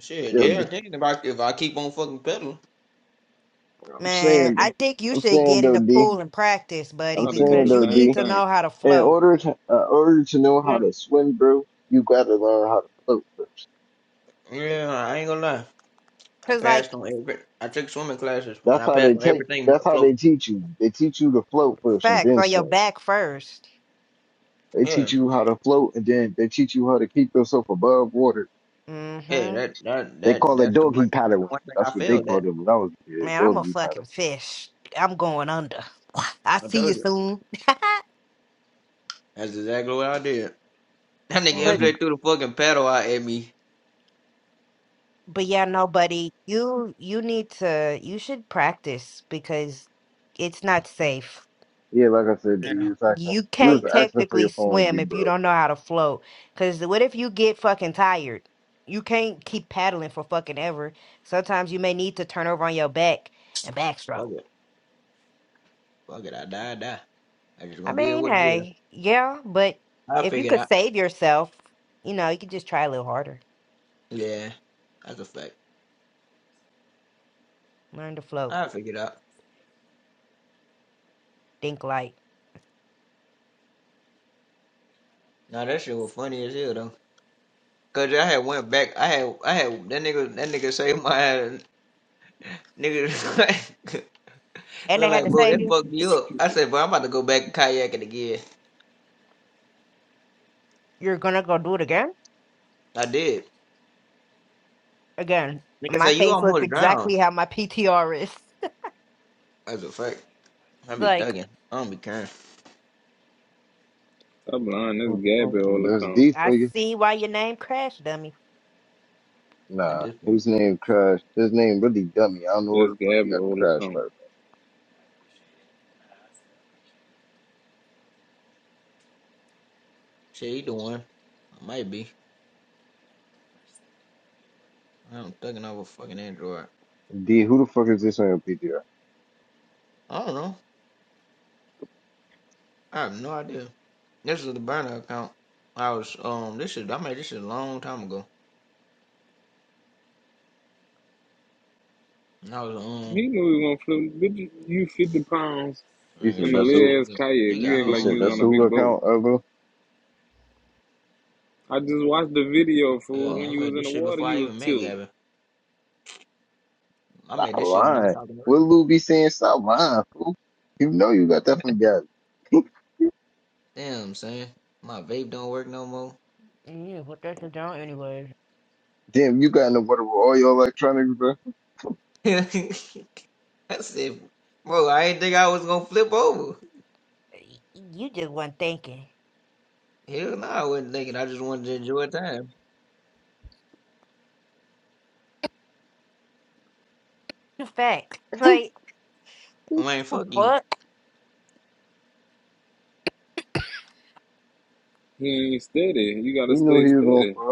S10: Shit,
S4: yo,
S10: yeah, I
S4: D?
S10: can if I if I keep on fucking pedaling.
S4: I'm
S9: Man,
S4: saying,
S9: I think you
S4: I'm
S9: should
S4: saying
S9: get in
S4: though,
S9: the
S4: D.
S9: pool and practice, buddy,
S4: I'm
S2: done did
S4: saying
S2: the
S9: because you
S4: though,
S2: same
S9: need
S4: D.
S9: to
S2: thing.
S9: know how to
S4: In
S9: float.
S4: order to, uh, order to know how
S10: Yeah,
S4: to swim, bro, you gotta learn how to float.
S10: yeah, I ain't gonna lie. I
S9: Cause like
S10: passed on every. I took swimming classes and
S4: That's
S10: I
S4: how they
S10: passed on
S4: take.
S10: everything
S4: That's
S10: but
S4: how they
S10: floating.
S4: teach you. They teach you to float first and
S9: facts
S4: then
S9: on your
S4: swim.
S9: back 1st
S4: They
S10: Yeah,
S4: teach you how to float and then they teach you how to keep yourself above water
S10: yeah, that that
S4: They
S10: that
S4: call it
S10: that's the one
S4: doggy
S10: that's the
S4: paddling.
S10: one thing I
S4: That's what they
S10: failed at.
S4: called it when I was a kid.
S9: Man, I'm a
S4: Doggy
S9: fucking
S4: paddle.
S9: fish. I'm going under. I
S10: I
S9: see you
S10: told you,
S9: soon.
S10: that's exactly what I did. That nigga
S9: But
S4: hmm
S10: MJ threw the fucking paddle out at me.
S9: but yeah, no, buddy, you you need to you should practice because it's not safe.
S4: Yeah, like I said, D,
S9: It-
S10: Yeah,
S4: you was asking,
S9: You
S4: you
S10: fuck
S4: was
S9: can't
S10: it,
S4: asking for
S9: technically
S4: your phone to be
S9: swim if you
S4: broke.
S9: don't know how to float. Because what if you get fucking tired? You can't keep paddling for fucking ever. Sometimes you may need to turn over on your back and
S10: fuck
S9: backstroke.
S10: it. Fuck it, I died. Die. I just
S9: I
S10: gonna be
S9: mean,
S10: what it is.
S9: hey, yeah, but
S10: I
S9: if you
S10: figured
S9: could
S10: out.
S9: save yourself, you know, you could just try a little harder.
S10: Yeah, that's a fact.
S9: Learn to flow.
S10: I figured out.
S9: Think light.
S10: Now that shit was funny as hell though. Cause I had went back. I had I had that nigga that nigga saved my ass. nigga.
S9: And they
S10: look
S9: had
S10: like
S9: to
S10: bro,
S9: save
S10: that
S9: you.
S10: fucked me up. I said, bro, I'm about to go back kayaking again.
S9: You're gonna go do it again?
S10: I did.
S9: Again.
S10: Nigga
S9: My
S10: said you
S9: face looks
S10: almost drowned.
S9: exactly how my PTR is.
S10: That's a fact. I be
S9: like,
S10: thugging. I don't be caring
S2: Stop lying, that's Gabby
S4: Mm-mm. Does
S2: Olacombe.
S4: D for
S9: I
S4: you?
S9: see why your name Crash dummy.
S10: at
S4: Nah,
S10: this point.
S4: his name Crash. His name really dummy. I don't know where
S2: That's
S4: the fuck he
S2: Gabby
S4: got Crash
S2: Olacombe.
S4: from.
S10: Shit, either one. I might be. I'm thugging off a fucking Android.
S4: D, who the fuck is this on your PTR?
S10: I don't know. I have no idea. This is the burner account. I was um this is I made this shit a long time ago. And I was um
S2: He knew he was gonna flip. Bitch, you 50 pounds
S4: You
S10: nigga
S2: in
S4: said
S2: the
S10: she
S4: that's who.
S10: still
S2: little ass
S10: got-
S2: kayak.
S10: she got
S2: You
S10: her
S2: act
S4: You
S2: like
S4: said
S10: own
S2: you was
S10: damn
S4: that's
S2: on a
S4: who
S2: big
S10: account.
S2: boat.
S4: account, Evo.
S2: I just watched the video, fool.
S10: Hell
S2: When
S10: no, I
S4: Uh,
S2: you
S10: made
S2: was in
S10: this
S2: the
S10: shit
S2: water,
S10: before
S2: you
S10: I
S2: was
S10: even met
S2: tilted.
S10: Gavin. I
S4: stop
S10: made this shit when I was
S4: lying.
S10: talking to
S4: What
S10: her.
S4: Lou be saying? Stop lying, fool. You know you got that from Gabby.
S10: Damn son. My vape don't work no more.
S9: Yeah, what that's down anyways.
S4: Damn, you got in the water with all your electronics, bro.
S10: I said bro, I ain't think I was gonna flip over.
S9: Y- You just weren't thinking.
S10: Hell no, I wasn't thinking I just wanted to enjoy time.
S9: The fact. Like,
S10: I mean fuck you.
S9: what?
S2: He ain't steady. You
S4: He
S2: gotta
S4: knew
S2: stay
S4: he was on
S2: steady.
S4: fire.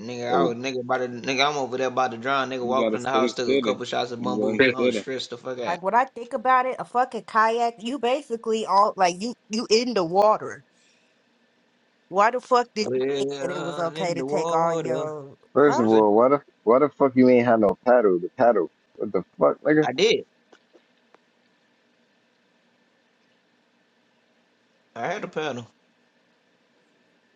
S10: Nigga, I
S4: Oh,
S10: was nigga about to nigga. I'm over there about to drown. Nigga
S2: You
S10: walked
S2: gotta
S10: in the
S2: stay
S10: house, took a
S2: steady.
S10: couple shots of
S2: You
S10: bamboo.
S2: wasn't
S10: I was
S2: steady.
S10: stressed the fuck out.
S9: Like when I think about it, a fucking kayak, you basically all like you you in the water. Why the fuck did you think that it was
S10: Well,
S9: okay
S10: in
S9: to
S10: the
S9: take all
S10: water.
S9: your
S4: first of
S9: huh?
S10: What's that?
S4: all, why the why the fuck you ain't had no paddle? The paddle. What the fuck, nigga?
S10: I did. I had to paddle.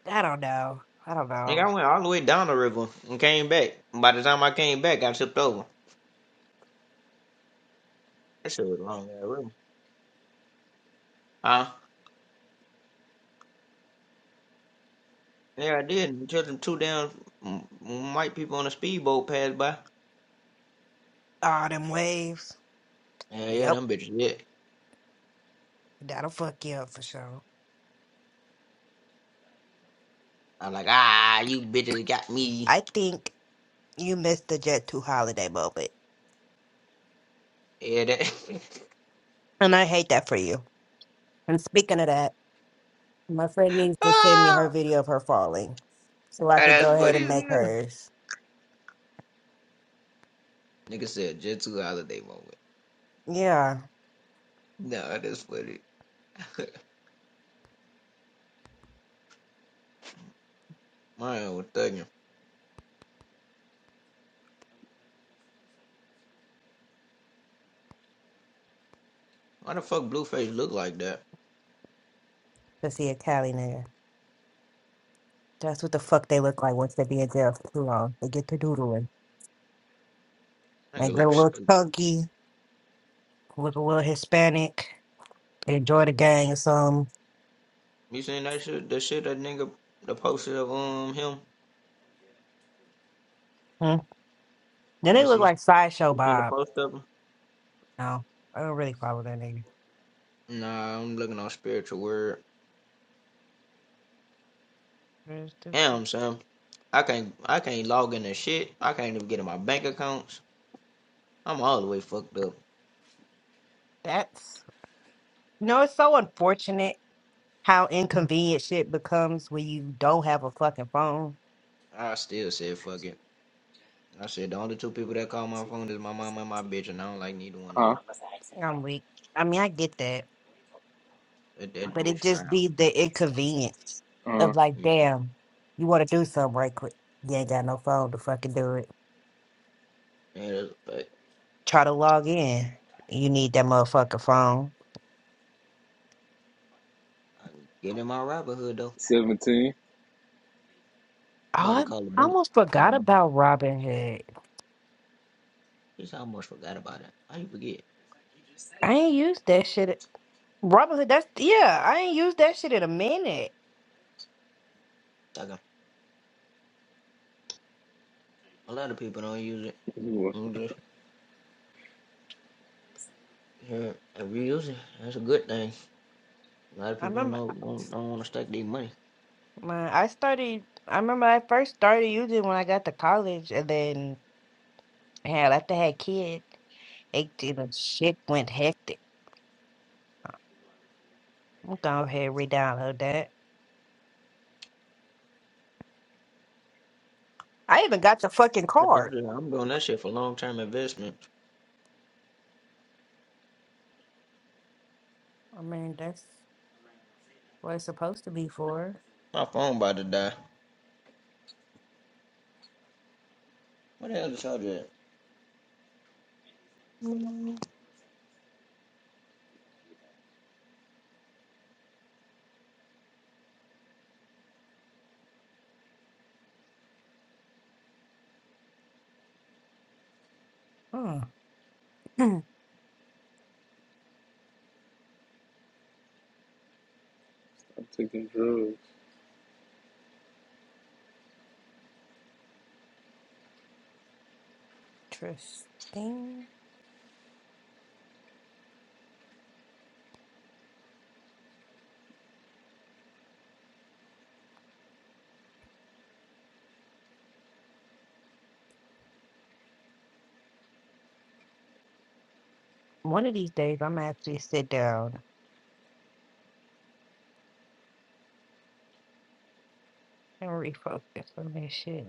S9: I don't know. I don't
S10: Nigga,
S9: know.
S10: I went all the way down the river and came back. By the time I came back, I tipped over. That shit was a long ass river. Huh? Yeah, I did. Until them two damn mm, white people on a speedboat passed by.
S9: All them waves.
S10: Yeah, yeah,
S9: Yep.
S10: them bitches. Yeah.
S9: That'll fuck you up for sure.
S10: I'm like, ah, you bitches got me.
S9: I think you missed the Jet 2 holiday moment.
S10: Yeah, that.
S9: And I hate that for you. And speaking of that, my friend needs to send me
S10: ah,
S9: her video of her falling so I could
S10: that's
S9: go ahead
S10: funny
S9: and
S10: as
S9: make
S10: hell.
S9: hers.
S10: Nigga said gentle holiday moment.
S9: Yeah,
S10: Nah, that's funny. Mine was thugging. Why the fuck Blueface look like that?
S9: to see a Cali nigga. That's what the fuck they look like once they be in jail for too long. They get to doodling. They
S10: Nigga
S9: get a
S10: look
S9: little
S10: stupid.
S9: chunky, look a little Hispanic. They enjoy the gang or something.
S10: You seen that shit? The shit that nigga the poster of um him?
S9: Hmm? Then they
S10: You
S9: look
S10: see,
S9: like Sideshow
S10: you seen the
S9: Bob.
S10: post of him?
S9: No, I don't really follow that nigga.
S10: Nah, I'm looking on spiritual word.
S9: Where's the-
S10: Damn, Sam. I can't I can't log in and shit. I can't even get in my bank accounts. I'm all the way fucked up.
S9: That's No, it's so unfortunate how inconvenient shit becomes when you don't have a fucking phone.
S10: I still said fuck it. I said the only two people that call my phone is my mom and my bitch, and I don't like neither one of
S2: Huh?
S10: them.
S9: I'm weak. I mean, I get that,
S10: Let that
S9: but it
S10: bitch drown.
S9: just be the inconvenience
S2: Uh,
S9: of like,
S10: Yeah,
S9: damn, you want to do something right quick. You ain't got no phone to fucking do it.
S10: that's a fact.
S9: Try to log in. You need that motherfucking phone.
S10: I get in my rapper hood though.
S2: 17.
S10: I'm about to
S9: Oh,
S10: call the
S9: I
S10: bank.
S9: almost forgot
S10: Um,
S9: about Robinhood.
S10: just I almost forgot about it. How you forget?
S9: I ain't used that shit. Robinhood, that's, yeah, I ain't used that shit in a minute.
S10: Like uh, a lot of people don't use it.
S2: You was
S10: I'm just yeah, if you use it, that's a good thing. A lot of
S9: I
S10: people don't
S9: remember.
S10: know, don't, don't want to stack their money.
S9: Man, I started. I remember I first started using when I got to college, and then hell, after I had kids, it you know, shit went hectic. I'm gonna ahead and re-download that. I even got the fucking
S10: So I'm,
S9: card.
S10: just, I'm doing that shit for long term investment.
S9: I mean, that's what it's supposed to be for.
S10: My phone about to die. What the hell the charger at? Mm.
S9: Hmm.
S2: I'm taking drugs.
S9: Interesting. One of these days, I'm gonna actually sit down and refocus on this shit.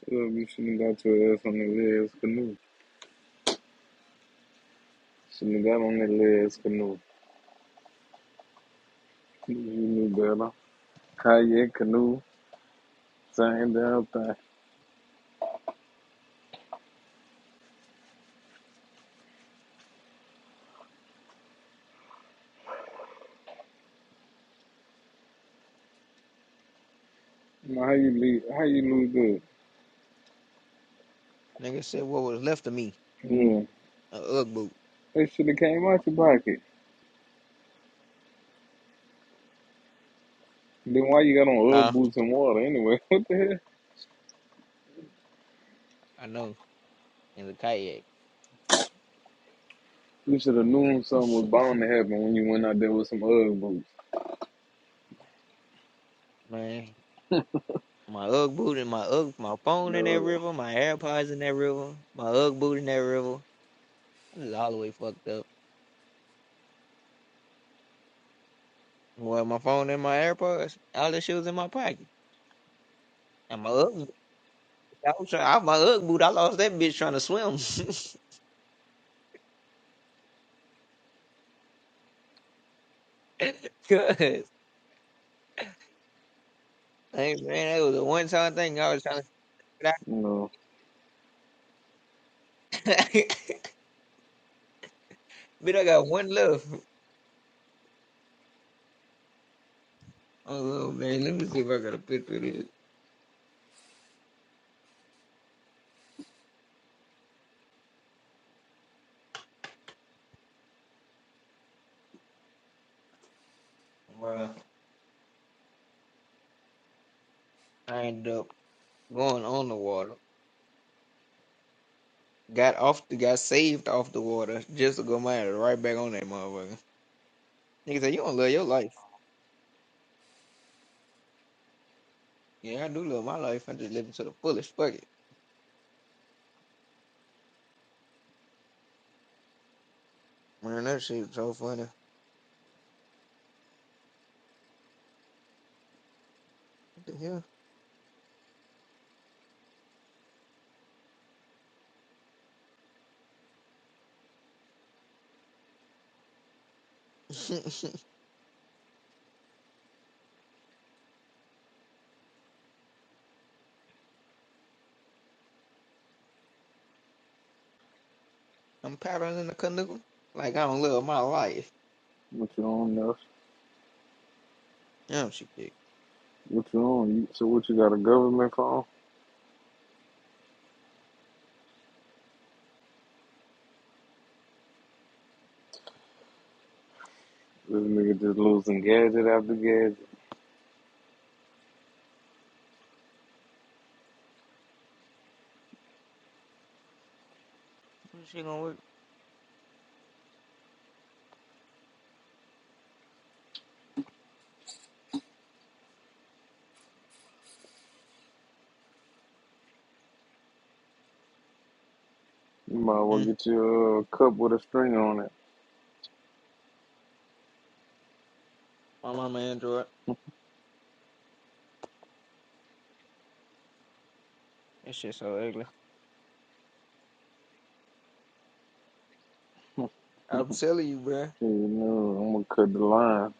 S2: Shut up, you shouldn't have got your ass on that red ass canoe. Shouldn't have got on that red ass canoe. You knew better. Kayak canoe, same damn thing. how you leave? How you lose good?
S10: Nigga said what was left of me.
S2: Yeah.
S10: A UGG boot.
S2: That should have came out your pocket. Then why you got on Ugg
S10: Huh?
S2: boots and water anyway? What the hell?
S10: I know. In the kayak.
S2: You should have known something was bound to happen when you went out there with some Ugg boots.
S10: Man, My Ugg boot and my Ugg, my phone in that
S2: No,
S10: river, my AirPods in that river, my Ugg boot in that river. I'm just all the way fucked up. Well, my phone and my AirPods, all the shoes in my pocket. And my Ugg, I was trying, I, my Ugg boot, I lost that bitch trying to swim. Cause, I ain't man, that was a one time thing. I was trying to get
S2: no.
S10: out. Bitch, I got one left. Oh man, let me see if I got a picture of this. Bruh, I ended up going on the water. got off the got saved off the water just to go mad right back on that motherfucker. Nigga said, You don't love your life. Yeah, I do love my life. I just live it to the fullest. Fuck it. Man, that shit so funny. What the hell? I'm paddling in the canoe. Like I don't love my life.
S2: What you on, Nuff?
S10: Damn she dick.
S2: What you on? so what you got a government phone? This nigga just losing gadget after gadget.
S10: What she gonna work?
S2: You might
S10: Hmm.
S2: want to get you a cup with a string on it.
S10: My mama Android. That shit so ugly. I'm telling you, bruh.
S2: You know, I'm gonna cut the line.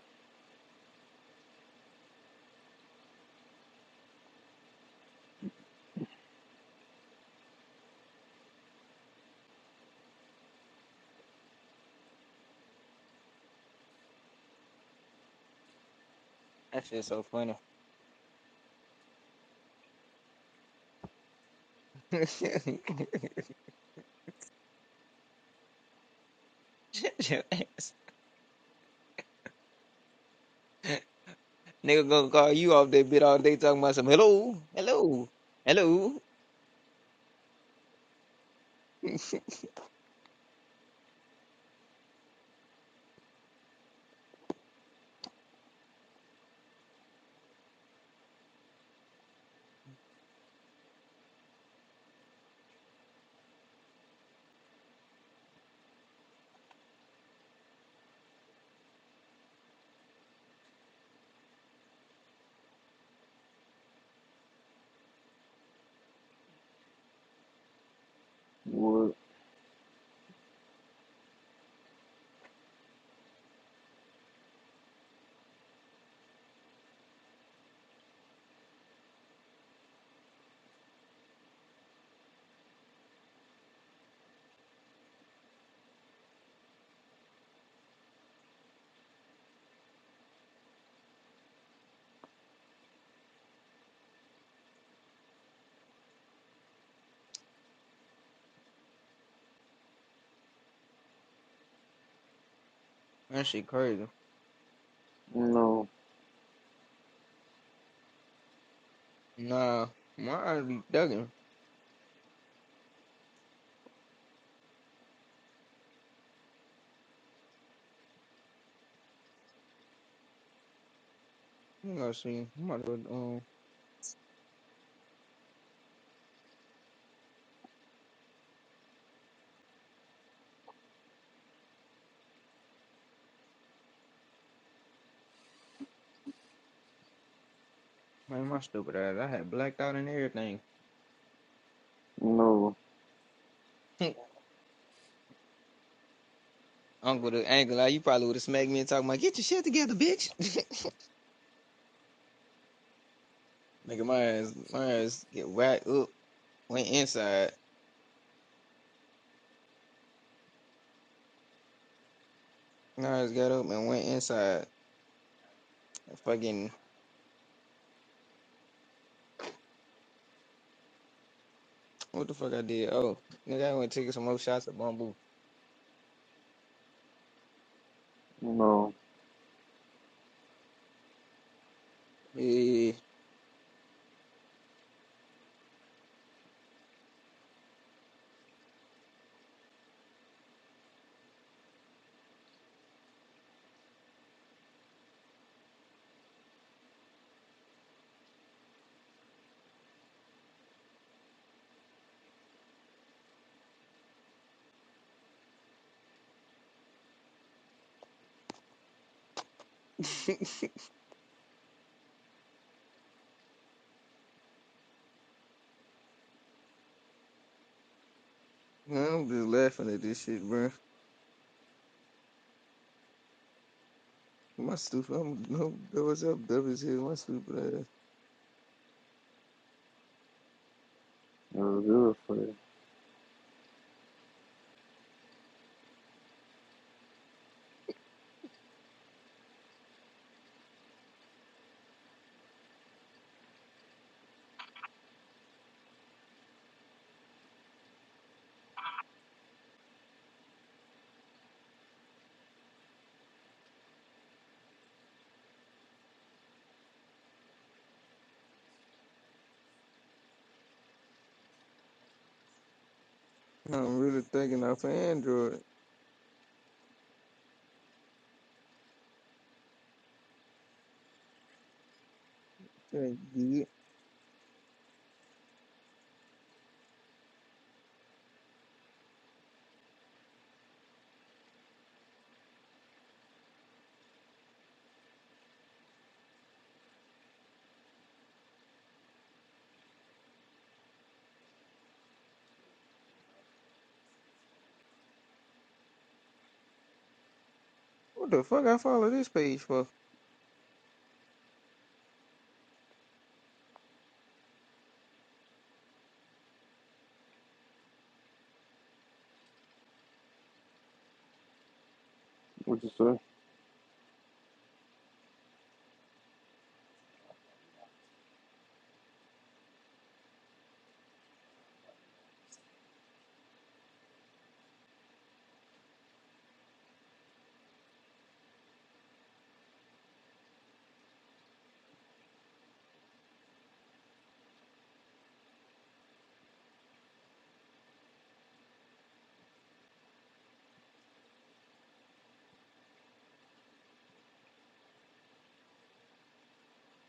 S10: That shit so funny. Shut your ass. Nigga gonna call you off that bit all day talking about some hello, hello, hello.
S2: What?
S10: That shit crazy.
S2: No,
S10: Nah, my eyes be dugging. You know, see, I'm about to go, um, man, my stupid ass. I had blacked out and everything.
S2: no,
S10: Uncle the angle, like, you probably would have smacked me and talked about, get your shit together, bitch. Nigga, my ass, my ass get whacked up, went inside. My ass got up and went inside. Fucking, what the fuck I did? Oh, nigga, I went taking some more shots at Bumble.
S2: no.
S10: Yeah. I'm just laughing at this shit, bro. My stupid, I'm, no. what's up, W? My stupid ass.
S2: It was good for you.
S10: I'm really thinking off of Android. Dang, yeah. What the fuck I follow this page for?
S2: What you say?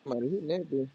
S10: Somebody hitting that bitch.